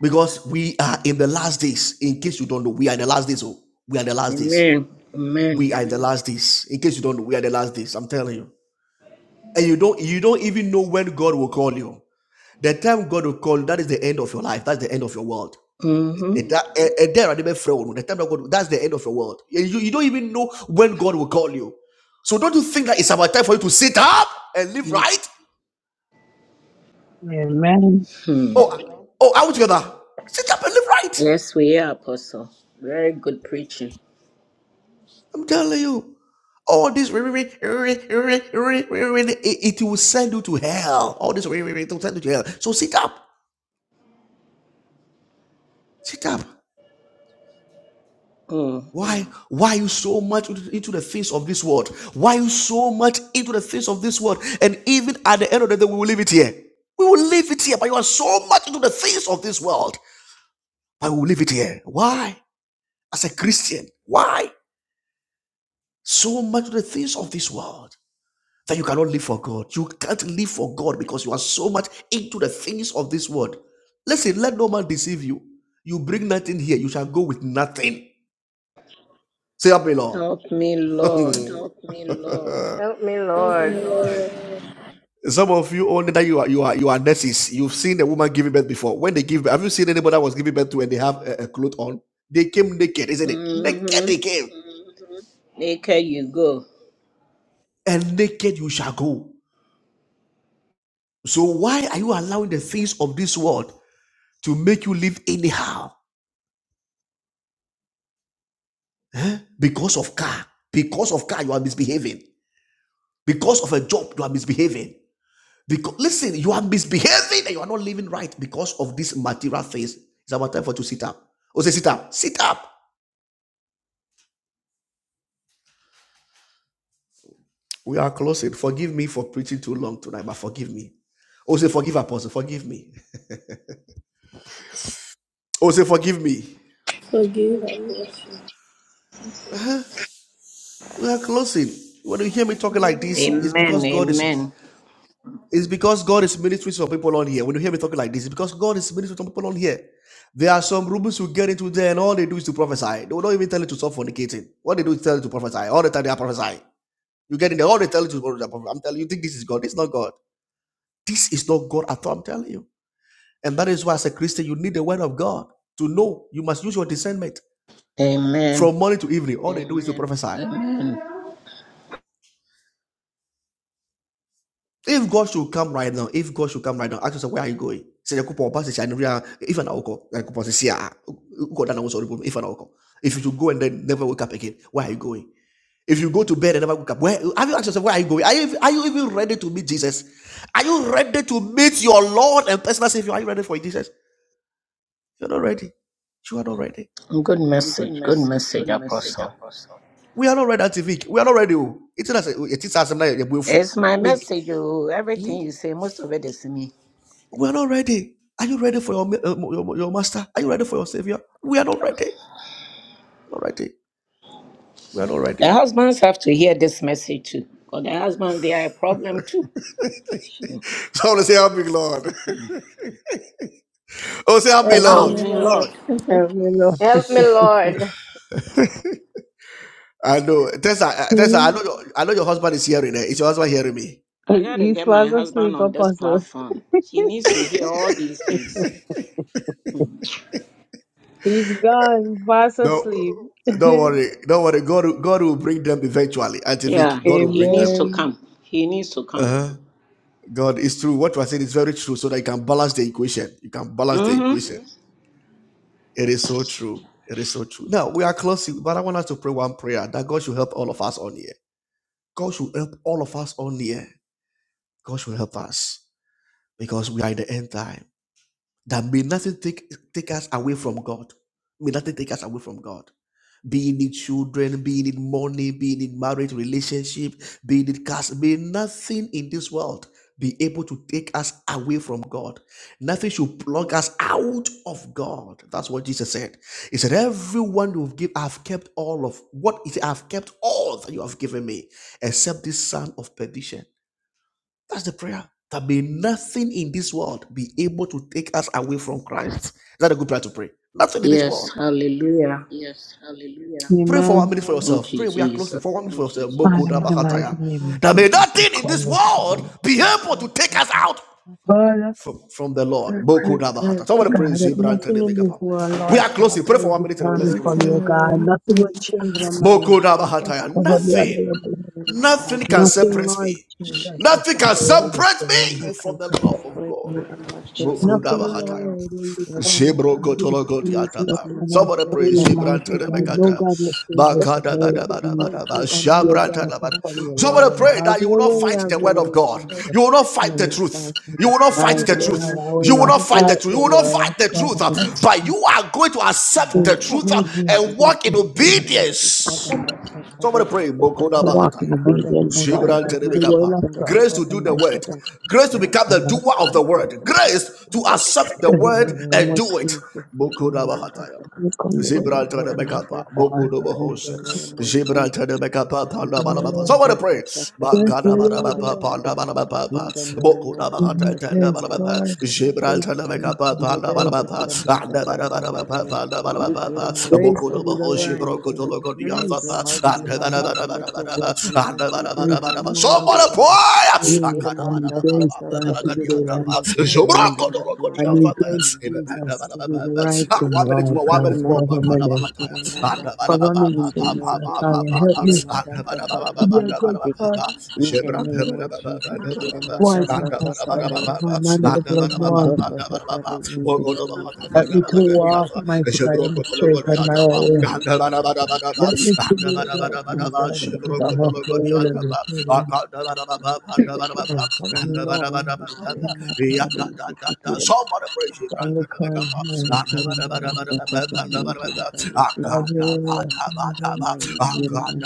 Speaker 11: because we are in the last days. In case you don't know, we are in the last days. Oh, we are in the last days.
Speaker 12: Amen. Amen.
Speaker 11: We are in the last days. In case you don't know, we are in the last days. I'm telling you, and you don't you don't even know when God will call you. The time God will call you, that is the end of your life. That's the end of your world. Eh,
Speaker 12: Mm-hmm.
Speaker 11: that- eh, eh, there are different friends. The time that God, that's the end of your world. Eh, You, you don't even know when God will call you. So don't you think that it's about time for you to sit up and live right?
Speaker 5: Amen.
Speaker 12: Hmm.
Speaker 11: Oh, oh, out together. Sit up and live right.
Speaker 12: Yes, we are, Apostle. Very good preaching.
Speaker 11: I'm telling you, all this it, it will send you to hell. All this it will send you to hell. So sit up, sit up.
Speaker 12: Mm.
Speaker 11: Why? Why are you so much into the things of this world? Why are you so much into the things of this world? And even at the end of the day, we will leave it here. We will leave it here. But you are so much into the things of this world. But we will leave it here. Why? As a Christian, why so much into the things of this world? that you cannot live for God. You can't live for God because you are so much into the things of this world. Listen, let no man deceive you. You bring nothing here, you shall go with nothing. Say, Help me, Lord.
Speaker 12: Help me,
Speaker 11: Help me,
Speaker 12: Lord.
Speaker 11: Lord.
Speaker 6: Help me,
Speaker 11: Help me,
Speaker 7: me,
Speaker 6: Lord.
Speaker 11: Lord.
Speaker 7: Lord.
Speaker 11: Some of you only that you are you are you are nurses. You've seen a woman giving birth before. When they give birth, have you seen anybody that was giving birth to and they have a, a cloth on? They came naked, isn't it? Naked they
Speaker 12: Mm-hmm.
Speaker 11: came. Mhm.
Speaker 12: Maker, you go.
Speaker 11: And naked you shall go. So why are you allowing the things of this world to make you live anyhow because of car because of car you are misbehaving because of a job you are misbehaving because listen you are misbehaving and you are not living right because of this material things it's about time for you to sit up oh say sit up sit up we are closing forgive me for preaching too long tonight but forgive me oh say forgive apostle forgive me oh say forgive me
Speaker 7: Forgive our
Speaker 11: Forgive
Speaker 7: question.
Speaker 11: us. we are closing when you hear me talking like this it's
Speaker 12: Amen.
Speaker 11: because god is
Speaker 12: Amen.
Speaker 11: It's because God is ministering to some people on here. When you hear me talking like this, it's because God is ministering to some people on here. There are some rooms who get into there and all they do is to prophesy. They will not even tell you to stop fornicating. What they do is tell you to prophesy. All the time they are prophesying. You get in there, all they tell you to prophesy. I'm telling you, you think this is God. This not God. This is not God at all, I'm telling you. And that is why as a Christian, you need the word of God to know. You must use your discernment.
Speaker 12: Amen.
Speaker 11: From morning to evening, all they do is to Amen. prophesy.
Speaker 12: Amen.
Speaker 11: If God should come right now, if God should come right now, ask yourself, where are you going? Say, the coupon passes, I never, if an alcohol, like coupon says, yeah, God, that was horrible, if an alcohol. If you should go and then never wake up again, where are you going? If you go to bed and never wake up, where have you asked yourself, where are you going? Are you, are you even ready to meet Jesus? Are you ready to meet your Lord and personal Savior? Are you ready for Jesus? You're not ready. You are not ready.
Speaker 12: Good
Speaker 11: Good
Speaker 12: message. Good
Speaker 11: message. Good
Speaker 12: message,
Speaker 11: message,
Speaker 12: Apostle.
Speaker 11: Apostle. We are not ready, Antivik. We are not ready. It's not, it's as it's not, are not,
Speaker 12: It's my
Speaker 11: We.
Speaker 12: message. Oh, everything you say, most of it is me.
Speaker 11: We're not ready. Are you ready for your, uh, your, your master? Are you ready for your savior? We are not ready. Not ready. We are not
Speaker 12: The
Speaker 11: ready.
Speaker 12: husbands have to hear this message too. Because the husbands, they are a problem too.
Speaker 11: So I want to say, help me, Lord. Oh, say, help me,
Speaker 5: Help
Speaker 7: Help
Speaker 12: Help
Speaker 7: me,
Speaker 11: Lord.
Speaker 5: me.
Speaker 12: me,
Speaker 7: Lord.
Speaker 12: Lord.
Speaker 5: Help me, Lord.
Speaker 6: Help me, Lord.
Speaker 11: I know. Tessa, uh, Tessa, I
Speaker 5: Hmm?
Speaker 11: know your, I know your husband is hearing it. Is your husband hearing me?
Speaker 12: I
Speaker 5: He-
Speaker 12: got to
Speaker 5: He's
Speaker 12: get my
Speaker 5: fast
Speaker 12: husband
Speaker 5: asleep,
Speaker 12: on this
Speaker 5: apostle.
Speaker 12: platform. He needs to hear all these things. Hmm.
Speaker 5: He's gone, fast
Speaker 11: No,
Speaker 5: asleep.
Speaker 11: don't worry. Don't worry. God, will- God will bring them eventually. Auntie
Speaker 12: Yeah,
Speaker 11: Vic, God will
Speaker 12: he
Speaker 11: bring
Speaker 12: needs
Speaker 11: them.
Speaker 12: to
Speaker 5: Amen.
Speaker 12: come. He needs to come.
Speaker 11: Uh-huh. God is true. What you are saying is very true. So that you can balance the equation. You can balance the
Speaker 12: Mm-hmm.
Speaker 11: equation. It is so true. It is so true. Now we are closing, but I want us to pray one prayer that God should help all of us on here. God should help all of us on here. God should help us because we are in the end time. That may nothing take take us away from God. May nothing take us away from God being in children, being in money, being in marriage, relationship, being in caste, may nothing in this world be able to take us away from God. Nothing should plug us out of God. That's what Jesus said. He said, Everyone who give, I've kept all of what is I've kept all that you have given me, except this son of perdition. That's the prayer. That may nothing in this world be able to take us away from Christ. Is that a good prayer to pray? Nothing in this world.
Speaker 12: Yes, hallelujah.
Speaker 11: Yes. Hallelujah. Pray for one
Speaker 5: Amen.
Speaker 11: minute for
Speaker 12: Thank
Speaker 11: yourself.
Speaker 12: you,
Speaker 11: Pray. We are closing
Speaker 12: Jesus.
Speaker 11: for one minute for yourself.
Speaker 5: Father,
Speaker 11: Bokoda
Speaker 5: in the mighty name of
Speaker 11: That may
Speaker 5: Jesus, I
Speaker 11: nothing in this
Speaker 5: come
Speaker 11: world
Speaker 5: before you.
Speaker 11: be able to take us out
Speaker 5: Father,
Speaker 11: from, from the
Speaker 5: I
Speaker 11: Lord.
Speaker 5: pray, Lord
Speaker 11: Somebody praise
Speaker 5: God, that
Speaker 11: Zebra tell
Speaker 5: nothing
Speaker 11: them,
Speaker 5: in
Speaker 11: make
Speaker 5: this
Speaker 11: up.
Speaker 5: world,
Speaker 11: We
Speaker 5: Lord
Speaker 11: are
Speaker 5: Father,
Speaker 11: closing. Pray
Speaker 5: will
Speaker 11: for one minute and then
Speaker 5: deter me
Speaker 11: let's close.
Speaker 5: from you.
Speaker 7: Nothing,
Speaker 5: God.
Speaker 7: Lord.
Speaker 5: Nothing will change my mind, Jesus. Cover me under
Speaker 11: Nothing,
Speaker 5: your blood.
Speaker 13: I,
Speaker 11: nothing can
Speaker 5: Nothing,
Speaker 13: I,
Speaker 11: separate
Speaker 5: Lord
Speaker 11: me.
Speaker 5: Jesus, will
Speaker 11: Nothing
Speaker 13: I
Speaker 11: can
Speaker 13: think
Speaker 5: separate
Speaker 13: I
Speaker 5: me
Speaker 11: separate
Speaker 5: from you.
Speaker 13: will
Speaker 11: me from
Speaker 13: come
Speaker 11: the
Speaker 13: to
Speaker 11: love of
Speaker 13: separate
Speaker 11: God.
Speaker 13: me and my children from
Speaker 5: Nothing,
Speaker 13: you, O Lord.
Speaker 11: Mukudavahataya.
Speaker 5: Lord, will
Speaker 13: Let
Speaker 5: deter me
Speaker 13: my
Speaker 5: from
Speaker 13: eyes,
Speaker 5: you, Jesus.
Speaker 13: let
Speaker 11: Shibrokotolokotiatapa.
Speaker 13: me,
Speaker 5: And
Speaker 11: Somebody
Speaker 5: I
Speaker 13: let
Speaker 5: pray,
Speaker 11: pray.
Speaker 13: my eyes
Speaker 5: mighty
Speaker 13: be
Speaker 5: God,
Speaker 13: you.
Speaker 5: no
Speaker 11: Shibrantanabakata.
Speaker 5: godly thing will
Speaker 13: Let my
Speaker 5: separate
Speaker 13: children's
Speaker 5: me,
Speaker 13: eyes be
Speaker 11: Bakadabadabadabadaba.
Speaker 13: on
Speaker 5: your
Speaker 13: you. Let my
Speaker 5: daughter,
Speaker 11: Shabrantanabada.
Speaker 13: eyes
Speaker 5: from
Speaker 13: be
Speaker 5: your
Speaker 13: on
Speaker 11: Somebody
Speaker 5: Lord.
Speaker 7: Nothing,
Speaker 13: you.
Speaker 11: pray
Speaker 5: Have
Speaker 11: that you will
Speaker 5: your
Speaker 11: not
Speaker 5: way,
Speaker 11: fight
Speaker 5: have
Speaker 11: the
Speaker 13: Let
Speaker 5: your
Speaker 11: word
Speaker 13: my eyes
Speaker 11: of
Speaker 5: way,
Speaker 11: God.
Speaker 13: be on you.
Speaker 11: You
Speaker 5: Jesus.
Speaker 11: will not
Speaker 13: In the
Speaker 11: fight the
Speaker 13: name
Speaker 11: truth.
Speaker 13: of
Speaker 11: You will not
Speaker 13: Jesus,
Speaker 11: fight
Speaker 5: Mighty
Speaker 13: in
Speaker 11: the
Speaker 13: the
Speaker 7: Lord.
Speaker 5: God,
Speaker 13: name
Speaker 11: truth.
Speaker 13: of
Speaker 5: I will
Speaker 11: You will
Speaker 5: not
Speaker 13: Jesus,
Speaker 11: not fight
Speaker 7: No
Speaker 11: the
Speaker 5: fight
Speaker 11: truth.
Speaker 5: the
Speaker 11: You will not
Speaker 5: word
Speaker 11: fight
Speaker 5: of
Speaker 11: the
Speaker 5: God.
Speaker 11: truth.
Speaker 13: in
Speaker 11: uh,
Speaker 13: the name of
Speaker 11: But
Speaker 13: Jesus.
Speaker 11: you are going to accept
Speaker 5: There's
Speaker 11: the
Speaker 13: Um,
Speaker 5: no
Speaker 11: truth uh,
Speaker 13: just
Speaker 11: and
Speaker 13: order
Speaker 5: respect
Speaker 11: walk in
Speaker 5: and freedom.
Speaker 13: my steps, order
Speaker 11: obedience.
Speaker 13: my
Speaker 11: Somebody pray.
Speaker 5: I
Speaker 11: Mokoda
Speaker 13: steps,
Speaker 5: walk in
Speaker 11: Bahataya.
Speaker 13: order the
Speaker 5: obedience,
Speaker 13: motions
Speaker 5: God.
Speaker 11: Jebran
Speaker 5: I
Speaker 13: of
Speaker 5: do
Speaker 13: my
Speaker 5: the word
Speaker 11: Terebekapa.
Speaker 13: lips,
Speaker 5: of
Speaker 13: and of
Speaker 5: God.
Speaker 13: the
Speaker 11: Grace to
Speaker 13: order
Speaker 11: do the
Speaker 13: my
Speaker 11: word.
Speaker 13: and
Speaker 11: Grace to
Speaker 13: my
Speaker 11: become
Speaker 5: I
Speaker 11: the
Speaker 13: thoughts
Speaker 5: don't
Speaker 13: are
Speaker 11: doer of the
Speaker 13: correct, yes,
Speaker 11: word.
Speaker 13: yes.
Speaker 11: Grace to accept the
Speaker 5: care.
Speaker 13: In
Speaker 5: You
Speaker 13: the
Speaker 5: know,
Speaker 11: word
Speaker 5: the
Speaker 13: name
Speaker 11: and
Speaker 13: of
Speaker 5: grace.
Speaker 11: do it.
Speaker 13: Jesus, they hear
Speaker 11: Mokoda
Speaker 13: among
Speaker 11: Bahataya.
Speaker 13: us.
Speaker 5: You come the word
Speaker 13: They
Speaker 5: of
Speaker 11: Gibraltar
Speaker 13: hear
Speaker 11: de
Speaker 5: God.
Speaker 13: among
Speaker 11: Becapa,
Speaker 13: us, yes,
Speaker 11: Boku
Speaker 13: yes,
Speaker 5: Or
Speaker 11: do
Speaker 13: yes. in
Speaker 5: grace.
Speaker 11: Bohos,
Speaker 13: the name of
Speaker 5: Lord,
Speaker 11: Gibraltar
Speaker 13: Jesus.
Speaker 11: de Becapa,
Speaker 13: They
Speaker 5: I
Speaker 11: Panda
Speaker 13: hear
Speaker 11: Balabapa.
Speaker 5: will
Speaker 13: among
Speaker 11: Somebody
Speaker 13: us, yes,
Speaker 11: pray.
Speaker 13: yes, yes.
Speaker 5: bless
Speaker 13: They
Speaker 5: the
Speaker 11: Bakana
Speaker 13: hear about
Speaker 5: word
Speaker 13: us,
Speaker 11: Balabapa,
Speaker 5: God.
Speaker 13: yes, yes,
Speaker 11: Panda
Speaker 13: yes. In
Speaker 11: Balabapa,
Speaker 13: the name
Speaker 11: Boku
Speaker 13: of
Speaker 11: da
Speaker 5: Give me
Speaker 11: Bahata, Tanda
Speaker 5: grace,
Speaker 13: Jesus,
Speaker 11: Balabapa,
Speaker 5: Lord. Praise
Speaker 11: Gibraltar de
Speaker 5: Jesus.
Speaker 11: Becapa,
Speaker 13: Let
Speaker 11: Panda
Speaker 13: your
Speaker 5: Grace.
Speaker 11: Balabapa, Anda
Speaker 13: house
Speaker 11: Balabapa, Panda Balabapa,
Speaker 5: Grace
Speaker 11: Boku
Speaker 5: to
Speaker 11: do
Speaker 5: the
Speaker 11: Bohos,
Speaker 5: right
Speaker 11: Gibroko to
Speaker 5: thing.
Speaker 11: Loco
Speaker 5: Grace,
Speaker 11: Diazapa,
Speaker 13: be
Speaker 5: Jesus.
Speaker 11: Anda
Speaker 13: my
Speaker 5: Christ.
Speaker 13: house. Let your word be
Speaker 11: Balabapa,
Speaker 13: my
Speaker 11: Anda
Speaker 13: sheep. Here
Speaker 5: Grace,
Speaker 13: a man
Speaker 11: Balabapa,
Speaker 13: does
Speaker 5: Lord.
Speaker 11: Somebody
Speaker 5: Grace.
Speaker 11: pray.
Speaker 5: Grace.
Speaker 11: Akana
Speaker 5: I need grace,
Speaker 11: Balabapa,
Speaker 13: Let
Speaker 5: God,
Speaker 13: your
Speaker 5: to do the right
Speaker 13: word
Speaker 11: Balabapa,
Speaker 7: good.
Speaker 5: thing.
Speaker 13: be
Speaker 11: Gibroko to
Speaker 13: my
Speaker 11: Loco
Speaker 5: I need grace,
Speaker 11: Diazapa, Anda
Speaker 5: Jesus, to
Speaker 11: Ah,
Speaker 5: do the right thing,
Speaker 11: one minute
Speaker 5: Lord
Speaker 13: Ye
Speaker 11: more, one
Speaker 5: God.
Speaker 11: minute more.
Speaker 13: Kiramandi
Speaker 5: Cover me,
Speaker 13: Siti
Speaker 5: then.
Speaker 11: Makanabahataya.
Speaker 13: Kiramanda Sata.
Speaker 5: cover me,
Speaker 13: In the
Speaker 5: Jesus.
Speaker 13: name of Jesus,
Speaker 5: Father, help
Speaker 11: Andabanababababababababaha.
Speaker 5: me
Speaker 13: Kiramanda Sata
Speaker 5: to be a
Speaker 13: Krabi
Speaker 5: good part.
Speaker 11: Andabanabababababababaha.
Speaker 13: In the name of Jesus,
Speaker 11: Shebrantabanababababababaha.
Speaker 13: Kiramanda
Speaker 5: Wise my
Speaker 13: Sata
Speaker 5: husband,
Speaker 13: Krabi.
Speaker 5: cover
Speaker 11: Andabanababababa.
Speaker 5: him under the blood, Lord.
Speaker 11: Andabanababababababa.
Speaker 13: In the name of
Speaker 5: Help
Speaker 13: Jesus.
Speaker 5: me to walk,
Speaker 11: Mogonobahatatanabalagadiyafa.
Speaker 5: mighty God, in the straight and narrow way. Help me to do the right things, Lord. That is of your will and your freedom. Cover
Speaker 13: In
Speaker 5: me,
Speaker 13: the name of
Speaker 5: Lord.
Speaker 13: Jesus,
Speaker 1: All right.
Speaker 13: Kiramanda Krabi
Speaker 11: Somebody praise him.
Speaker 5: And
Speaker 11: Help
Speaker 5: the current, mighty
Speaker 13: Thank
Speaker 5: God, cover me. Father, Father, Father, Father,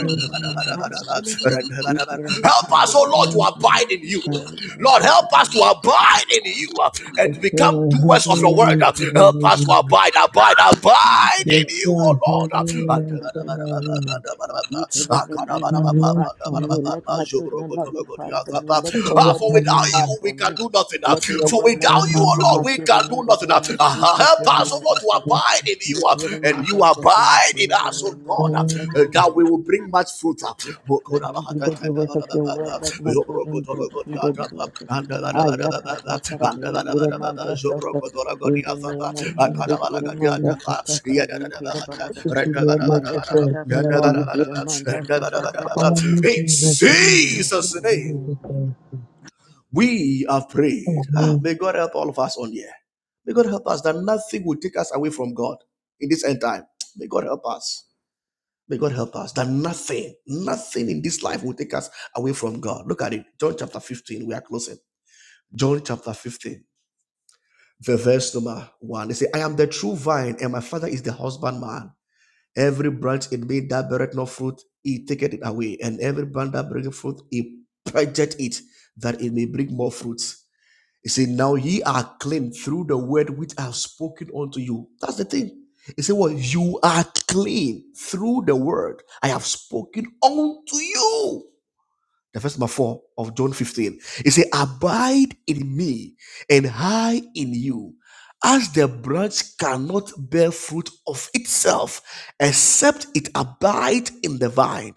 Speaker 5: Father,
Speaker 11: us, oh Lord, to
Speaker 5: Father,
Speaker 11: abide in you. Lord, help us to abide in
Speaker 13: you.
Speaker 11: you uh, and
Speaker 5: Yes,
Speaker 11: to become
Speaker 5: Lord, help
Speaker 11: doers of
Speaker 5: me
Speaker 11: your word. Uh,
Speaker 5: have your way
Speaker 11: Help us to
Speaker 5: tonight.
Speaker 11: abide, abide, abide in
Speaker 5: Yes,
Speaker 11: you,
Speaker 5: Lord,
Speaker 11: oh
Speaker 5: help me have
Speaker 11: Lord.
Speaker 5: your way tonight.
Speaker 13: You can Let me not
Speaker 5: Yes,
Speaker 13: depart from you. Let my children not
Speaker 11: Uh,
Speaker 13: depart
Speaker 11: the
Speaker 13: from you. Let
Speaker 11: other.
Speaker 13: your
Speaker 11: Ah,
Speaker 5: Lord,
Speaker 13: word
Speaker 5: for
Speaker 11: for
Speaker 13: not
Speaker 5: tonight.
Speaker 11: without
Speaker 13: depart
Speaker 11: you, we
Speaker 13: from
Speaker 11: can
Speaker 13: me.
Speaker 11: do nothing. Ah,
Speaker 13: Let your
Speaker 11: For
Speaker 13: word not
Speaker 11: without you,
Speaker 13: depart from
Speaker 11: O
Speaker 13: my
Speaker 11: Lord,
Speaker 5: Amen.
Speaker 11: we
Speaker 13: children
Speaker 11: can
Speaker 13: in
Speaker 11: do
Speaker 13: the
Speaker 11: nothing.
Speaker 13: name of
Speaker 11: Ah, ah, ah,
Speaker 13: Jesus. Here
Speaker 11: Help us, O
Speaker 13: among
Speaker 11: Lord,
Speaker 13: us,
Speaker 11: to
Speaker 5: Yes,
Speaker 13: Father.
Speaker 11: abide in
Speaker 13: You
Speaker 11: you, ah,
Speaker 13: here
Speaker 11: and
Speaker 13: among
Speaker 11: you
Speaker 13: us, Father,
Speaker 11: abide
Speaker 13: in
Speaker 11: in
Speaker 13: the name
Speaker 11: us, O
Speaker 13: of
Speaker 11: God,
Speaker 13: Jesus.
Speaker 11: ah,
Speaker 5: Lord,
Speaker 13: Let
Speaker 11: eh,
Speaker 13: me
Speaker 5: yes,
Speaker 11: that
Speaker 13: be
Speaker 11: we will bring much fruit. ah.
Speaker 13: let me do of your word, let my children do, be the doers. Ayakata Karabi Kiramanda Sata. In the name of
Speaker 5: Lord,
Speaker 13: Jesus,
Speaker 5: thank you, Jesus.
Speaker 13: Kiramanda Sata Karabi Kirababa.
Speaker 5: Thank you, Lord, that the first
Speaker 13: Mayakata Karabi
Speaker 5: Lord.
Speaker 13: Kiramanda Sata
Speaker 5: Call
Speaker 13: Karabi.
Speaker 5: me
Speaker 11: In
Speaker 5: Jesus,
Speaker 13: Jesus'
Speaker 5: I'm the
Speaker 13: name.
Speaker 5: first
Speaker 11: Jesus'
Speaker 5: to be
Speaker 11: name.
Speaker 5: led by
Speaker 13: Amen.
Speaker 5: the first.
Speaker 11: We have prayed. Ah,
Speaker 5: Amen.
Speaker 11: may God help all of us on here. May God help us that nothing will take us away from God in this end time. May God help us. May God help us that nothing, nothing in this life will take us away from God. Look at it. John chapter 15. We are closing. John chapter 15, the verse number one. They say, I am the true vine, and my father is the husbandman. Every branch in me that beareth no fruit, he taketh it away. And every branch that bringeth fruit, he purgeth it, that it may bring more fruits. He said, Now ye are clean through the word which I have spoken unto you. That's the thing. He said, Well, you are clean through the word I have spoken unto you. The verse number four of John 15. He said, Abide in me and I in you. As the branch cannot bear fruit of itself, except it abide in the vine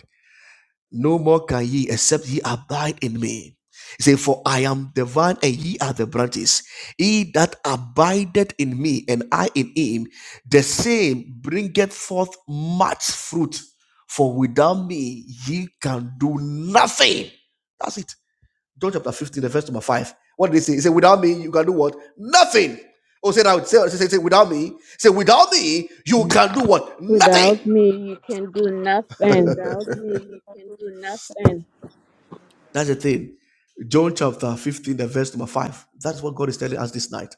Speaker 11: no more can ye except ye abide in me. He said, For I am the vine and ye are the branches. He that abideth in me and I in him, the same bringeth forth much fruit. For without me ye can do nothing. That's it. John chapter 15, the verse number 5. What did he say? He said, Without me you can do what? Nothing. Oh, say that. Say, say, say, without me. Say, without me you can do what? Nothing.
Speaker 13: Without me, you can do nothing.
Speaker 11: Without me, you can do nothing. That's the thing. John chapter 15, the verse number 5. That's what God is telling us this night.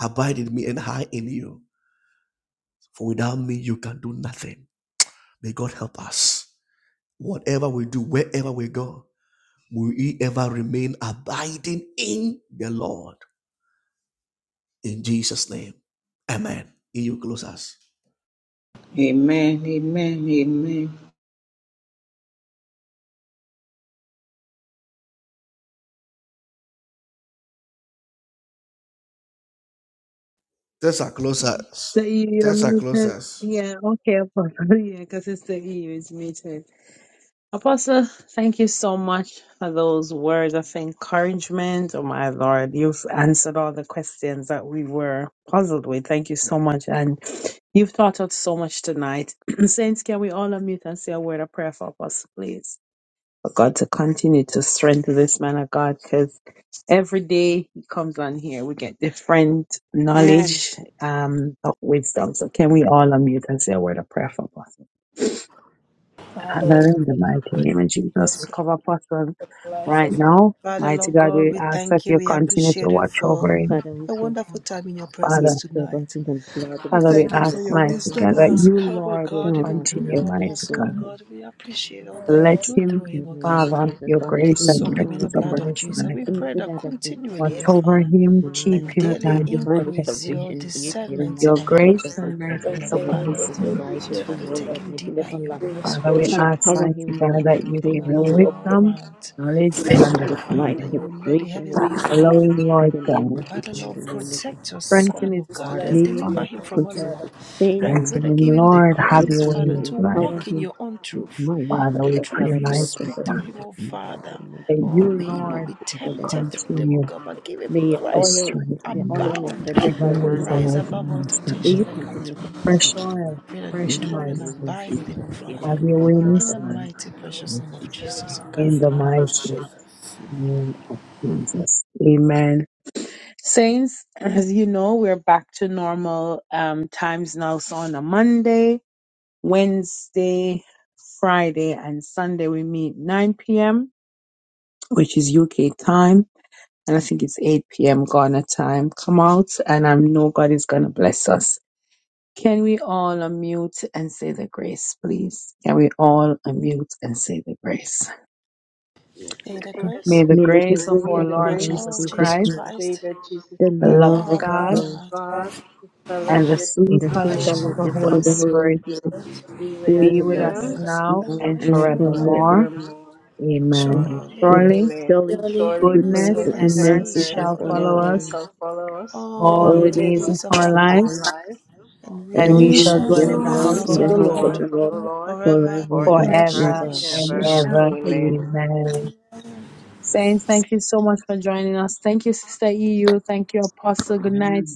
Speaker 11: Abide in me and I in you. For without me, you can do nothing. May God help us. Whatever we do, wherever we go, will we ever remain abiding in the Lord. In Jesus' name. Amen. He you close us.
Speaker 12: Amen, amen, amen.
Speaker 11: Tessa close us.
Speaker 5: So you're
Speaker 11: Tessa close
Speaker 5: muted?
Speaker 11: us.
Speaker 5: Yeah, okay, Apostle. Yeah, because Sister E is muted. Apostle, thank you so much for those words of encouragement. Oh my Lord, you've answered all the questions that we were puzzled with. Thank you so much. And you've taught us so much tonight. Saints, can we all unmute and say a word of prayer for Apostle, please? For God to continue to strengthen this man of God because every day he comes on here, we get different
Speaker 13: And
Speaker 5: knowledge, um, of wisdom. So can we all unmute and say a word of prayer for Apostle?
Speaker 7: Father,
Speaker 5: Father, in the mighty
Speaker 7: we thank
Speaker 5: name of
Speaker 7: you. We
Speaker 5: Jesus, we
Speaker 7: bless you
Speaker 5: cover Apostle
Speaker 7: for the life
Speaker 5: right
Speaker 7: of your
Speaker 5: now.
Speaker 1: Father,
Speaker 5: Mighty
Speaker 1: Lord
Speaker 5: God,
Speaker 1: God,
Speaker 5: we
Speaker 1: we
Speaker 5: ask that
Speaker 1: thank you.
Speaker 5: you
Speaker 1: We
Speaker 5: continue to
Speaker 1: appreciate you
Speaker 5: watch
Speaker 1: for
Speaker 5: over him,
Speaker 13: Father, we
Speaker 1: a
Speaker 13: soak him,
Speaker 1: wonderful time in your
Speaker 13: yes,
Speaker 1: presence
Speaker 5: Father.
Speaker 13: servant
Speaker 1: tonight.
Speaker 13: in the blood of
Speaker 1: We
Speaker 5: Father,
Speaker 13: Jesus,
Speaker 5: we
Speaker 1: thank you
Speaker 13: we
Speaker 5: ask,
Speaker 13: will
Speaker 1: for your
Speaker 13: cover
Speaker 5: mighty
Speaker 13: him
Speaker 1: wisdom
Speaker 5: God,
Speaker 1: that
Speaker 13: from
Speaker 5: that
Speaker 1: has
Speaker 5: you,
Speaker 1: come, oh
Speaker 5: Lord, will
Speaker 1: God,
Speaker 13: down
Speaker 1: even
Speaker 13: on his
Speaker 1: through
Speaker 5: continue,
Speaker 1: your
Speaker 13: head to
Speaker 5: mighty
Speaker 13: the
Speaker 1: apostle, oh
Speaker 13: soles of
Speaker 5: God.
Speaker 13: his
Speaker 1: God. We appreciate all that you
Speaker 5: Let
Speaker 1: do
Speaker 5: him,
Speaker 1: through
Speaker 13: In
Speaker 1: him, oh
Speaker 13: the
Speaker 1: God.
Speaker 13: name of
Speaker 5: Father,
Speaker 13: Jesus,
Speaker 5: your
Speaker 13: Father,
Speaker 1: We
Speaker 5: grace and
Speaker 1: soak him in the
Speaker 5: mercies
Speaker 13: anything
Speaker 1: blood
Speaker 5: upon
Speaker 1: of
Speaker 13: that
Speaker 5: his
Speaker 1: Jesus.
Speaker 5: life.
Speaker 1: We pray
Speaker 13: anything
Speaker 1: that
Speaker 13: that has been
Speaker 5: Watch
Speaker 1: continually,
Speaker 7: marriage.
Speaker 1: oh
Speaker 5: over
Speaker 1: Father,
Speaker 5: him,
Speaker 13: stolen,
Speaker 5: keep
Speaker 1: and
Speaker 13: we
Speaker 5: him,
Speaker 13: ask for
Speaker 1: daily
Speaker 13: your
Speaker 5: guide him,
Speaker 13: divine
Speaker 5: protect
Speaker 1: increase
Speaker 5: him.
Speaker 1: your
Speaker 13: restoration, you kill
Speaker 1: discernment
Speaker 13: man
Speaker 5: Your
Speaker 1: on
Speaker 13: that
Speaker 1: him.
Speaker 5: grace
Speaker 7: Continue
Speaker 13: suffers from
Speaker 5: and
Speaker 1: I
Speaker 7: to
Speaker 1: pray
Speaker 5: mercies
Speaker 1: that,
Speaker 7: strengthen
Speaker 13: the
Speaker 5: upon
Speaker 7: it
Speaker 13: abuse
Speaker 1: Father,
Speaker 5: his
Speaker 13: of
Speaker 7: with your
Speaker 5: life.
Speaker 13: our life
Speaker 7: grace,
Speaker 13: with
Speaker 7: your
Speaker 1: Father,
Speaker 13: him, oh
Speaker 7: favor.
Speaker 1: take
Speaker 13: Lord,
Speaker 1: him
Speaker 13: and if he
Speaker 1: deeper
Speaker 13: never
Speaker 1: in your
Speaker 13: lack,
Speaker 7: Bring
Speaker 1: word,
Speaker 7: his
Speaker 1: oh
Speaker 5: Father, we
Speaker 1: Father.
Speaker 13: you
Speaker 7: fortune.
Speaker 5: ask,
Speaker 13: empower
Speaker 5: mighty
Speaker 13: him more.
Speaker 5: God,
Speaker 1: Bless
Speaker 5: that
Speaker 13: We
Speaker 5: you
Speaker 1: him
Speaker 13: thank
Speaker 5: give
Speaker 1: on
Speaker 13: you,
Speaker 5: him
Speaker 13: O Lord, for
Speaker 1: all
Speaker 5: wisdom,
Speaker 1: grounds.
Speaker 5: knowledge,
Speaker 7: Bless
Speaker 1: I
Speaker 13: the
Speaker 5: and
Speaker 13: gift
Speaker 1: pray
Speaker 7: you,
Speaker 13: of
Speaker 1: that,
Speaker 13: this
Speaker 7: Lord
Speaker 13: life,
Speaker 1: Father,
Speaker 13: for
Speaker 5: understanding.
Speaker 1: you will
Speaker 13: the
Speaker 1: let the
Speaker 13: grace and the
Speaker 1: heavens be opened
Speaker 13: glory.
Speaker 5: Allow
Speaker 1: upon
Speaker 5: him,
Speaker 13: In
Speaker 5: Lord
Speaker 13: the name
Speaker 5: God.
Speaker 13: of Jesus,
Speaker 1: Father
Speaker 13: in
Speaker 1: Lord,
Speaker 13: the name of
Speaker 7: Jesus.
Speaker 13: Jesus.
Speaker 1: protect your
Speaker 7: To
Speaker 5: Strengthen
Speaker 7: commit
Speaker 1: son,
Speaker 5: his
Speaker 1: oh
Speaker 7: this
Speaker 1: God,
Speaker 5: daughters,
Speaker 1: and
Speaker 7: life
Speaker 13: May
Speaker 7: into
Speaker 5: Father.
Speaker 1: deliver
Speaker 13: Miracles
Speaker 7: your
Speaker 1: him from
Speaker 7: hands,
Speaker 1: all
Speaker 13: continue
Speaker 1: evil.
Speaker 13: to
Speaker 7: Father.
Speaker 13: sustain
Speaker 1: I
Speaker 13: him,
Speaker 1: pray
Speaker 5: Strengthen
Speaker 1: that
Speaker 5: him,
Speaker 1: give him the
Speaker 5: Lord. Have
Speaker 1: grace,
Speaker 13: uplift
Speaker 5: your
Speaker 13: him,
Speaker 5: way in
Speaker 1: Father,
Speaker 13: and
Speaker 1: to
Speaker 5: his life.
Speaker 13: empower
Speaker 1: walk in
Speaker 13: him.
Speaker 1: your own
Speaker 13: with
Speaker 1: truth.
Speaker 13: my
Speaker 5: Father,
Speaker 1: The
Speaker 5: we
Speaker 1: truth
Speaker 5: pray,
Speaker 13: kara
Speaker 1: you
Speaker 5: mighty
Speaker 13: bala
Speaker 1: speak
Speaker 13: sasa.
Speaker 1: through
Speaker 5: God,
Speaker 1: him, oh
Speaker 13: In the
Speaker 1: Father.
Speaker 13: name of Jesus,
Speaker 5: that
Speaker 13: in
Speaker 1: Oh,
Speaker 5: you,
Speaker 1: may
Speaker 13: the
Speaker 1: he
Speaker 13: name
Speaker 1: not
Speaker 5: Lord,
Speaker 13: of
Speaker 1: be
Speaker 13: Jesus,
Speaker 5: will
Speaker 13: shower us
Speaker 1: tempted through
Speaker 13: upon
Speaker 1: them, oh
Speaker 5: continue
Speaker 1: God,
Speaker 13: him.
Speaker 1: but give him
Speaker 13: May your
Speaker 5: to
Speaker 1: grace
Speaker 13: oil,
Speaker 1: to
Speaker 5: strengthen
Speaker 13: the
Speaker 5: him
Speaker 13: oil in her
Speaker 1: abound
Speaker 5: with your
Speaker 13: never
Speaker 1: and
Speaker 13: run
Speaker 5: wisdom,
Speaker 13: out.
Speaker 1: rise
Speaker 5: life,
Speaker 13: Lord.
Speaker 1: above
Speaker 5: and
Speaker 1: all
Speaker 13: May
Speaker 1: temptation
Speaker 13: you
Speaker 5: understanding.
Speaker 1: that come
Speaker 13: continue
Speaker 1: through
Speaker 13: to
Speaker 1: him.
Speaker 13: pour
Speaker 5: Fresh
Speaker 13: on him.
Speaker 5: oil,
Speaker 1: Pray that
Speaker 5: fresh
Speaker 13: In the
Speaker 1: dwell and
Speaker 13: name of
Speaker 5: anointing.
Speaker 1: abide
Speaker 7: May you
Speaker 1: with him,
Speaker 13: Jesus,
Speaker 1: oh
Speaker 7: manage
Speaker 13: kere
Speaker 5: Have
Speaker 1: Father.
Speaker 7: it
Speaker 5: your
Speaker 13: manda
Speaker 5: way in
Speaker 1: In
Speaker 5: his
Speaker 13: sasa
Speaker 1: the
Speaker 13: kara.
Speaker 5: life.
Speaker 1: mighty
Speaker 7: and make
Speaker 1: precious
Speaker 13: In
Speaker 7: it
Speaker 1: name of
Speaker 13: Jesus'
Speaker 7: fulfill
Speaker 1: Jesus,
Speaker 7: your
Speaker 1: oh God.
Speaker 5: In
Speaker 13: name,
Speaker 5: the
Speaker 13: amen.
Speaker 5: mighty
Speaker 7: Jesus.
Speaker 1: Mm.
Speaker 5: name of Jesus. Amen. Saints, as you know, we're back to normal um, times now. So on a Monday, Wednesday, Friday, and Sunday we meet 9 p.m., which is UK time, and I think it's 8 p.m. Ghana time. Come out, and I know God is going to bless us. Can we all unmute and say the grace, please? Can we all unmute and say the grace?
Speaker 1: May the grace
Speaker 5: May the
Speaker 13: May we can
Speaker 5: grace of
Speaker 13: room
Speaker 5: our
Speaker 6: May
Speaker 13: for
Speaker 6: the
Speaker 1: of
Speaker 5: Lord
Speaker 1: our
Speaker 13: someone,
Speaker 6: grace
Speaker 5: Jesus
Speaker 1: Lord
Speaker 6: of our
Speaker 13: Jesus
Speaker 6: Lord
Speaker 1: Jesus
Speaker 5: Christ,
Speaker 6: and
Speaker 13: Christ,
Speaker 1: Christ,
Speaker 6: Savior Jesus
Speaker 13: the
Speaker 5: the
Speaker 1: the
Speaker 6: Christ,
Speaker 5: love
Speaker 13: love
Speaker 5: of
Speaker 13: of
Speaker 6: the
Speaker 1: love of
Speaker 6: love
Speaker 5: God,
Speaker 6: of
Speaker 13: God,
Speaker 1: God
Speaker 6: God, the
Speaker 1: and
Speaker 5: and
Speaker 1: the
Speaker 5: the
Speaker 6: fellowship of
Speaker 13: and
Speaker 5: sweet
Speaker 13: the
Speaker 1: sweet
Speaker 6: the
Speaker 13: sweet
Speaker 5: fellowship
Speaker 6: Holy
Speaker 5: of
Speaker 1: fellowship
Speaker 5: the
Speaker 13: fellowship
Speaker 1: of the
Speaker 13: of
Speaker 5: Holy
Speaker 6: Spirit
Speaker 13: the
Speaker 1: Holy Spirit
Speaker 13: Holy
Speaker 5: Spirit
Speaker 13: Spirit
Speaker 6: be
Speaker 13: be
Speaker 6: with us
Speaker 5: be
Speaker 13: with
Speaker 5: with
Speaker 1: be
Speaker 7: May
Speaker 13: us
Speaker 6: now
Speaker 5: us
Speaker 7: your
Speaker 1: with us
Speaker 5: now
Speaker 1: now
Speaker 13: now
Speaker 5: and
Speaker 1: and
Speaker 13: and
Speaker 6: and
Speaker 5: forevermore.
Speaker 1: forevermore.
Speaker 13: forever.
Speaker 6: forevermore.
Speaker 5: Amen.
Speaker 13: Amen.
Speaker 1: Surely
Speaker 13: Sure.
Speaker 5: Surely
Speaker 6: Amen.
Speaker 13: Surely
Speaker 7: glory,
Speaker 6: Surely
Speaker 1: goodness
Speaker 13: goodness
Speaker 5: Goodness
Speaker 1: and
Speaker 6: goodness
Speaker 5: and
Speaker 13: and
Speaker 6: and
Speaker 1: mercy
Speaker 5: mercy
Speaker 13: mercy
Speaker 1: shall
Speaker 13: shall
Speaker 5: shall
Speaker 1: follow
Speaker 6: mercy
Speaker 1: us
Speaker 5: follow
Speaker 13: follow
Speaker 5: us
Speaker 13: us
Speaker 6: shall follow us all
Speaker 5: all
Speaker 1: all
Speaker 13: all
Speaker 6: the
Speaker 5: the
Speaker 13: the
Speaker 1: the
Speaker 7: glory,
Speaker 5: days
Speaker 7: glory.
Speaker 13: days
Speaker 5: of
Speaker 6: days
Speaker 1: days of
Speaker 6: of
Speaker 5: our
Speaker 1: our
Speaker 13: of our
Speaker 5: life,
Speaker 6: our
Speaker 1: lives,
Speaker 13: life,
Speaker 6: life,
Speaker 1: and
Speaker 5: and
Speaker 6: and
Speaker 13: and
Speaker 5: we
Speaker 1: we
Speaker 13: we
Speaker 6: we
Speaker 7: We
Speaker 5: shall
Speaker 1: shall
Speaker 7: shall
Speaker 6: will
Speaker 5: dwell
Speaker 13: shall
Speaker 7: do
Speaker 5: in
Speaker 1: dwell
Speaker 5: the
Speaker 1: in
Speaker 7: all
Speaker 1: the
Speaker 13: dwell
Speaker 6: dwell,
Speaker 5: house
Speaker 7: the
Speaker 13: in
Speaker 1: house
Speaker 5: of
Speaker 1: of
Speaker 13: the
Speaker 6: dwell
Speaker 5: the
Speaker 1: the
Speaker 6: in
Speaker 7: life
Speaker 6: the
Speaker 13: house
Speaker 7: of
Speaker 13: of
Speaker 1: Lord
Speaker 5: Lord
Speaker 13: the
Speaker 6: house of
Speaker 13: Lord
Speaker 6: the
Speaker 7: the
Speaker 6: Lord
Speaker 1: forever and
Speaker 13: forever
Speaker 1: ever.
Speaker 13: and
Speaker 7: Lord.
Speaker 6: forever
Speaker 5: forever
Speaker 1: In
Speaker 6: and
Speaker 5: and
Speaker 6: ever.
Speaker 1: Jesus.
Speaker 13: ever.
Speaker 1: name.
Speaker 5: ever.
Speaker 6: Amen.
Speaker 5: Amen. Saints, thank you so much for joining us. Thank you, Sister EU. Thank you, Apostle. Good night.
Speaker 17: Yeah.